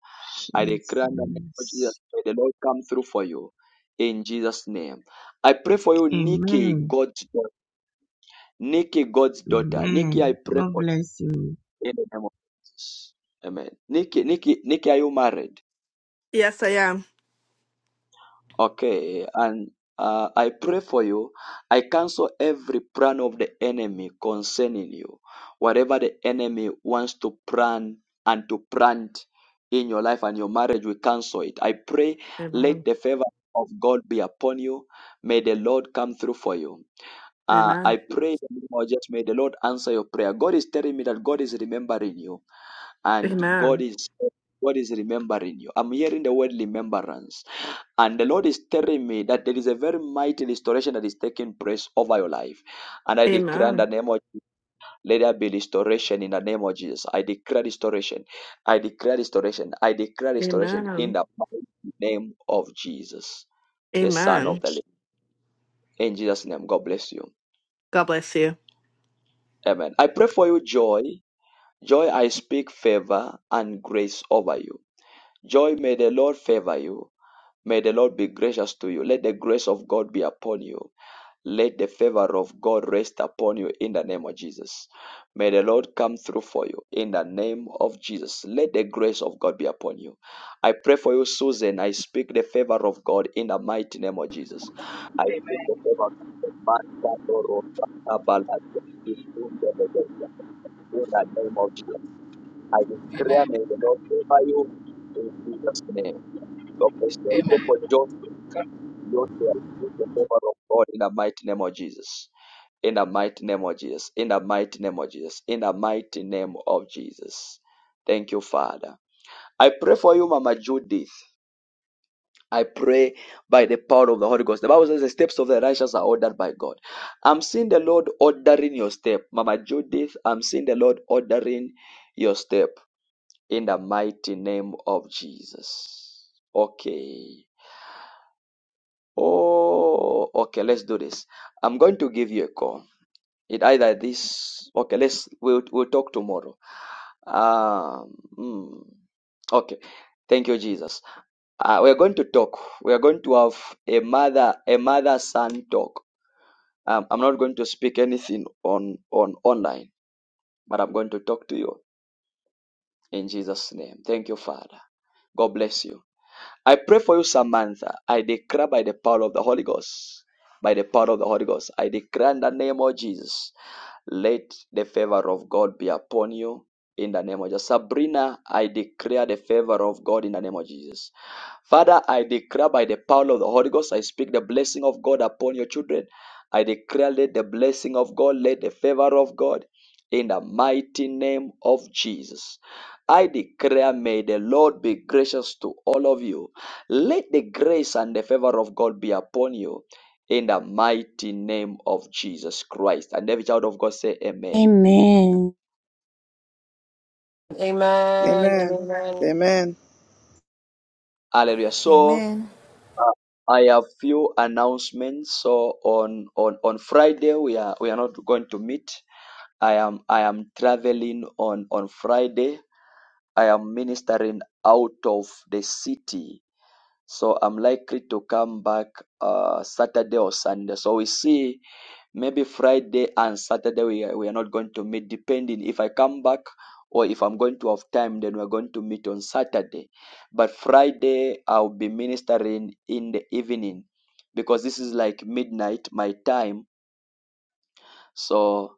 S1: I declare in the name of Jesus,
S24: Jesus.
S1: may the Lord come through for you. In Jesus' name. I pray for you, Nikki,
S24: Amen.
S1: God's daughter. Nikki, God's daughter. Nikki, I
S24: Amen.
S1: pray
S24: God
S1: for
S24: bless you.
S1: you in the name of Jesus. Amen. Nikki, Nikki, Nikki, are you married?
S25: Yes, I am.
S1: Okay, and uh, I pray for you. I cancel every plan of the enemy concerning you. Whatever the enemy wants to plan and to plant in your life and your marriage, we cancel it. I pray, let
S25: Amen.
S1: the favor of God be upon you. May the Lord come through for you. Uh,
S25: Amen.
S1: I pray, in the name of Jesus, may the Lord answer your prayer. God is telling me that God is remembering you and God
S25: Amen.
S1: is God is remembering you. I'm hearing the word remembrance. And the Lord is telling me that there is a very mighty restoration that is taking place over your life. And I declare in the
S25: Amen.
S1: name of Jesus, let there be restoration in the name of Jesus. I declare restoration. I declare restoration. I declare restoration in
S25: Amen.
S1: the mighty name of Jesus, the Son of
S25: Amen.
S1: the Living. In Jesus' name, God bless you.
S25: God bless you.
S1: Amen. I pray for you joy. Joy, I speak favor and grace over you. Joy, may the Lord favor you. May the Lord be gracious to you. Let the grace of God be upon you. Let the favor of God rest upon you in the name of Jesus. May the Lord come through for you in the name of Jesus. Let the grace of God be upon you. I pray for you, Susan. I speak the favor of God in the mighty name of Jesus. I speak the favor of God in the name of Jesus. I
S26: Amen.
S1: declare, may the Lord favor you in Jesus' name. God bless you. I
S26: Amen.
S1: pray for Joseph. Joseph, I speak the favor of God in the mighty name of Jesus in the mighty name of Jesus, in the mighty name of Jesus, in the mighty name of Jesus. Thank you, Father. I pray for you, Mama Judith. I pray by the power of the Holy Ghost. The Bible says the steps of the righteous are ordered by God. I'm seeing the Lord ordering your step. Mama Judith, I'm seeing the Lord ordering your step in the mighty name of Jesus. Okay. Oh, okay, let's do this. I'm going to give you a call. It either this okay, let's we'll we'll talk tomorrow. Um mm, okay. Thank you, Jesus. Uh, we are going to talk. We are going to have a mother a mother son talk. Um, I'm not going to speak anything on on online, but I'm going to talk to you in Jesus' name. Thank you, Father. God bless you. I pray for you, Samantha. I declare by the power of the Holy Ghost, by the power of the Holy Ghost, I declare in the name of Jesus Let the favor of God be upon you in the name of Jesus. Sabrina, I declare the favor of God in the name of Jesus. Father, I declare by the power of the Holy Ghost, I speak the blessing of God upon your children. I declare, let the blessing of God, let the favor of God in the mighty name of Jesus. I declare, may the Lord be gracious to all of you. Let the grace and the favor of God be upon you in the mighty name of Jesus Christ. And every child of God say amen.
S20: Amen.
S12: God. Amen.
S15: Amen.
S12: and
S15: Amen.
S1: Hallelujah. So
S7: Amen.
S1: uh, I have few announcements. So on on on Friday we are we are not going to meet. I am I am traveling on on Friday. I am ministering out of the city. So I'm likely to come back uh Saturday or Sunday. So we see Maybe Friday and Saturday we are, we are not going to meet, depending if I come back or if I'm going to have time, then we're going to meet on Saturday. But Friday I'll be ministering in the evening because this is like midnight my time. So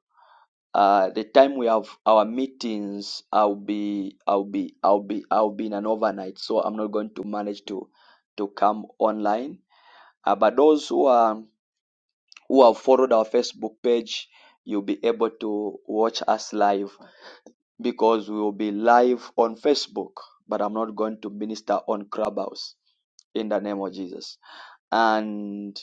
S1: uh, the time we have our meetings, I'll be, I'll be, I'll be, I'll be in an overnight. So I'm not going to manage to to come online. Uh, but those who are who have followed our Facebook page, you'll be able to watch us live because we will be live on Facebook, but I'm not going to minister on Clubhouse in the name of Jesus. And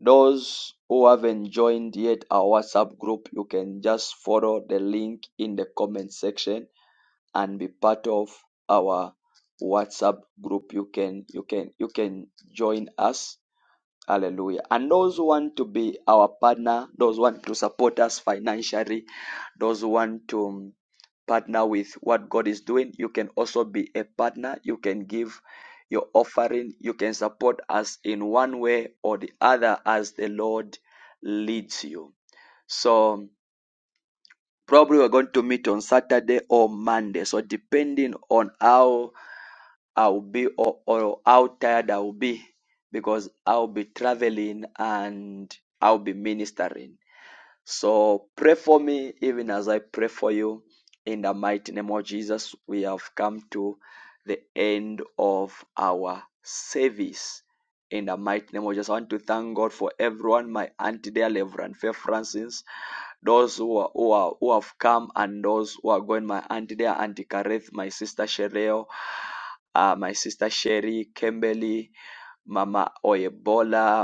S1: those who haven't joined yet our WhatsApp group, you can just follow the link in the comment section and be part of our WhatsApp group. You can you can you can join us Hallelujah. And those who want to be our partner, those who want to support us financially, those who want to um, partner with what God is doing, you can also be a partner. You can give your offering. You can support us in one way or the other as the Lord leads you. So probably we're going to meet on Saturday or Monday. So depending on how I'll be or, or how tired I'll be because I'll be traveling and I'll be ministering. So pray for me even as I pray for you. In the mighty name of Jesus, we have come to the end of our service. In the mighty name of Jesus, I want to thank God for everyone, my auntie dear Reverend Faith Francis, those who are, who are who have come and those who are going, my auntie dear Auntie Kareth, my sister Shereo, uh, my sister Sherry, Kimberly, Mama Oyebola,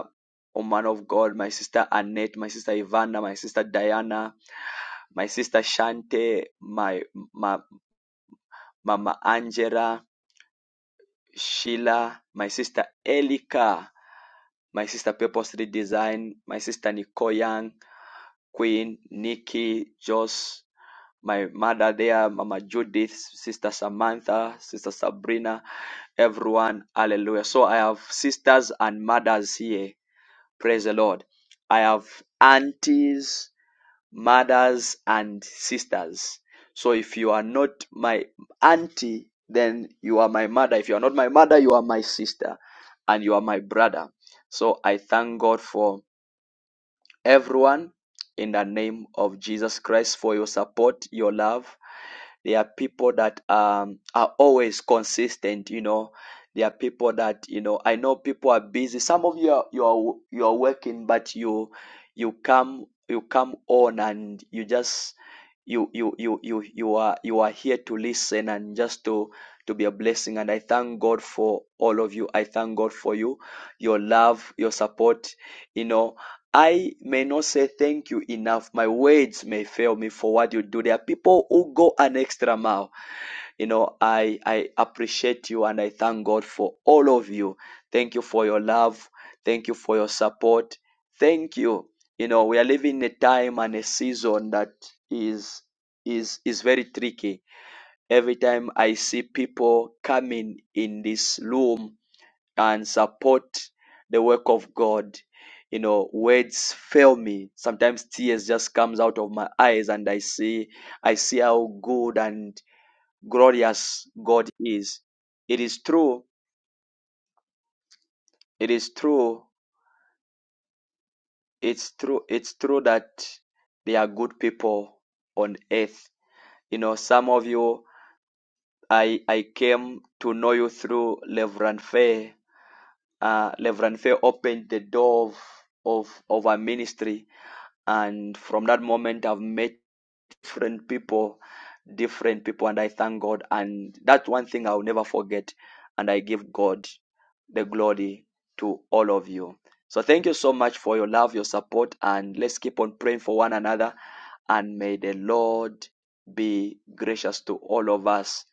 S1: oh man of God, my sister Annette, my sister Ivana, my sister Diana, my sister Shante, my ma, Mama Angela, Sheila, my sister Elika, my sister Purple Street Design, my sister Nicole Young, Queen, Nikki, Joss, my mother there, Mama Judith, Sister Samantha, Sister Sabrina, everyone. Hallelujah. So I have sisters and mothers here. Praise the Lord. I have aunties, mothers, and sisters. So if you are not my auntie, then you are my mother. If you are not my mother, you are my sister and you are my brother. So I thank God for everyone in the name of Jesus Christ for your support, your love, there are people that um, are always consistent, you know. There are people that, you know, I know people are busy. Some of you are, you are, you are working, but you, you come, you come on and you just, you, you, you, you, you are, you are here to listen and just to, to be a blessing. And I thank God for all of you. I thank God for you, your love, your support, you know I may not say thank you enough. My words may fail me for what you do. There are people who go an extra mile. You know, I, I appreciate you and I thank God for all of you. Thank you for your love. Thank you for your support. Thank you. You know, we are living in a time and a season that is is is very tricky. Every time I see people coming in this room and support the work of God. You know, words fail me. Sometimes tears just comes out of my eyes and I see I see how good and glorious God is. It is true. It is true. It's true. It's true that there are good people on earth. You know, some of you I I came to know you through Reverend Faye. Uh, Reverend Faye opened the door of of, of our ministry and from that moment i've met different people different people and i thank god and that's one thing i'll never forget and i give god the glory to all of you so thank you so much for your love your support and let's keep on praying for one another and may the lord be gracious to all of us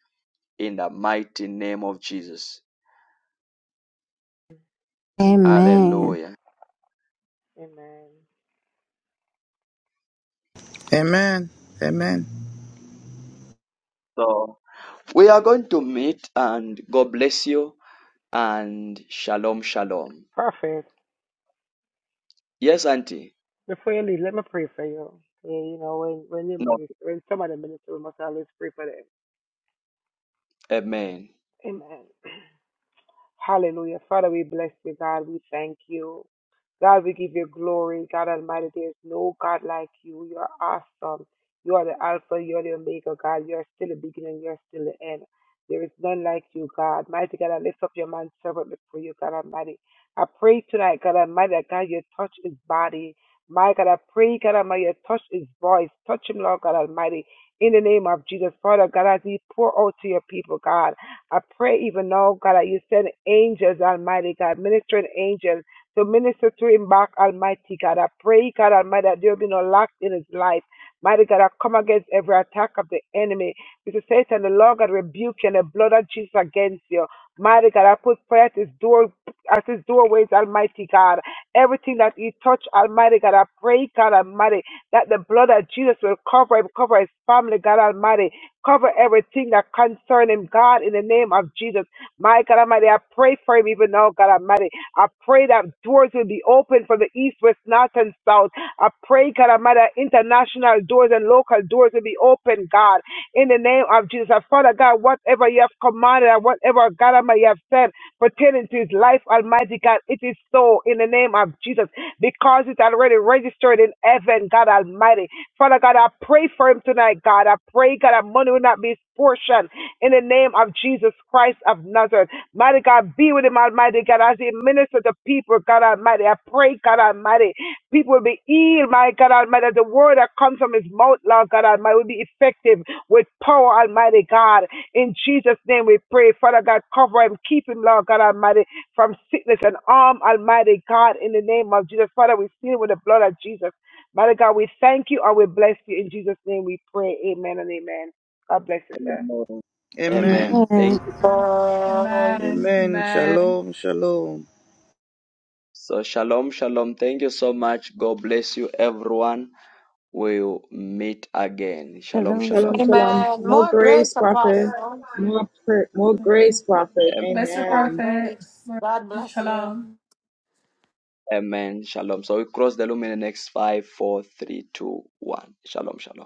S1: in the mighty name of jesus
S20: Amen.
S1: hallelujah
S15: Amen. Amen.
S1: so we are going to meet and god bless you and shalom, shalom. Yes, Auntie. No, amen.
S27: God, I pray, God Almighty, touch his voice. Touch him, Lord God Almighty. In the name of Jesus, Father God, as He pour out to your people, God, I pray even now, God, that you send angels, Almighty God, ministering angels to minister to him back, Almighty God. I pray, God Almighty, that there will be no lack in his life. Mighty God, I come against every attack of the enemy. Because Satan, the Lord God, rebuke you and the blood of Jesus against you. Mighty God, I put prayer at his door, at his doorways, Almighty God. Everything that he touched, Almighty God, I pray, God Almighty, that the blood of Jesus will cover him, cover his family, God Almighty, cover everything that concern him, God, in the name of Jesus. My God Almighty, I pray for him even now, God Almighty. I pray that doors will be open from the east, west, north, and south. I pray, God Almighty, that international doors and local doors will be open, God, in the name of Jesus. And Father God, whatever you have commanded and whatever, God Almighty, you have said, pertaining to his life, Almighty God. It is so in the name of Jesus because it's already registered in heaven, God Almighty. Father God, I pray for him tonight, God. I pray, God, that money will not be his portion in the name of Jesus Christ of Nazareth. Mighty God, be with him, Almighty God, as he ministers to people, God Almighty. I pray, God Almighty, people will be healed, my God Almighty. The word that comes from his mouth, Lord God Almighty, will be effective with power, Almighty God. In Jesus' name we pray. Father God, cover him. Keep him, Lord God Almighty, from sickness and harm, Almighty God, in the name of Jesus. Father, we seal with the blood of Jesus. Mighty God, we thank you and we bless you. In Jesus' name we pray. Amen and amen. God bless you, sir.
S1: Amen.
S15: Amen.
S1: Amen.
S20: Amen.
S1: Thank you.
S12: Amen.
S6: Amen.
S15: Amen.
S6: Amen.
S15: Shalom. Shalom.
S1: So, shalom, shalom. Thank you so much. God bless you, everyone. We'll meet again. Shalom,
S20: Shalom, shalom.
S21: Shalom,
S1: shalom.
S21: shalom. More grace, prophet. More, pr- more grace, prophet.
S1: Am-
S6: Bless you,
S21: Amen.
S6: Prophet. Shalom.
S1: Amen. Shalom. So, we cross the lumen in the next five, four, three, two, one. Shalom, shalom.